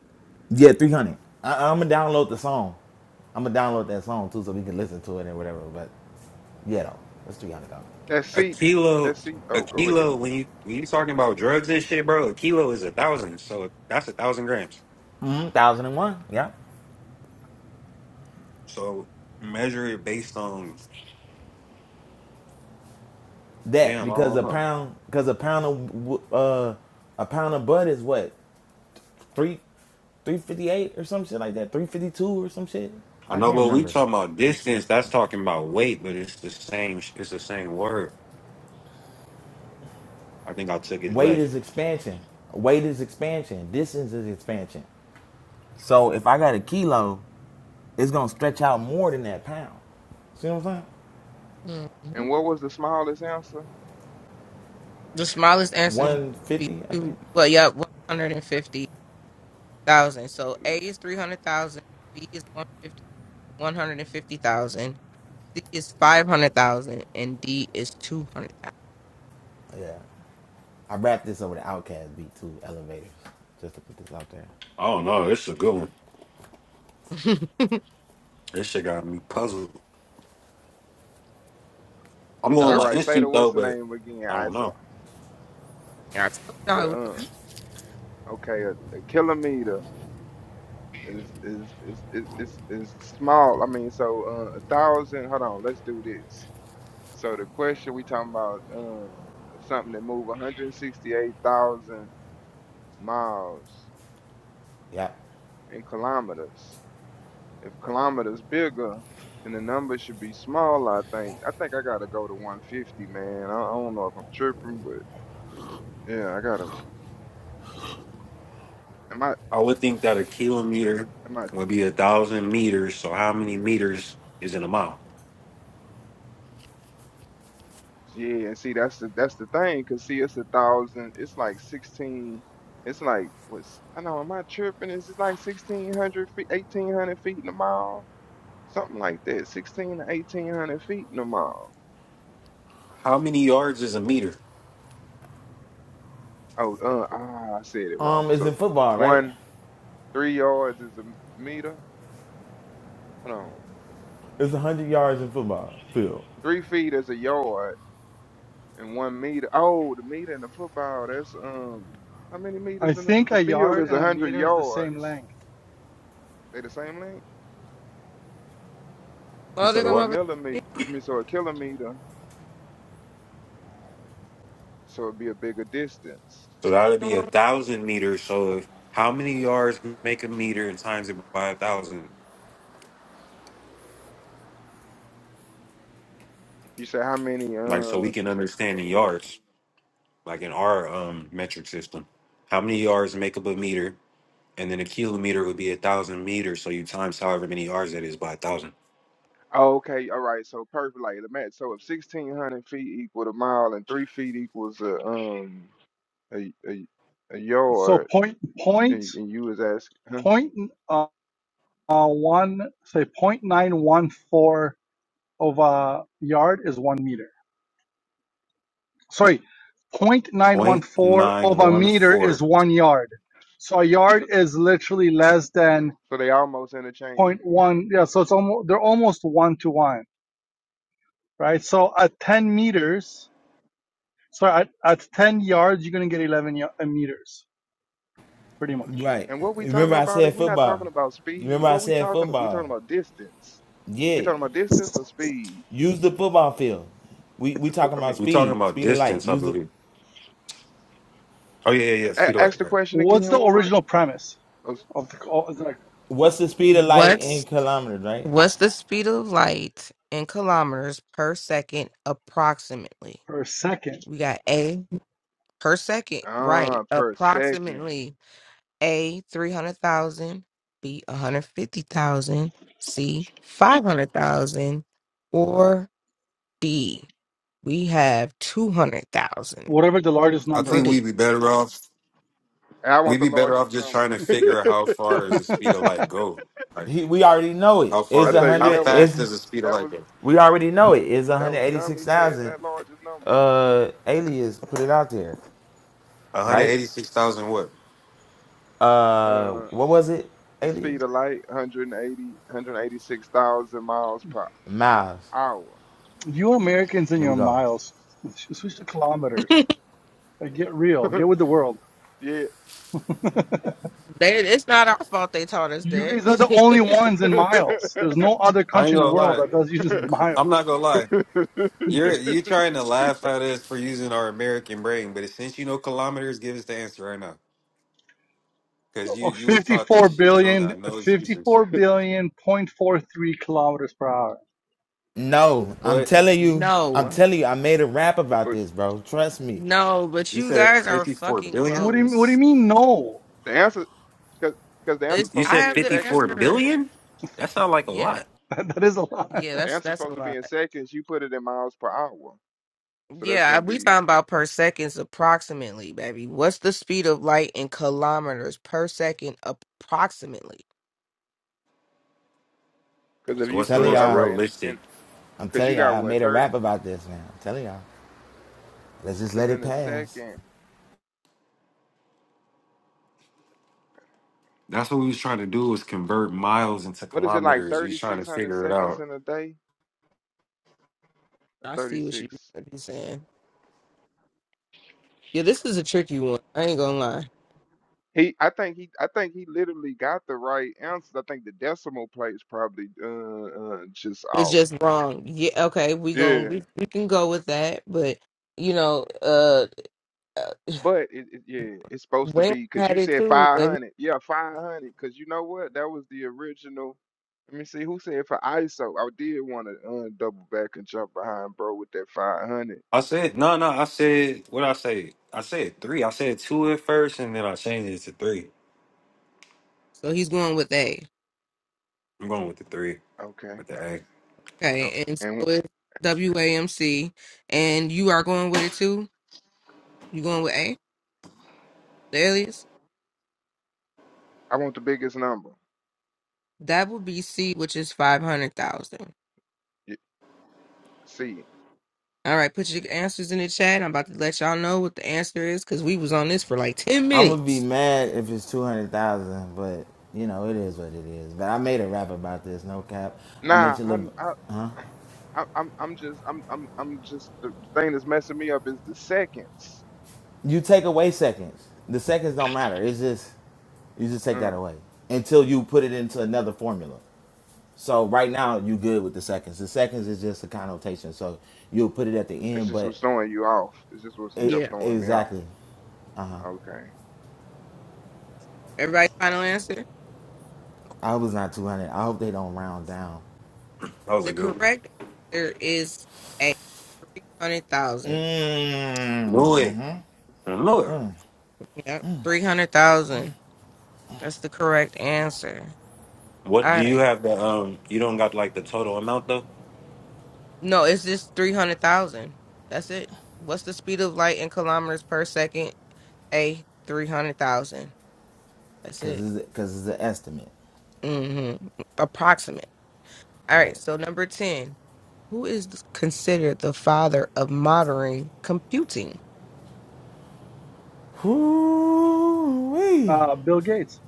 S5: Yeah, three hundred. I, I'm gonna download the song. I'm gonna download that song too, so we can listen to it and whatever. But yeah, though, that's three hundred dollars.
S4: That
S2: A
S4: seat.
S2: kilo,
S4: That seat.
S2: a
S4: Oh, go ahead.
S2: kilo. When you when you talking about drugs and shit, bro, a kilo is a thousand. So that's a thousand grams.
S5: Mm, thousand and one. Yeah,
S2: So measure it based on
S5: that
S2: damn. I
S5: because
S2: don't
S5: a
S2: know.
S5: pound because a pound of uh a pound of butt is what three, three fifty eight or some shit like that. Three fifty two or some shit.
S2: I
S5: I
S2: know
S5: can't
S2: what we
S5: remember.
S2: talking about distance. That's talking about weight, but it's the same. sh- It's the same word. I think I took it
S5: Weight
S2: left.
S5: is expansion. Weight is expansion. Distance is expansion. So if I got a kilo, it's gonna stretch out more than that pound. See what I'm saying?
S1: hmm
S4: And what was the smallest answer?
S1: The smallest answer would
S5: One
S1: be
S5: fifty, I
S1: two,
S5: think.
S1: well, yeah, 150,000. So A is 300,000, B is 150, 150,000. C is five hundred thousand and D is two hundred
S5: Yeah. I wrapped this over the Outcast beat too, elevators, just to put this out there.
S2: I don't know. It's a good one.
S1: thousand.
S2: This shit got me puzzled. I'm going with
S4: All
S1: told
S2: my
S4: right, say the
S2: instinct
S4: what's
S2: though,
S4: the
S2: but
S4: name again?
S2: I
S4: I
S2: don't
S4: s-
S2: know.
S1: you, I told y'all it
S4: the
S1: was gonna
S4: uh, okay, a, a kilometer is is is is is is small. I mean, so uh, a thousand. Hold on, let's do this. So the question we talking about uh, something that move 168,000 miles
S5: Yeah.
S4: in kilometers. If kilometers bigger, then the number should be smaller. I think. I think I gotta go to 150, man. I, I don't know if I'm tripping, but yeah, I gotta. Am I?
S2: I would think that a kilometer
S4: Am I
S2: would be a thousand meters. So how many meters is in a mile?
S4: Yeah, and see that's the that's the thing, cause see it's a thousand, it's like sixteen, it's like what's I know, am I tripping? Is it like sixteen hundred feet, eighteen hundred feet in a mile, something like that, sixteen to eighteen hundred feet in a mile.
S2: How many yards is a meter?
S4: Oh, uh, ah, I said it wrong.
S5: Um, it's
S4: So
S5: in football, right?
S4: one three yards is a m- meter. Hold on,
S5: It's one hundred yards in football field.
S4: three feet is a yard, and one meter. Oh, the meter in the football, that's um, how many
S9: I
S4: meters in the f-
S9: think
S4: the
S9: a
S4: field
S9: yard
S4: is
S9: and
S4: a
S9: a
S4: hundred
S9: meter is the same
S4: yards?
S9: length.
S4: They the same length?
S2: You
S1: slow
S2: said
S1: to
S2: a
S1: come
S4: So a
S2: what?
S1: over.
S4: millimeter,
S1: here.
S4: I mean, so a kilometer, so it'd be a bigger distance.
S2: So that would
S1: Come
S2: be a
S1: on.
S2: thousand meters. So if, how many yards make a meter and times it by a thousand?
S4: You say how many? Uh,
S2: Like so we
S4: oh,
S2: can understand in yards, like in our um metric system. How many yards make up a meter? And then a kilometer would be a thousand meters. So you times however many yards that is by a thousand.
S4: okay, all right. So perfect. Like the math. So if sixteen hundred feet equal a mile and three feet equals a um a a, a
S9: So
S4: yard,
S9: point, point,
S4: and, and you was asking, huh?
S9: point. uh, uh, one say 0.914 of a yard is one meter. Sorry,
S2: Point
S9: 0.914
S2: nine
S9: of a
S2: one
S9: meter
S2: four.
S9: is one yard. So a yard
S4: so,
S9: is literally less than zero
S4: so they almost
S9: point
S4: interchangeable.
S9: 0.1. Yeah, so it's almost they're almost one to one, right? So at 10 meters, sorry, at, at 10 yards, you're gonna get 11 uh, meters, pretty much.
S5: Right.
S4: And what we
S5: Remember
S4: talking
S5: I
S4: about?
S5: said
S4: We're not
S5: football.
S4: talking about
S5: You
S4: speed.
S5: remember I
S4: What we
S5: said
S4: talking? We
S5: football.
S4: talking about distance. We
S5: Yeah,
S4: talking about distance or speed?
S5: use the football field. We we
S4: The foot.
S5: talking
S4: I
S5: about
S4: mean,
S2: We're talking
S5: speed,
S2: about
S5: speed of light.
S2: distance, I
S5: Use the
S2: believe. Oh yeah, yeah, yeah.
S4: a-
S2: Speed of
S4: ask
S2: light,
S4: the
S2: right?
S4: question
S9: What's
S4: again,
S9: the
S4: Warren.
S9: original premise of the, of the
S5: what's the speed of light in
S1: What's
S5: kilometers, right?
S1: what's the speed of light in kilometers per second approximately?
S9: per second?
S1: We got A per second, right?
S4: Ah, per second.
S1: Approximately A three hundred thousand, B one hundred fifty thousand, C five hundred thousand, or D we have two hundred thousand
S9: Whatever the largest
S2: I
S1: for
S9: number
S2: think
S1: D.
S2: we'd be better off.
S4: And I want
S2: We'd
S4: the
S2: be better off
S4: largest
S2: just trying
S4: number.
S2: to figure out how far does the speed of
S9: is.
S2: light go? Like
S5: He, we already know it.
S2: how far?
S5: It's
S4: I
S2: Do,
S5: a
S4: think who
S2: how
S5: hundred.
S4: that was
S5: It's
S2: fast does the speed of
S4: that
S2: light
S4: was
S2: go?
S5: we already know it. It's one
S4: that
S5: hundred
S4: was
S5: eighty six
S4: Gummy said
S5: thousand.
S4: that largest number.
S5: Uh, aliens put it out there,
S2: One hundred
S5: right?
S2: eighty-six thousand what?
S5: Uh,
S4: Uh
S5: what was it?
S4: the speed
S5: Aliens
S4: of light, 180, 186,000 miles per
S5: miles.
S4: hour.
S9: You Americans and
S5: There
S9: your
S5: we go.
S9: miles. Switch to kilometers. Like, get real. Get with the world.
S4: yeah.
S1: They, it's not our fault they taught us
S9: You guys are the only
S1: that.
S9: ones in miles. There's no other
S2: I ain't
S9: country in the
S2: gonna
S9: world
S2: lie.
S9: that does use
S2: I'm
S9: miles.
S2: not gonna lie. You're you trying to laugh at us for using our American brain, but since you know kilometers, give us the answer right now. Cause you
S9: Oh,
S2: you was taught
S9: 54
S2: this shit. You don't
S9: billion,
S2: got no excuses.
S9: 54 billion point four three kilometers per hour.
S5: No, I'm
S2: What
S5: telling
S2: you
S5: you. I'm
S1: no,
S5: telling you. I made a rap about
S4: But
S5: this, bro. Trust me.
S1: no, but you
S2: said?
S1: guys are
S2: Fifty-four
S1: fucking
S2: billion.
S9: What do you, what do you
S1: close.
S9: mean? No,
S4: the answer, cause because the
S2: You
S4: answer's
S1: It's
S2: you
S4: supposed to
S1: I
S2: said
S4: be
S1: have
S4: in
S1: the
S4: seconds,
S2: fifty-four
S1: answer.
S4: remember?
S2: billion. That sounds like a
S1: Yeah,
S2: lot.
S9: that is a lot.
S1: yeah,
S4: The
S1: that's
S4: answer's
S1: that's a
S4: supposed to be
S1: lot.
S4: in seconds. You put it in miles per hour. So that's
S1: Yeah,
S4: going to
S1: we
S4: be,
S1: talking about per seconds approximately, baby. What's the speed of light in kilometers per second approximately?
S4: because if
S2: So
S5: I'm
S4: you
S2: what's the
S5: telling
S4: put,
S2: most
S4: all
S5: y'all.
S4: right, and,
S2: realistic?
S4: and
S5: I'm
S4: because you
S5: telling
S4: got
S5: y'all. I
S4: what,
S5: made a
S4: 30?
S5: rap about this, man. I'm telling y'all. Let's just
S4: Because
S5: let it
S4: in a
S5: pass.
S4: second,
S2: That's what we was trying to do was convert miles into
S4: what is it like
S2: kilometers. We was trying to
S4: 3,600
S2: figure it
S4: seconds
S2: out.
S4: in a day? Or
S1: I see what you-
S4: 36.
S1: you saying. Yeah, this is a tricky one. I ain't gonna lie.
S4: He, I think he, I think he literally got the right answers. I think the decimal plate's probably uh, uh just
S1: It's
S4: off.
S1: just wrong. Yeah, okay, we gonna
S4: Yeah,
S1: we, we can go with that, but you know, uh.
S4: but it, it yeah, it's supposed to
S1: Wham
S4: be because
S1: had
S4: you
S1: it
S4: said
S1: too, but he,
S4: 500. Yeah, 500. Because you know what? That was the original. Let me see who said for ISO. I did want to uh, double back and jump behind bro with that 500.
S2: I said no, no. I said what I say. I said three. I said two at first, and then I changed it to three.
S1: so he's going with A.
S2: I'm going with the three
S4: Okay.
S2: with the A.
S4: Okay.
S1: Okay, and so
S4: And
S1: it's WAMC, and you are going with it too. You going with A, the alias?
S4: I want the biggest number.
S1: That would be C, which is five hundred thousand.
S4: Yeah, See.
S1: All right, put your answers in the chat. I'm about to let y'all know what the answer is because we was on this for like ten
S5: I'm gonna be
S1: minutes.
S5: mad if it's two hundred thousand, but you know it is what it is. But I made a rap about this, no cap. I
S4: Nah,
S5: mentioned the,
S4: I'm I,
S5: huh?
S4: I, I'm I'm just I'm I'm I'm just the, the thing that's messing me up is the seconds.
S5: You take away seconds. The seconds don't matter. It's just you just take that
S4: Mm.
S5: away until you put it into another formula. So right now you good with the seconds. The seconds is just a connotation. So you'll put it at the
S4: It's
S5: end,
S4: just
S5: but
S4: what's throwing you off. It's just what's
S5: it
S4: helped
S1: Yeah,
S4: throwing me off.
S5: exactly. Uh huh.
S4: Okay.
S1: everybody's final answer.
S5: I was not two hundred. I hope they don't round down.
S2: That was
S1: The
S2: a good one.
S1: correct answer is A, hundred thousand.
S2: Knew it.
S5: Mm-hmm.
S2: I knew it.
S1: Yep, three hundred thousand. That's the correct answer. All
S2: What do
S1: right.
S2: you have? The um, you don't got like the total amount though.
S1: No, it's just 300,000. That's it. What's the speed of light in kilometers per second? A, 300,000. That's
S5: because
S1: it.
S5: it's because it's an estimate.
S1: Mm-hmm.
S5: Yeah.
S1: Approximate. All
S5: All
S1: right,
S5: Right.
S1: so number 10. Who is considered the father of modern computing?
S5: Whoo-wee.
S9: Uh, Bill Gates.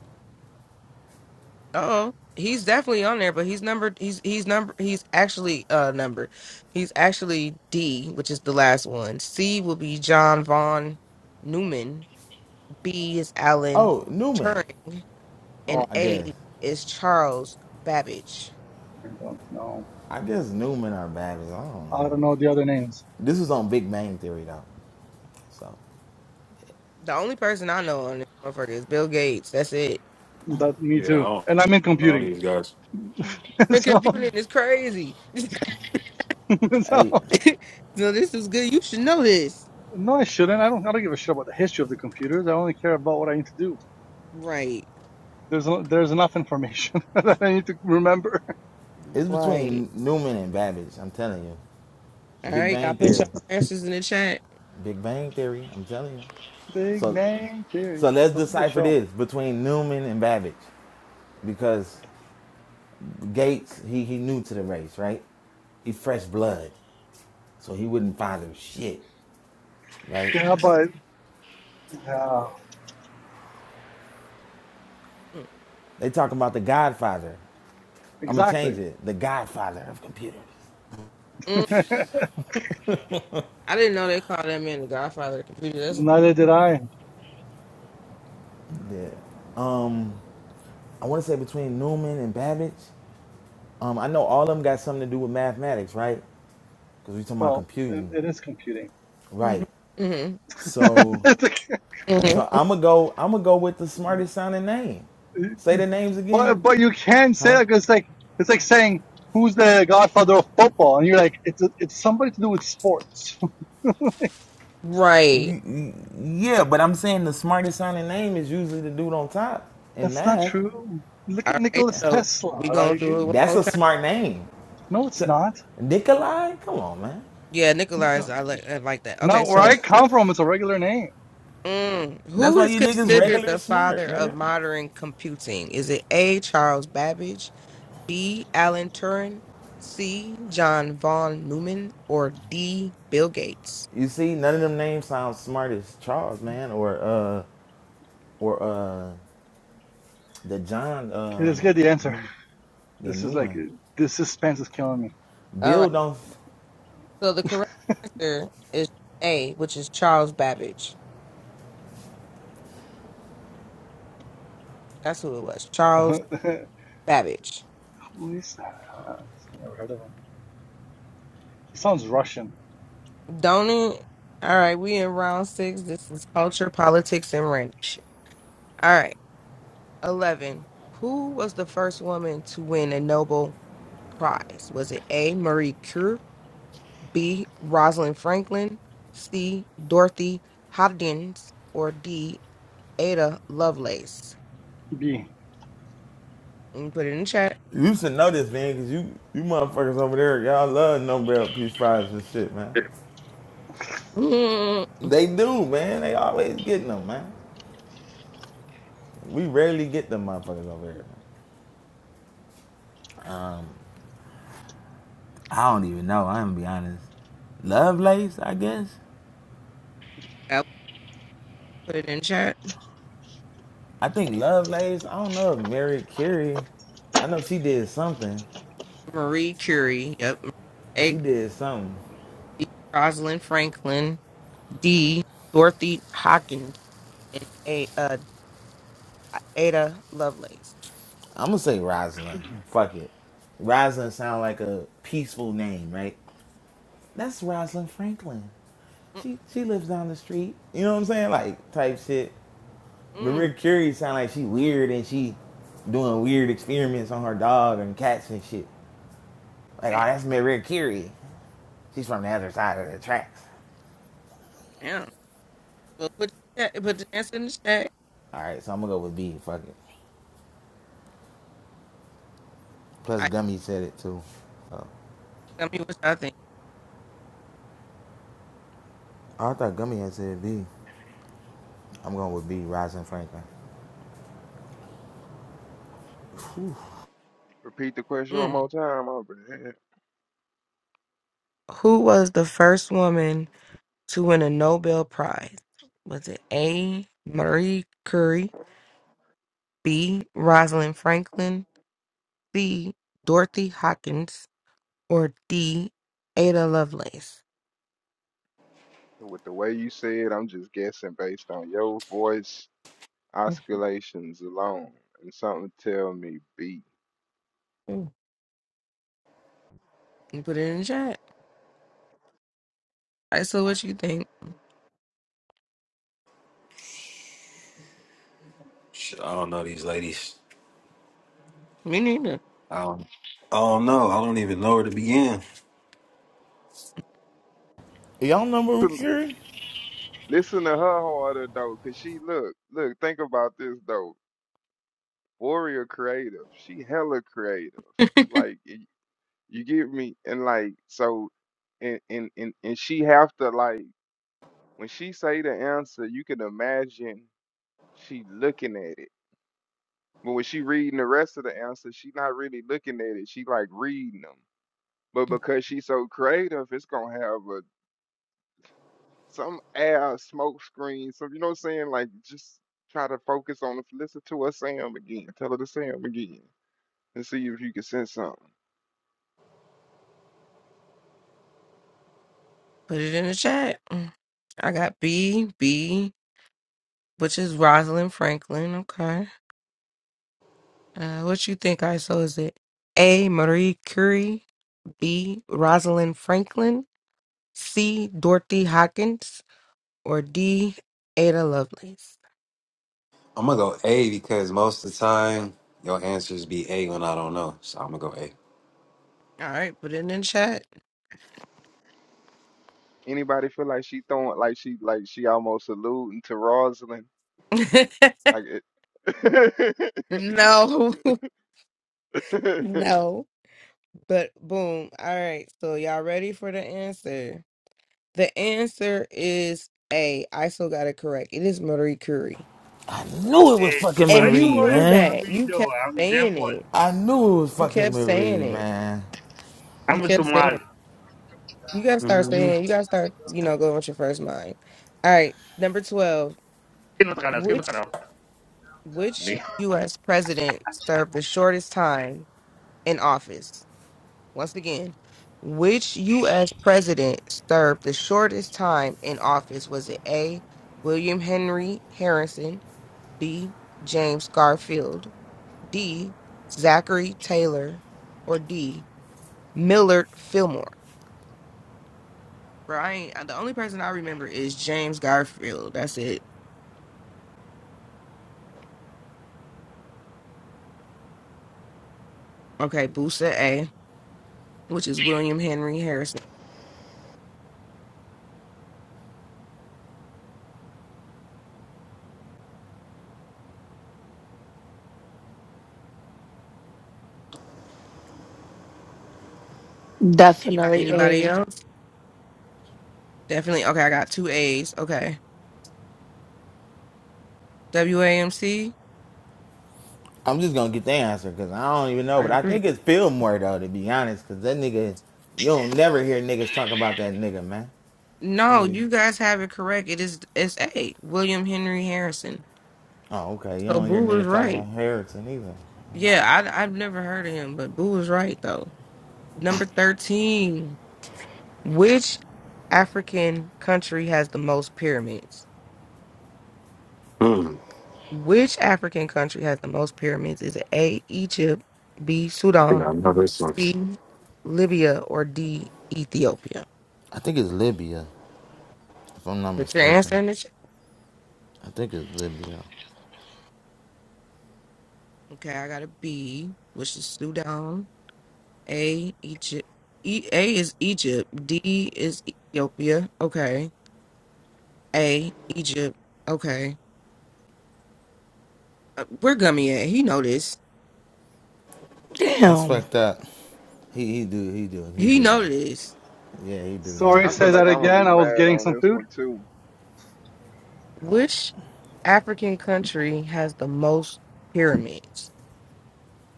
S1: oh He's definitely on there, but he's numbered. He's he's number. He's actually uh numbered. He's actually D, which is the last one. C will be John von Neumann. B is Alan
S5: Oh, Newman.
S1: Turing. and
S9: Oh,
S5: I
S1: A
S5: guess.
S1: is Charles Babbage.
S9: I don't know.
S5: I guess Newman are bad as I don't
S9: I
S5: know.
S9: don't know the other names.
S5: This was on Big Bang Theory though. So,
S1: The only person I know on this motherfucker is Bill Gates. That's it.
S9: That me
S2: Yeah, I
S9: too.
S2: don't,
S9: And I'm in
S2: I don't know
S9: computing.
S2: these guys.
S1: And
S9: so,
S1: computing is crazy.
S9: so
S5: hey,
S1: so this is good. You should know this.
S9: No, I shouldn't. I don't. I don't give a shit about the history of the computers. I only care about what I need to do.
S1: Right.
S9: There's no, there's enough information that I need to remember.
S5: it's
S1: Right.
S5: between Newman and Babbage. I'm telling you.
S1: All
S5: Big
S1: right. Y'all
S5: Bang
S1: put your
S5: Theory.
S1: answers in the chat.
S5: Big Bang Theory. I'm telling you.
S9: Big
S5: So,
S9: Bang Theory.
S5: so let's
S9: That's a good
S5: decipher
S9: show.
S5: this between Newman and Babbage, because Gates he he new to the race, right? He fresh blood. So he wouldn't father shit, right?
S9: Yeah, but yeah,
S5: They talking about the Godfather. I'm gonna
S9: exactly.
S5: change it. The Godfather of computers.
S1: Mm-mm. I didn't know they called that man the godfather of the computer. That's
S9: Neither did I.
S5: Yeah. Um, I want to say between Newman and Babbage. Um, I know all of them got something to do with mathematics, right? Because we talking about
S9: Well, it,
S5: computing,
S9: it is computing.
S1: hmm
S5: right?
S1: hmm
S5: So,
S9: It's like-
S5: so I'm gonna go. I'm gonna go with the smartest sounding name. Say the
S9: you-
S5: names
S9: but
S5: again,
S9: but you can say
S5: huh?
S9: that 'cause it's like it's like saying who's the godfather of football, and you're like it's it's somebody to do with sports.
S1: right.
S5: Y- y- Yeah, but I'm saying the smartest sounding name is usually the dude on top in
S9: That's not
S5: math.
S9: true. Look at
S1: All right.
S9: Nikola
S1: So
S9: Tesla.
S1: we gonna
S9: Like.
S1: do it one
S5: That's
S1: more
S5: a
S1: time.
S5: smart name.
S9: No, it's
S5: T-
S9: not.
S5: Nikolai? Come on, man.
S1: Yeah, Nikolai is I like I like that. Okay,
S9: Not where
S1: so
S9: I come from. It's a regular name.
S1: Mm.
S5: That's
S1: Who
S5: why
S1: is
S5: you niggas
S1: considered
S5: regular
S1: the
S5: smart,
S1: father of
S5: nigga.
S1: modern computing? Is it A. Charles Babbage, B. Alan Turing, C. John von Neumann, or D. Bill Gates?
S5: You see, none of them names sound smart as Charles, man, or uh or uh the John
S9: Okay,
S5: uh
S9: let's get the answer.
S5: New- the
S9: This is like
S5: Newman.
S9: this suspense is killing me.
S1: All right.
S5: Bill don't
S1: So the correct answer is A, which is Charles Babbage. That's who it was. Charles
S9: Who
S1: Babbage.
S9: is that? I never heard of him. He sounds Russian.
S1: Don't it? All right. We in round six. This is culture, politics, and random shit. All right. 11. Who was the first woman to win a Nobel prize? Was it A. Marie Curie, B. Rosalind Franklin, C. Dorothy Hodgins, or D. Ada Lovelace?
S9: B.
S1: Let me put it in chat.
S5: you used to know this man cause you you motherfuckers over there, y'all love Nobel Peace Prizes and shit, man.
S1: Mm,
S5: They do, man. They always getting them, man. We rarely get them motherfuckers over here, man. I don't even know. I'm gonna be honest. Love lace, I guess.
S1: I'll put it in chat.
S5: I think Love I don't know if Mary Carey. I know she did something.
S1: Marie Curie. Yep. A.
S5: She did something.
S1: Rosalind Franklin, D. Dorothy Hodgins, and A. Uh, Ada Lovelace.
S5: I'm gonna say Rosalind. Fuck it. Rosalind sound like a peaceful name, right? That's Rosalind Franklin. She she lives down the street. You know what I'm saying? Like type shit.
S1: Mm-mm.
S5: Maria Curie sound like she weird and she doing weird experiments on her dog and cats and shit. Like,
S1: Damn.
S5: oh, that's Maria Curie. She's from the other side of the tracks.
S1: damn. Well, put, your- put the answer in the chat.
S5: All right, so I'm gonna go with B. Fuck it. Plus,
S1: I
S5: Gummy said it too. Oh.
S1: tell me what y'all think.
S5: Oh, I thought Gummy had said B. I'm going with B, Rising Franklin.
S4: Repeat the question one
S1: Mm.
S4: more time. Over there.
S1: Who was the first woman to win a Nobel Prize? Was it A. Marie Curie, B. Rosalind Franklin, C. Dorothy Hawkins, or D. Ada Lovelace?
S4: With the way you said, I'm just guessing based on your voice oscillations alone, and something tell me B.
S1: Mhm. You Put it in the chat. I saw what you think.
S2: Shit, I don't know these ladies.
S1: Me neither.
S2: I don't. I don't know. I don't even know where to begin.
S5: Y'all know Marie
S4: Listen,
S5: Curie?
S4: listen to her harder though, cause she look look. Think about this though. Warrior creative. She hella creative. Like You get me? And like so and and and, and she have to like when she say the answer, you can imagine she looking at it. But when she reading the rest of the answers, she not really looking at it. She like reading them. But because she's so creative, it's gonna have a some air smoke screen. So you know what I'm saying? Like just try to focus on it. listen to her say 'em again. Tell her to say 'em again and see if you can sense something.
S1: Put it in the chat. Mm. I got B, B, which is Rosalind Franklin. Okay. Uh, what you think, I saw. Is it A. Marie Curie, B. Rosalind Franklin, C. Dorothy Hawkins or D. Ada Lovelace.
S2: I'm gonna go A because most of the time your answers be A when I don't know. So I'm gonna go A.
S1: All right, put it in the chat.
S4: Anybody feel like she throwing like she like she almost alluding to Rosalind Like it,
S1: no, no, but boom. All right, so y'all ready for the answer? The answer is A. I still got it correct. It is Marie Curie.
S5: I knew it was
S12: Eh,
S5: fucking
S12: why
S1: And
S12: you
S1: you
S5: Marie,
S12: worry
S1: knew
S5: man.
S12: about
S1: that.
S12: me
S1: You
S12: though?
S1: kept
S12: I'm them
S1: saying
S12: one.
S1: it.
S5: I knew it was
S1: You
S5: fucking
S1: kept saying
S5: Marie,
S1: it.
S5: man.
S1: You
S12: I'm a
S1: kept saying
S12: Somali.
S1: it. You gotta start saying, you
S2: Mm-hmm.
S1: gotta start, you know, going with your first mind. All right, number 12.
S12: Kino takana, kino
S1: Which
S12: takana.
S1: Which U.S. president served the shortest time in office? Once again, which U.S. president served the shortest time in office? Was it A. William Henry Harrison, B. James Garfield, D. Zachary Taylor, or D. Millard Fillmore? Bro, I ain't, the only person I remember is James Garfield. That's it. Okay, Boosa A, which is William Henry Harrison.
S13: Definitely
S1: Anybody
S13: a
S1: else? Definitely. Okay, I got two A's. Okay. W A M C.
S5: I'm just gonna get the answer because I don't even know,
S1: I
S5: but
S1: got
S5: I
S1: three.
S5: think it's Fillmore though, to be honest, because that nigga, you don't never hear niggas talk about that nigga, man. I'm
S1: No,
S5: be,
S1: you guys have it correct. It is it's A. William Henry Harrison.
S5: oh okay, you
S1: So
S5: don't hear
S1: Boo was
S5: niggas talking
S1: right.
S5: about Harrison either.
S1: Yeah, I I've never heard of him, but Boo was right though. Number thirteen. Which African country has the most pyramids? Which African country has the most pyramids? Is it A Egypt, B
S2: I think
S1: Sudan,
S2: I know this one.
S1: C Libya, or D Ethiopia?
S5: I think it's Libya, if I'm not
S1: But your
S5: mistaken.
S1: answer in the
S5: I think it's Libya.
S1: Okay, I got a B, which is Sudan. A Egypt. E, a is Egypt. D is Ethiopia. Okay. A Egypt. Okay. Uh, Where Gummy at? He know this.
S5: That's
S13: damn.
S5: fucked up. He he do he do he
S1: He
S5: do
S1: know
S5: that.
S1: this.
S5: Yeah, he do now.
S9: Sorry,
S4: I feel
S9: say that
S4: like I'm gonna
S9: again.
S4: be
S9: I was
S4: mad
S9: getting
S4: on
S9: some
S4: this
S9: food.
S4: one too.
S1: Which African country has the most pyramids?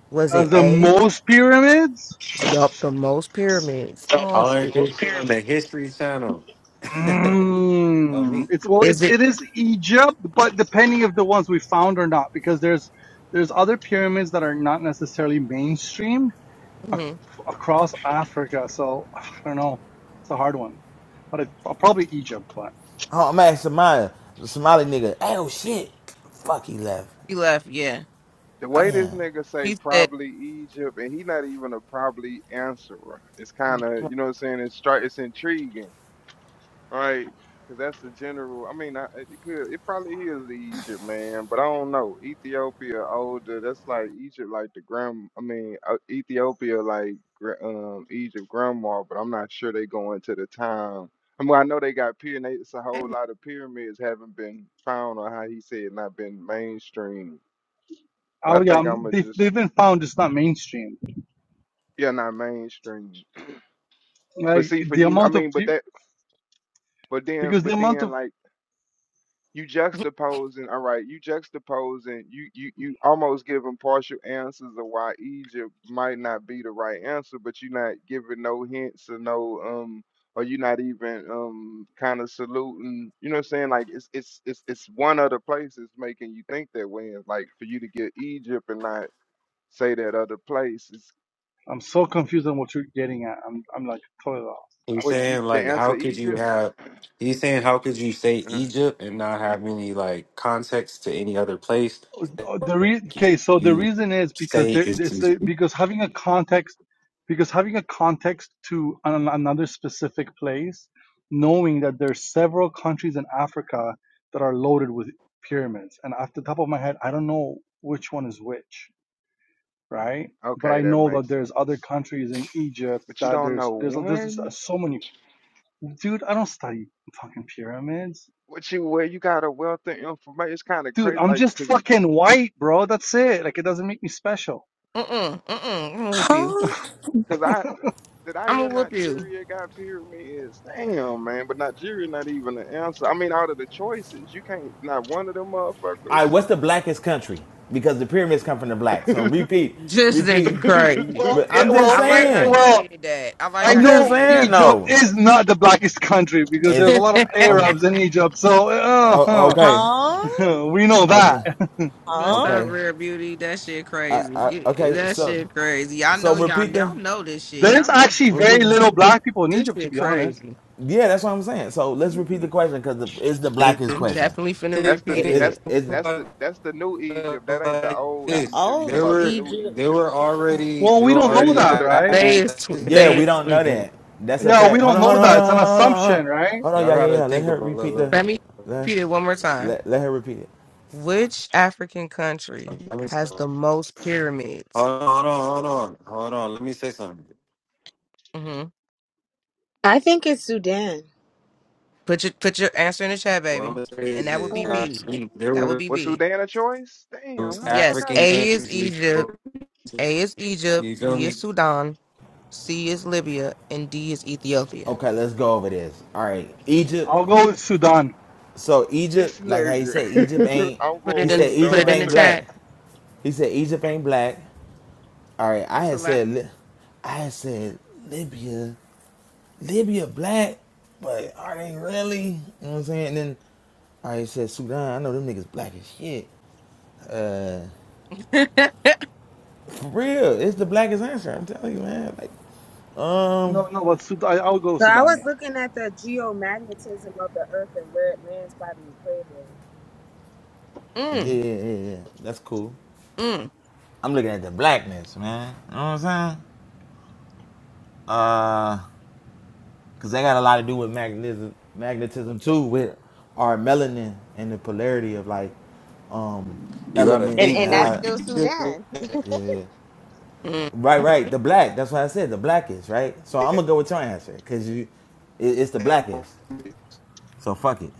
S1: Was it
S9: Has the
S1: A?
S9: most pyramids?
S1: Yup, the most pyramids.
S9: Well,
S2: I
S9: it's,
S2: learned
S1: I-
S2: this shit on the History Channel. Oh
S9: mm,
S2: me.
S9: it's well,
S1: Is
S9: it's
S1: it?
S9: it is Egypt, but depending if the ones we found or not, because there's there's other pyramids that are not necessarily mainstream ac-
S1: hmm
S9: across Africa. So I don't know. It's a hard one, but it, uh, probably Egypt. But
S5: Oh, I'm asking Samaya. The Somali nigga. Oh shit. Fuck, he left.
S1: He left. Yeah.
S4: The
S1: Uh,
S4: way this
S5: Damn. All
S4: nigga say
S1: He said,
S4: probably Egypt, and he not even a probably answerer. It's kind of
S1: "Mm
S4: you know what I'm saying. It's stri- It's intriguing. right? Because that's the general. I mean, I, it could, it probably is Egypt, man. But I don't know. Ethiopia, older. That's like Egypt, like the grand. I mean, uh, Ethiopia, like gra- um Egypt grandma. But I'm not sure they go into the time. I mean, I know they got pyramids. A whole lot of pyramids haven't been found, or how he said, not been mainstream. But I
S9: oh yeah,
S4: think
S9: um,
S4: I'ma
S9: they they've
S4: just,
S9: been found. It's not mainstream.
S4: yeah, not mainstream. But
S9: Like
S4: see, for
S9: the
S4: you, I
S9: amount of
S4: mean, but
S9: peo-
S4: that, but then,
S9: because the
S4: but
S9: amount
S4: then,
S9: of
S4: like. you juxtaposing all right you juxtaposing you you you almost giving partial answers of why egypt might not be the right answer but you're not giving no hints or no um or you're not even um kind of saluting you know what i'm saying like it's it's it's it's one other place that's making you think that way and like for you to get egypt and not say that other place is
S9: I'm so confused on what you're getting at. I'm I'm like totally lost.
S2: He's
S4: what you,
S2: saying
S4: the
S2: like,
S4: answer
S2: how could you
S4: egypt
S2: have? He's saying how could you say
S4: Uh,
S2: Egypt and not have any like context to any other place?
S9: Uh, The re- okay, so the
S2: You
S9: reason is because
S2: say
S9: there it's
S2: it's
S9: the, because having a context because having a context to an, another specific place, knowing that there's several countries in Africa that are loaded with pyramids, and off the top of my head, I don't know which one is which, right? But
S4: okay
S9: I
S4: that
S9: know that
S4: makes
S9: there's other
S4: sense
S9: countries in Egypt
S4: but you
S9: that
S4: don't
S9: there's
S4: know
S9: there's there's just uh,
S4: one
S9: so many. Dude, I don't study fucking pyramids.
S4: What you where you got a wealth of information? It's kind of
S9: Dude,
S4: crazy,
S9: I'm
S4: like,
S9: just
S4: cause,
S9: fucking white, bro. That's it. Like it doesn't make me special.
S1: mm mm. I'm gonna whoop you.
S14: Hong
S4: cause I did I
S1: I'm gonna
S4: hear
S1: whoop you.
S4: Nigeria got pyramids? Damn, man, but Nigeria not even the answer. I mean, out of the choices, you can't not one of them
S5: right,
S4: motherfuckers.
S5: what's the blackest country? Because the pyramids come from the black. So repeat,
S1: Just nigga
S5: repeat.
S1: crazy.
S9: Well,
S5: But
S9: it,
S5: I'm just
S1: I
S9: well,
S1: like how
S9: it,
S5: saying.
S1: you
S9: well.
S1: did that. I like
S9: I
S5: I'm
S1: how you
S5: just
S9: know
S1: did
S5: saying.
S9: Egypt
S5: No,
S9: is not the blackest country because
S5: it's
S9: there's a lot of
S1: that.
S5: oh,
S9: Arabs in Egypt, so uh,
S5: oh,
S9: huh,
S5: okay,
S14: Kong,
S9: we know that.
S5: okay,
S1: What's
S14: Hong,
S1: up,
S5: okay.
S1: rare beauty? That shit
S5: I,
S1: crazy.
S5: I,
S1: Get,
S5: okay.
S1: that
S5: So,
S1: shit crazy. Y'all
S5: so
S1: know y'all
S5: repeat the.
S1: y'all know this shit.
S9: There's
S1: Y'all
S9: actually
S1: just
S5: Repeat
S9: very
S5: the
S9: little black people in
S1: this
S9: Egypt, to
S1: shit
S9: be honest.
S1: crazy.
S5: yeah, that's what I'm saying. So let's repeat the question because it's the blackest
S1: I'm
S5: question.
S1: definitely finna
S4: That's the
S1: repeat
S2: Egypt.
S5: Is
S4: that's
S1: it.
S5: is
S4: that's the that's the new Egypt. That ain't the
S2: like
S4: old
S14: the
S2: this.
S4: Egypt. You
S14: old
S4: talking
S2: There
S4: about the
S2: were
S4: new
S14: Egypt.
S2: they
S4: Egypt?
S2: were already
S9: Well,
S2: they
S9: we
S2: were
S9: don't
S4: Yeah,
S9: know
S4: he
S2: already
S4: talking
S9: that,
S2: at
S4: about the
S9: right?
S1: They is tw-
S5: Yeah,
S1: they
S2: that
S1: is
S5: we don't know
S1: tweaking.
S5: that. That's a
S9: Yeah, we
S5: fact. Hold
S9: don't
S5: on,
S9: know
S5: hold on, hold
S9: that. It's an
S5: on, hold on, hold
S9: assumption,
S5: on.
S9: right?
S5: Hold on,
S2: y'all
S5: yeah, yeah,
S2: gotta
S5: yeah. Let
S2: think
S5: her
S2: about a
S5: repeat
S2: little
S5: the.
S1: Let me
S2: bit.
S5: Let,
S1: repeat it one more time.
S5: let, let her repeat it.
S1: Which African country
S2: Let me
S1: has
S2: stop.
S1: the most
S2: hold
S1: pyramids?
S2: on, hold on, hold on, hold on. Let me say something.
S1: hmm
S15: I think it's Sudan.
S1: Put your put your answer in the chat,
S2: What I'm
S1: baby.
S2: gonna say
S1: And
S2: is
S1: that would
S2: this.
S1: be
S2: I
S1: B.
S2: think there
S1: That would
S2: were
S1: be
S4: was
S1: B.
S4: Sudan a choice? Damn,
S2: those
S4: how the fuck
S1: Yes,
S4: I
S2: African
S4: hear
S1: A
S4: that?
S1: is
S2: countries
S1: Egypt,
S2: before
S1: A is Egypt,
S2: you feel
S1: B is
S2: me?
S1: Sudan, C is Libya, and D is Ethiopia.
S5: Okay, let's go over this. All right, Egypt.
S9: I'll go with Sudan.
S5: So
S4: This
S5: Egypt, like how he said, Egypt
S4: nigga.
S5: ain't.
S4: I'm
S1: Put
S5: He
S4: going
S1: it
S4: with
S1: in
S5: said
S1: put
S5: Egypt
S1: it
S4: Sudan
S1: in the
S5: ain't
S4: too.
S5: black.
S1: chat.
S5: He said Egypt ain't black. All right, I
S1: That's a
S5: had
S1: lot.
S5: said. Li- I had said Libya. Libya black, but are they really? You know what I'm saying? And then. All right, he said Sudan. I know them niggas black as shit. Uh,
S1: mm,
S5: For real, it's the blackest answer. I'm telling you, man. Like, um,
S9: No, no, but Sudan. I'll go with
S15: So I
S9: Sudan.
S15: was
S9: Yeah.
S15: looking at the geomagnetism of the Earth and where it lands by the equator,
S5: yeah,
S1: mm,
S5: yeah, yeah. yeah, That's cool. I'm looking at the blackness, man. You know what I'm saying? Uh, cause that got a lot to do with magnetism, magnetism too, with our melanin and the polarity of like, um,
S2: You gotta
S15: and
S5: elements and
S2: think
S15: and
S2: for
S15: that's
S5: how.
S15: still
S2: it.
S15: Sudan.
S5: Yeah,
S1: mm.
S5: right, right. The black. That's why I said. The blackest, right? So I'm gonna go with your answer, cause you, it, it's the blackest. So fuck it.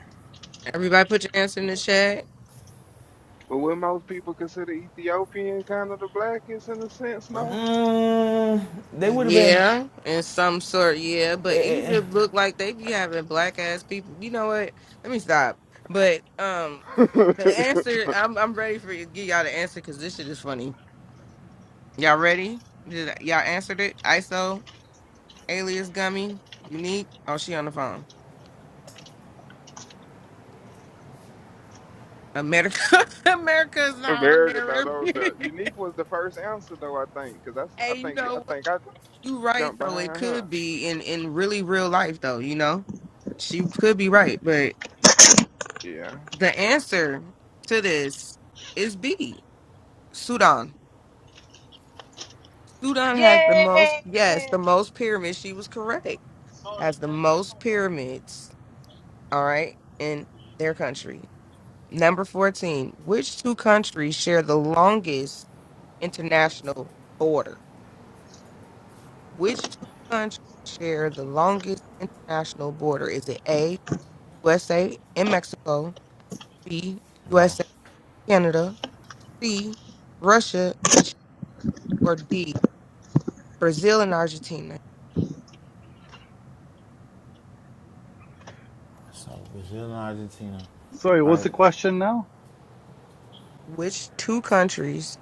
S1: Everybody put your answer in the chat.
S4: But would most people consider Ethiopian kind of the blackest in a sense, no?
S5: Mm, they would have been.
S1: Yeah, in some sort, yeah. But
S5: eh, eh,
S1: Egypt look like they be having black ass people. You know what? Let me stop. But um the
S4: America,
S1: answer I'm I'm ready for you to give y'all the answer because this shit is funny. Y'all ready? Did y'all answered it? ISO? Alias Gummy, Unique. Oh, she on the phone. America, America is not on
S4: no,
S1: there.
S4: no, no. Unique was the first answer, though I think, because that's
S1: hey,
S4: I
S1: you
S4: think
S1: know
S4: I
S1: what?
S4: think I
S1: You right
S4: jumped
S1: though. It
S4: behind
S1: could
S4: her.
S1: be in in really real life though. You know, she could be right, but
S4: Yeah.
S1: the answer to this is B. Sudan. Sudan has the most.
S15: Yay!
S1: Yes, the most pyramids. She was correct. Has the most pyramids. All right, in their country. Number fourteen. Which two countries share the longest? international border. Which two countries share the longest international border? Is it A, USA and Mexico, B,
S5: No.
S1: USA, Canada, C, Russia and Ch- or D, Brazil and Argentina?
S5: So Brazil and Argentina.
S9: Sorry,
S5: All
S9: what's the
S5: right.
S9: question now?
S1: Which two countries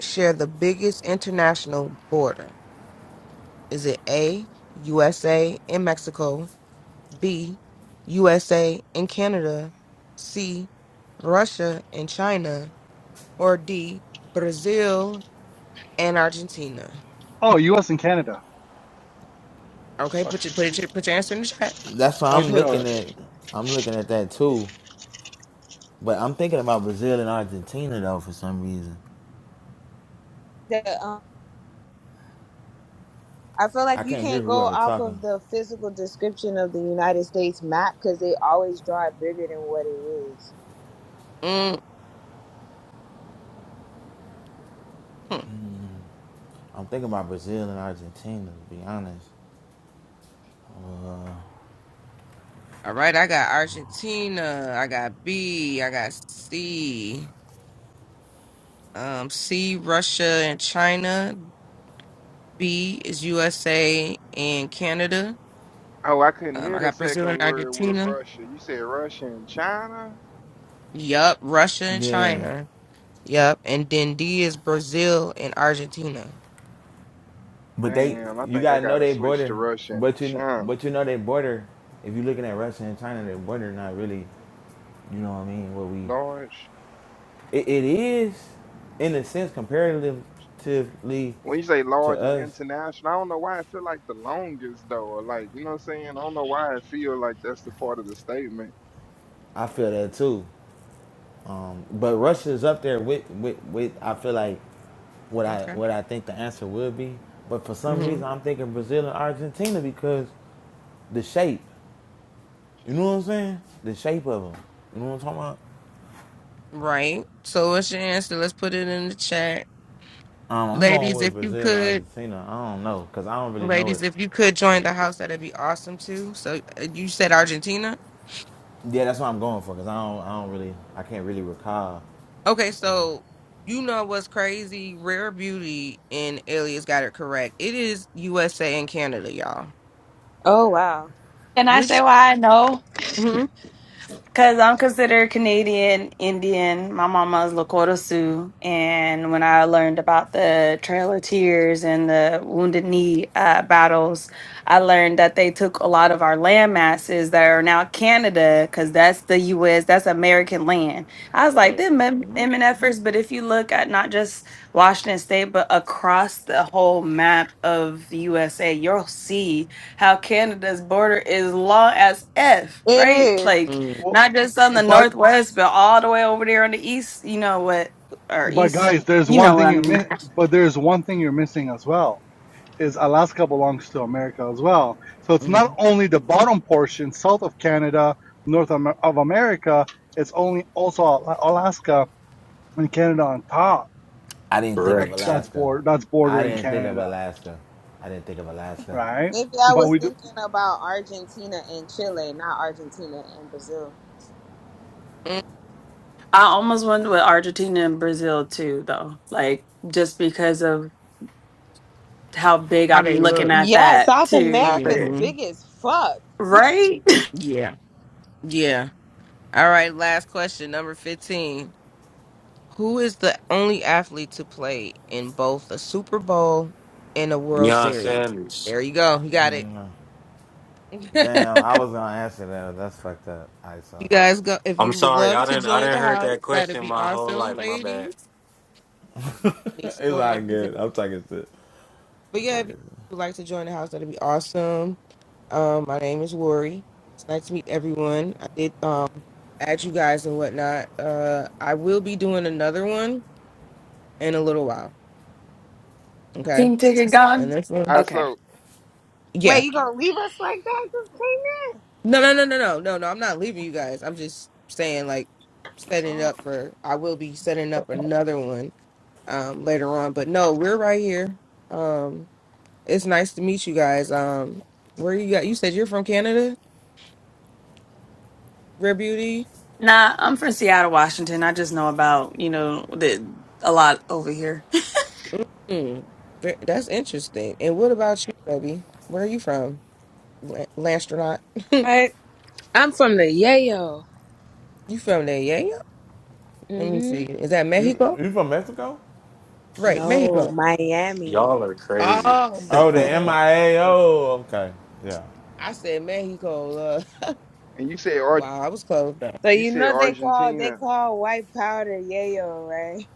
S1: share the biggest international border? Is it A, USA and Mexico, B, USA and Canada, C, Russia and China, or D, Brazil and Argentina?
S9: Oh, U.S. and Canada.
S1: Okay,
S9: Fuck,
S1: put your put your put your answer in the chat.
S5: That's why
S9: I
S5: I'm
S9: did all
S5: looking
S9: right.
S5: at. I'm looking at that too. But I'm thinking about Brazil and Argentina though for some reason.
S15: The, um, I feel like
S5: I
S15: you
S5: can't hear
S15: can't go
S5: whoever
S15: off
S5: talking.
S15: of the physical description of the United States map because they always draw it bigger than what it is.
S1: Mhm.
S5: I'm thinking about Brazil and Argentina to be honest. Uh,
S1: All right, I got Argentina, I got B, I got C. Um, C, Russia and China. B is USA and Canada.
S4: Oh, I couldn't
S1: Um,
S4: hear
S1: I
S4: the
S1: got Brazil and
S4: second word with
S1: Argentina.
S4: Russia. You said Russia and China.
S1: Yup, Russia and
S5: yeah.
S1: China. Yep. And then D is Brazil and Argentina.
S5: But they
S4: Damn, I
S5: you
S4: think I
S5: gotta know
S4: gotta
S5: they
S4: switch to
S5: border.
S4: Russia and
S5: But you
S4: China.
S5: but you know they border. If you're looking at Russia and China, their border not really you know what I mean, what we
S4: Large.
S5: It, it is, in a sense, comparatively
S4: When you say
S5: to
S4: large is
S5: us.
S4: international, I don't know why I feel like the longest though. Or like, you know what I'm saying? I don't know why I feel like that's the part of the statement.
S5: I feel that too. Um, but Russia's up there with, with, with I feel like what I
S1: Okay.
S5: what I think the answer will be. But for some
S1: hmm
S5: reason, I'm thinking Brazil and Argentina because the shape. You know what I'm saying? The shape of them. You know what I'm talking about?
S1: Right. So what's your answer? Let's put it in the chat.
S5: Um, I'm going
S1: Ladies,
S5: with
S1: if you
S5: Brazil and
S1: could,
S5: Argentina. I don't know because I don't really know it.
S1: ladies, if you could join the house, that'd be awesome too. So uh, you said Argentina?
S5: Yeah, that's what I'm going for because I don't I don't really I can't really recall.
S1: Okay. So you know what's crazy? Rare Beauty and Alias got it correct. It is USA and Canada, y'all.
S15: Oh wow,
S16: Can I say
S1: Which,
S16: why I know?
S1: hmm
S16: Because I'm considered Canadian Indian. My mama's Lakota Sioux. And when I learned about the Trail of Tears and the Wounded Knee uh, battles, I learned that they took a lot of our land masses that are now Canada, because that's the U.S., that's American land. I was like, them M-
S1: Mhm.
S16: MNFers. But if you look at not just Washington State, but across the whole map of the USA, you'll see how Canada's border is long as F,
S15: it
S16: right?
S15: is.
S16: Like,
S1: mm
S9: Well,
S16: not just on the
S9: but
S16: northwest, but all the way over there on the east. You know what? Or
S9: But
S16: east.
S9: guys, there's
S16: You
S9: one
S16: know what
S9: thing
S16: I
S9: you're
S16: mean.
S9: mi- but there's one thing you're missing as well. Is Alaska belongs to America as well. So it's not
S1: mm
S9: only the bottom portion south of Canada, north Am- of America, it's only also Alaska and Canada on top.
S5: I didn't think
S9: That,
S5: of
S2: Correct.
S9: that's
S5: Alaska.
S9: border that's
S5: I
S9: bordering
S5: didn't think of
S9: Canada,
S5: Alaska. I didn't think of Alaska.
S9: right?
S15: Maybe I
S9: But
S15: was
S9: we do,
S15: thinking about Argentina and Chile, not Argentina and Brazil.
S16: I almost went with Argentina and Brazil too, though. Like just because of how big
S1: How they
S16: I'm looking
S1: look.
S16: at
S15: Yeah,
S16: that
S15: South
S16: too.
S15: America's
S16: But
S1: hmm
S15: big as fuck.
S16: right,
S1: Yeah. Yeah. All right, last question, number 15. Who is the only athlete to play in both a Super Bowl and a World
S2: Deion
S1: Series?
S2: Sanders.
S1: There you go. You got it.
S5: Damn,
S1: you
S5: I was gonna answer that. That's fucked up. All right, so
S1: guys go. If
S2: I'm
S1: you would
S2: sorry,
S1: love
S2: I
S1: to
S2: didn't I
S1: join
S2: didn't
S1: the
S2: heard
S1: house,
S2: that
S1: that'd
S2: question
S1: be
S2: my whole
S1: awesome,
S2: life. My bad.
S1: ladies. Need some
S5: it's
S1: more
S5: all
S1: ladies. in-
S5: good. I'm talking shit.
S1: But
S5: I'm
S1: yeah,
S5: talking
S1: if you
S5: shit.
S1: would like to join the house, that'd be awesome. Um, my name is Lori. It's nice to meet everyone. I did um add you guys and whatnot. Uh, I will be doing another one in a little while. Okay.
S16: pink ticket
S1: And
S16: gone.
S1: this one
S4: I
S16: Okay.
S4: so.
S15: Wait,
S1: Yeah.
S15: you gonna leave us like that? Just came in.
S1: No, no, no, no, no, no, no. I'm not leaving you guys. I'm just saying, like, setting it
S15: Oh.
S1: up for. I will be setting up another one um later on, but no, we're right here. Um, it's nice to meet you guys. Um, where you got? You said you're from Canada, Rare Beauty.
S16: Nah, I'm from Seattle, Washington. I just know about you know the a lot over here.
S1: Mm, ve- that's interesting. And what about you, baby? Where are you from, La- Landstronaut?
S15: Right? I'm from the Yayo.
S1: you from there? Yeah, yeah. Let me
S15: hmm
S1: see. Is that Mexico?
S5: You you from Mexico?
S1: Right,
S15: No,
S1: Mexico.
S2: Y'all
S15: Miami.
S2: are crazy.
S1: Oh
S5: Oh,
S1: my
S5: the
S1: god.
S5: MIA. Oh, okay. Yeah,
S1: I said Mexico.
S4: And you say Ar
S1: Wow, I was close though.
S15: So
S4: you
S15: you
S4: said
S15: know they call they
S4: Argentina.
S15: call white powder yayo, right?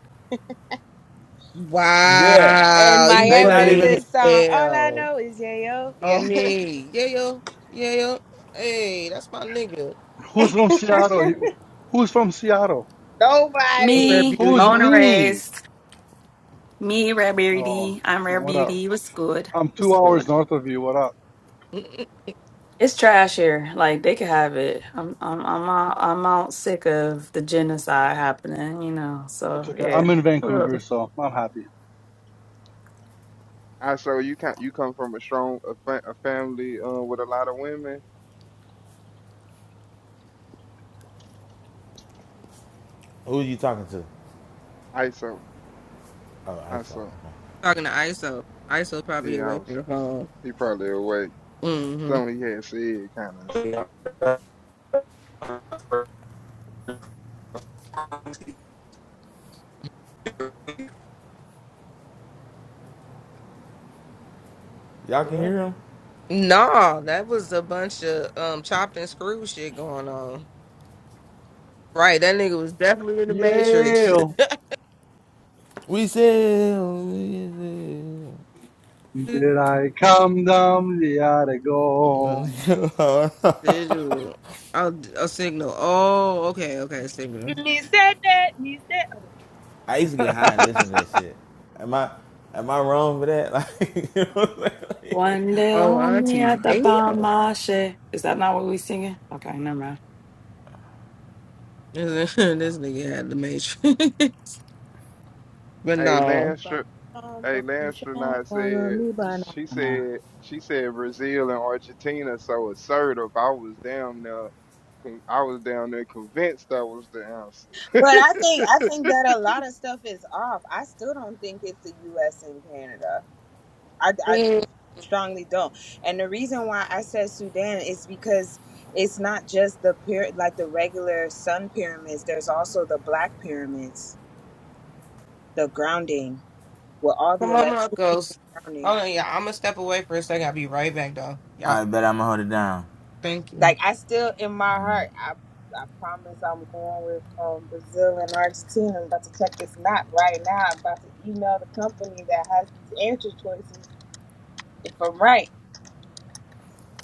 S5: yeah.
S15: And
S1: Wow, you
S5: They
S15: Miami,
S5: not
S15: there's
S1: funny
S5: even.
S15: this song.
S1: as
S15: All I
S1: hell.
S15: know is yayo. Yeah.
S1: On me. Yeah, yo. Yeah, yo. Hey, that's my nigga.
S9: who's from Seattle? Who's from Seattle?
S1: rare
S15: Nobody.
S16: me,
S9: Who's
S1: beauty.
S16: born
S9: me?
S16: raised. Me, rare
S9: Oh,
S16: beauty. I'm rare
S9: what up?
S16: beauty. What's good?
S9: I'm
S16: What's
S9: two
S16: good?
S9: hours north of you. What up?
S1: Mm-mm.
S16: It's trash here. Like they could have it. I'm I'm I'm out, I'm out sick of the genocide happening, you know.
S9: It's
S16: So
S9: okay. I'm
S16: yeah.
S9: in Vancouver,
S16: Whatever.
S9: so I'm happy.
S4: I so you can you come from a strong a, fa- a family uh, with a lot of women.
S5: Who you talking to?
S4: I so
S5: Oh, I
S4: I
S5: saw.
S4: so
S5: Okay.
S1: Talking to ISO. ISO probably
S4: yeah I
S1: away from
S4: was
S1: the phone.
S4: he probably away.
S1: Mm-hmm.
S4: Something he had said kind of.
S2: I
S5: Y'all can
S1: Yeah.
S5: hear him.
S1: Nah, that was a bunch of um chopped and screw shit going on. Right, that nigga was definitely in the
S9: Yeah,
S1: matrix.
S9: oh,
S5: We sell. We sell.
S9: did I come down the attic?
S1: Visual. Oh, a signal. Oh, okay, okay, signal.
S15: Me said that. Me said.
S5: I used to get high and listen to that shit. Am I am I wrong for that? Like, you know,
S16: One day
S1: Oh,
S16: lonely
S1: aunties.
S16: at the
S1: Damn.
S16: Bamashe. Is that not what we singing? Okay, never mind.
S1: this nigga had the matrix. but
S4: Hey
S1: no.
S15: But
S4: Landstra,
S15: I
S4: hey
S15: think
S4: Landstronaut said she said she said Brazil and Argentina so assertive. I was down there. con- I was down there convinced that was the answer.
S15: I think that a lot of stuff is off. I still don't think it's the U.S. and Canada. I, I
S1: Mm,
S15: strongly don't. And the reason why I said Sudan is because it's not just the pyramid, like the regular sun pyramids. There's also the black pyramids, the grounding with all the
S1: Come on,
S15: electric
S1: Marcos.
S15: grounding.
S1: Hold on, yeah. I'm gonna step away for a second. I'll be right back, though. Yeah,
S5: I bet I'm gonna hold it down.
S1: thank you.
S15: Like I still in my heart, I I promise I'm going with um, Brazil and Argentina. I'm about to check this knot right now. I'm about to email the company that has these answer choices if I'm right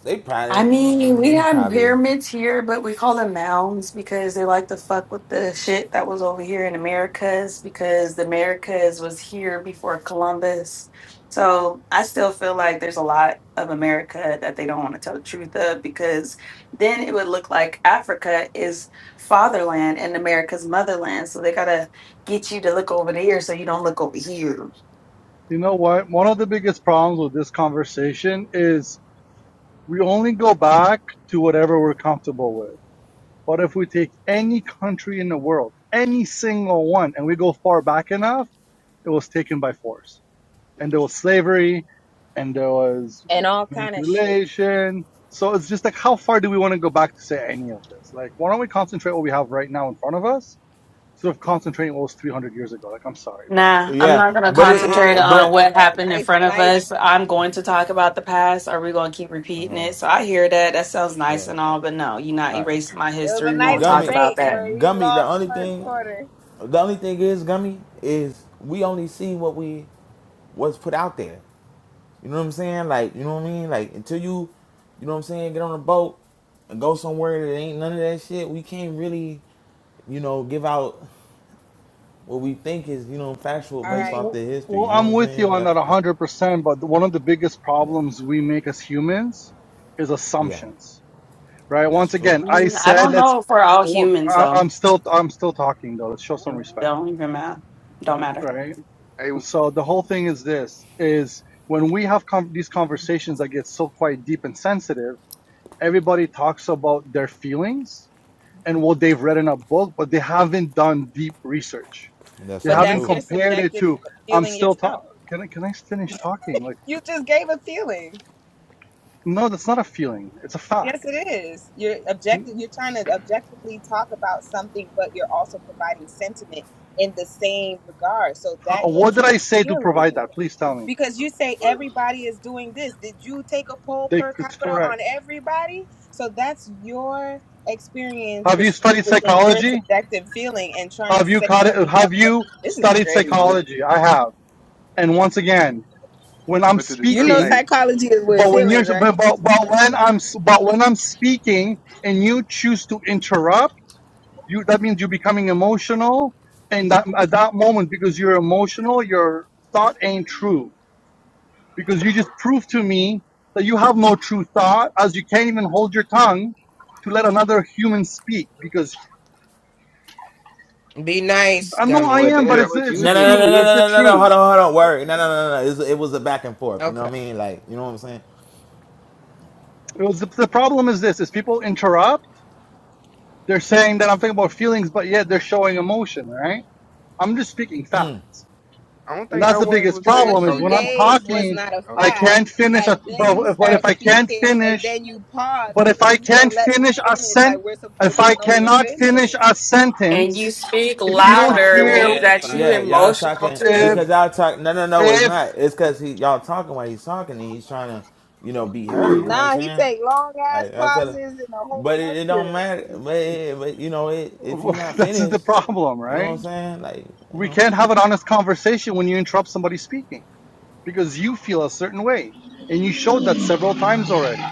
S5: They
S16: I
S5: probably,
S16: mean, we have
S5: probably,
S16: pyramids here, but we call them mounds because they like to fuck with the shit that was over here in Americas because the Americas was here before Columbus. So I still feel like there's a lot of America that they don't want to tell the truth of because then it would look like Africa is fatherland and America's motherland. So they gotta get you to look over there so you don't look over here.
S9: You know what? One of the biggest problems with this conversation is we only go back to whatever we're comfortable with. But if we take any country in the world, any single one, and we go far back enough, it was taken by force. And there was slavery, and there was
S15: and all kind of shit.
S9: manipulation. So it's just like, how far do we want to go back to say any of this? Like, why don't we concentrate what we have right now in front of us sort of concentrating almost 300 years ago. Like, I'm sorry, but
S16: Nah, I'm
S5: Yeah,
S16: not going to
S5: but it,
S15: Nah,
S16: concentrate
S5: it
S16: on
S15: nah,
S5: but
S16: what
S15: bro.
S16: happened in
S15: Nice,
S16: front of
S15: nice.
S16: us. I'm going to talk about the past. Are we going to keep repeating it? So I hear that. That sounds nice
S5: yeah.
S16: and all, but no, you're not
S5: All
S16: erasing
S5: right,
S16: my
S15: It was a
S16: history. We
S15: nice
S16: won't talk
S5: gummy,
S16: about
S15: debate where
S16: that.
S15: you
S5: gummy. The
S15: lost
S5: only
S15: first
S5: thing,
S15: quarter.
S5: the only thing is gummy is we only see what we what's put out there. You know what I'm saying? Like, you know what I mean? Like until you, you know what I'm saying, get on a boat and go somewhere that ain't none of that shit. We can't really, you know, give out what we think is you know factual
S15: All
S5: based
S15: right.
S5: off the
S9: Mm,
S5: history.
S9: well,
S5: You know what
S9: I'm
S5: I'm
S9: with you
S5: saying?
S9: on
S5: That,
S9: that
S5: I,
S9: 100%. But one of the biggest problems
S5: yeah,
S9: we make as humans is
S5: yeah.
S9: assumptions, right?
S5: That's
S9: Once
S5: true.
S9: again, I
S16: Mm, I
S9: said
S16: don't
S9: let's
S16: know if we're all
S9: look.
S16: humans
S9: I,
S16: though.
S9: I'm still I'm still talking though. Let's show some
S15: Ooh,
S9: respect,
S16: Don't even
S15: yeah,
S16: matter. Don't
S15: Damn.
S16: matter.
S9: right?
S4: hey,
S9: So the whole thing is this: is when we have con these conversations that get so quite deep and sensitive, everybody talks about their feelings and what they've read in a book, but they haven't done deep research.
S5: That's
S9: They
S15: But
S5: so
S9: haven't
S15: that's
S5: true.
S15: your
S9: compared it
S15: subjective
S9: to. I'm
S15: feeling
S9: still talking.
S15: yourself.
S9: can I can I finish talking? Like
S15: You just gave a feeling.
S9: no, that's not a feeling. It's a
S15: Yes,
S9: fact.
S15: it is. You're objective. You're trying to objectively talk about something, but you're also providing sentiment in the same regard. So that
S9: What
S15: goes into
S9: did I say to provide
S15: feelings
S9: that? Please tell me.
S15: because you say everybody is doing this. Did you take a poll
S9: They,
S15: per
S9: it's
S15: capita
S9: correct.
S15: on everybody? So that's your experience,
S9: Have you
S15: which goes
S9: studied
S15: within your
S9: psychology?
S15: subjective feeling and trying to
S9: Have you
S15: say
S9: caught it?
S15: something
S9: Have
S15: objective.
S9: you
S15: This is
S9: studied
S15: crazy.
S9: psychology? I have. And once again, when I'm
S4: but to
S15: You know,
S9: speaking,
S4: discriminate,
S15: psychology is with
S9: but when you're
S15: feelings, right?
S9: but, but, when I'm but when I'm speaking and you choose to interrupt you that means you're becoming emotional and that at that moment because you're emotional your thought ain't true because you just proved to me that you have no true thought as you can't even hold your tongue to let another human speak because
S1: Be nice,
S9: i know i
S8: but
S1: gummy.
S9: am but
S8: that's
S4: Yeah.
S9: it's
S8: what
S9: it's
S8: you
S9: the
S5: No, no, no,
S8: do.
S5: no, no,
S9: truth it's the
S5: no, no, no. no, Hold
S9: truth
S5: on, hold on. Word. No, no, no, no. no. It was, it was a back and forth. You know
S1: Okay.
S5: what I mean? Like, you know what I'm saying?
S9: it was the, the problem is this is people interrupt they're saying that i'm thinking about feelings but yet they're showing emotion right i'm just speaking fact
S5: Mm,
S4: I don't
S9: and
S4: think
S9: that's
S4: no
S5: right.
S9: the
S4: one
S9: biggest
S4: was
S15: But
S4: said.
S9: problem
S15: what
S4: Oh
S9: is
S15: you
S9: when
S4: yeah,
S9: i'm
S4: she
S15: gave
S4: did say
S15: was
S9: talking
S4: that.
S15: not a
S9: i
S4: Okay,
S15: fact.
S9: can't finish a,
S15: And then
S9: but
S15: you
S9: if, but if
S15: start
S9: i can't
S15: speaking, and
S9: finish
S15: then you pause,
S9: But
S15: and
S9: if I
S15: then you say,
S9: can't
S15: "Let me
S9: finish a
S15: finish." Like
S9: sent,
S15: we're supposed
S9: if I
S15: to know you're
S9: cannot finish
S15: finished.
S9: a
S16: And you
S9: sentence,
S16: speak
S9: if
S15: You
S9: you
S15: just
S9: don't
S15: want
S16: louder
S9: hear,
S16: means
S15: war. It's
S16: that you
S15: fine.
S5: Yeah, y'all
S16: emotional
S5: talking
S9: if
S5: because
S16: too.
S5: y'all talk. No, no, no. It's not.
S9: if
S5: It's because he y'all talking while he's talking. and He's trying to, you know, be heard. You know what I'm
S15: Nah, he
S5: saying?
S15: take long ass
S5: Like I feel it.
S15: pauses in a whole
S5: But it, it don't
S15: lecture,
S5: matter. But, it, but you know, it, if he not
S9: this is the
S5: finished,
S9: problem,
S5: you know what
S9: right?
S5: I'm saying? Like you
S9: We
S5: know,
S9: can't have an honest conversation when you interrupt somebody speaking because you feel a certain way, and you showed that several times already.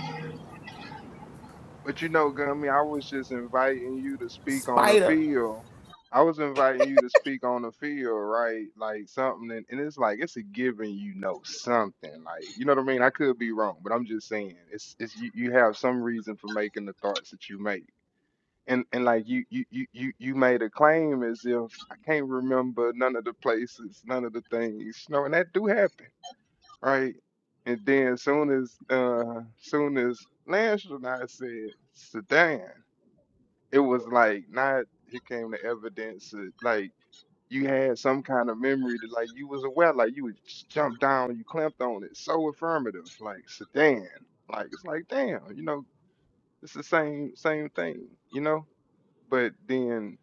S4: but you know, Gummy, I was just inviting you to speak on a
S5: Spider.
S4: field. I was inviting you to speak on a field, right? Like something, and, and it's like it's a given. You know something, like you know what I mean. I could be wrong, but I'm just saying it's it's you, you have some reason for making the thoughts that you make. And, and like you, you you you you made a claim as if I can't remember none of the places, none of the things, you know, and that do happen. right? And then soon as uh soon as Lance and I said Sedan, it was like not here came the evidence that like you had some kind of memory that like you was aware, like you would just jump down, you clamped on it. So affirmative, like sedan. Like it's like damn, you know, it's the same same thing, you know? But then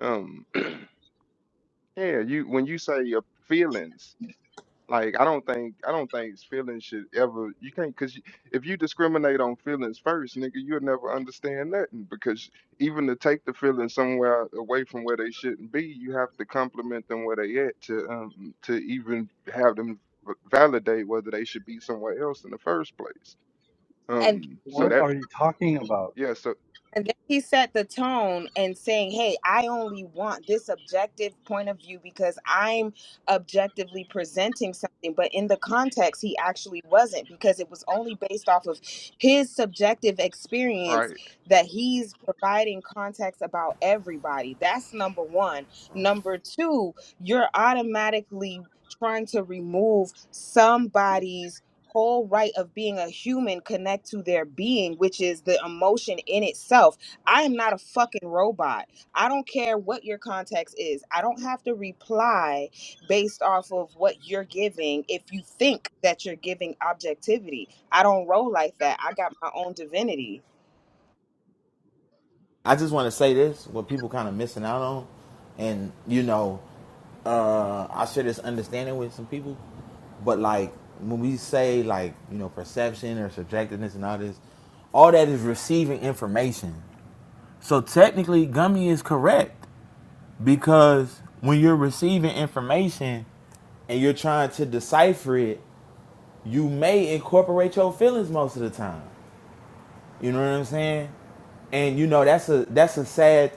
S4: um yeah, you when you say your feelings Like I don't think I don't think feelings should ever you can't because if you discriminate on feelings first, nigga, you'll never understand nothing because even to take the feelings somewhere away from where they shouldn't be, you have to compliment them where they at to um to even have them v- validate whether they should be somewhere else in the first place.
S15: and
S4: Um, so
S9: What
S4: that
S9: are you talking about?
S4: yeah, so
S15: And then he set the tone and saying, Hey, I only want this objective point of view because I'm objectively presenting something. But in the context, he actually wasn't because it was only based off of his subjective
S4: right.
S15: experience that he's providing context about everybody. That's number one. Number two, you're automatically trying to remove somebody's whole right of being a human connect to their being which is the emotion in itself i am not a fucking robot i don't care what your context is i don't have to reply based off of what you're giving if you think that you're giving objectivity i don't roll like that i got my own divinity
S5: I just want to say this: what people kind of missing out on, and you know, uh, I share this understanding with some people, but like when we say like you know perception or subjectiveness and all this, all that is receiving information. So technically, Gummy is correct because when you're receiving information and you're trying to decipher it, you may incorporate your feelings most of the time. You know what I'm saying? And you know that's a that's a sad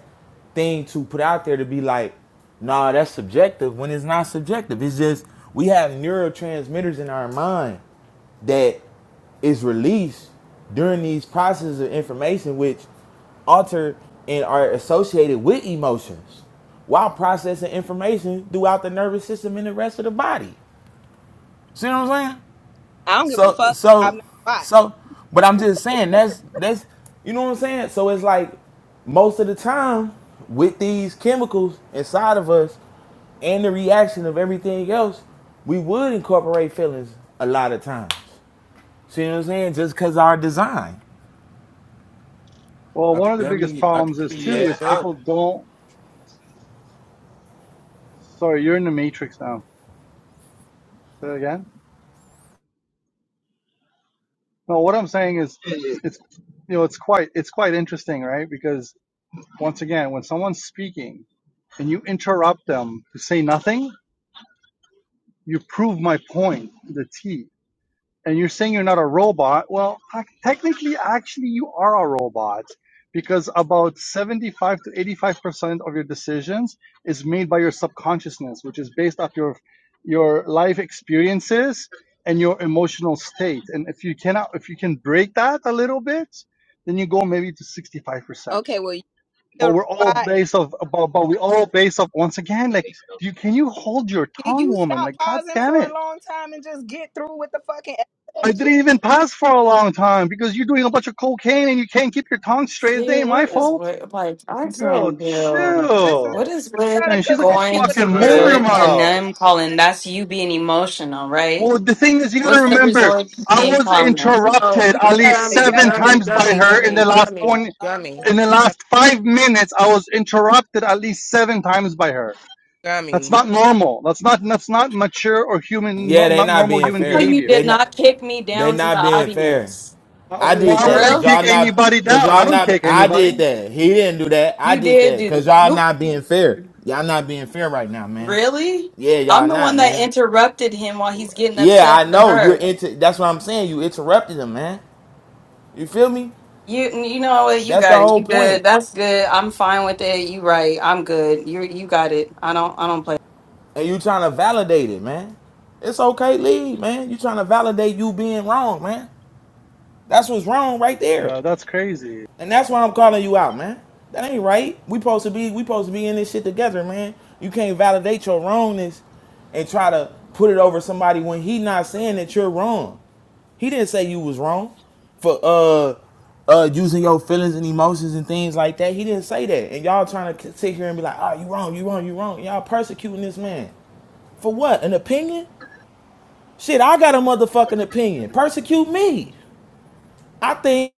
S5: thing to put out there to be like, nah, that's subjective when it's not subjective. It's just we have neurotransmitters in our mind that is released during these processes of information which alter and are associated with emotions while processing information throughout the nervous system and the rest of the body. See what I'm saying?
S15: i don't give a
S5: So
S15: fuck i'm
S5: so
S15: not a bot
S5: so but I'm just saying that's that's you know what I'm saying? So it's like most of the time with these chemicals inside of us and the reaction of everything else, we would incorporate feelings a lot of times. See what I'm saying? Just cause our design.
S9: Well, one
S2: could
S9: of the biggest
S2: be, I
S9: problems
S2: could
S9: is
S2: be
S8: Yeah,
S9: too is
S2: messed up.
S8: I'm
S9: people don't. Sorry, you're in the matrix now. Say that again. No, what I'm saying is, it's you know, it's quite it's quite interesting, right? Because Once again, when someone's speaking and you interrupt them to say nothing, you prove my point to the T. And you're saying you're not a robot. Well, technically, actually, you are a robot because about 75 to 85% of your decisions is made by your subconsciousness, which is based off your your life experiences and your emotional state. And if you cannot, if you can break that a little bit, then you go maybe to 65%
S15: okay well
S9: but
S15: you're
S9: we're
S15: a
S9: all
S15: robot and
S9: based of, but, but we all based of. once again like you can you hold your
S15: can
S9: tongue
S15: you
S9: woman
S15: stop
S9: like god
S15: pausing
S9: damn
S15: for a
S9: it
S15: long time and just get through with the fucking
S9: i didn't even pass for a long time because you're doing a bunch of cocaine and you can't keep your tongue straight it
S16: See,
S9: ain't my
S16: what is
S9: fault
S16: with like I
S9: girl
S16: can't do.
S15: this is
S16: What
S9: chill
S16: is with
S15: trying to
S9: and she's like a
S15: convince
S16: going
S15: people that
S16: to
S9: fucking
S15: they're a
S9: motor
S8: crazy.
S16: resort to
S15: robot
S9: mouth
S16: name calling? That's you being emotional, right?
S9: well the thing is you gotta
S16: What's the
S9: remember
S16: resort to
S9: i
S16: name
S9: was
S16: calling?
S1: Oh,
S9: interrupted
S15: He's
S9: at
S15: starting
S9: least
S15: to
S1: gummy,
S15: yell
S9: seven
S15: at
S1: gummy,
S9: times by
S1: gummy,
S9: her in
S15: everyone
S1: gummy,
S9: the last
S1: gummy,
S15: on
S9: 20
S15: on
S1: gummy,
S9: in
S15: point.
S9: the
S1: gummy,
S9: last five minutes i was interrupted at least seven times by her That's
S1: gummy.
S9: not normal. That's not that's not mature or human
S5: Yeah,
S9: not,
S5: they
S9: not
S5: not
S9: normal
S16: I
S5: being
S9: human
S16: know
S5: fair.
S16: you
S9: behavior.
S5: They
S16: did
S5: not
S16: not kick me
S5: they
S16: down to the
S5: not being fair.
S16: audience.
S9: Uh,
S5: I did
S9: Why
S16: For
S9: would
S5: that
S9: I
S5: cause
S16: real?
S5: y'all
S9: kick
S5: not
S9: anybody
S5: cause
S9: down?
S5: y'all
S9: I don't
S5: not
S9: kick
S5: I
S9: anybody.
S5: did that. He didn't do that. I
S16: You
S5: did
S16: did
S5: that
S16: do
S5: cause
S16: th-
S5: y'all
S16: who
S5: not being fair. Y'all not being fair right now, man.
S16: really?
S5: Yeah, y'all
S16: I'm the one
S5: not,
S16: that
S5: man.
S16: interrupted him while he's getting
S5: Yeah, I
S16: upset with
S5: know. You're
S16: her.
S5: into that's what I'm saying. You interrupted him, man. You feel me?
S16: You you know what? You
S5: That's the
S16: got it.
S5: whole
S16: You
S5: point.
S16: good. That's good. I'm fine with it. You right. I'm good. You you got it. I don't I don't play.
S5: And you trying to validate it, man. It's okay, leave, man. You trying to validate you being wrong, man. That's what's wrong right there.
S9: Yeah, that's crazy.
S5: And that's why I'm calling you out, man. That ain't right. We supposed to be we supposed to be in this shit together, man. You can't validate your wrongness and try to put it over somebody when he not saying that you're wrong. He didn't say you was wrong for uh uh using your feelings and emotions and things like that. He didn't say that. And y'all trying to sit here and be like, "Oh, you wrong, you wrong, you wrong." Y'all persecuting this man. For what? An opinion? Shit, I got a motherfucking opinion. Persecute me. I think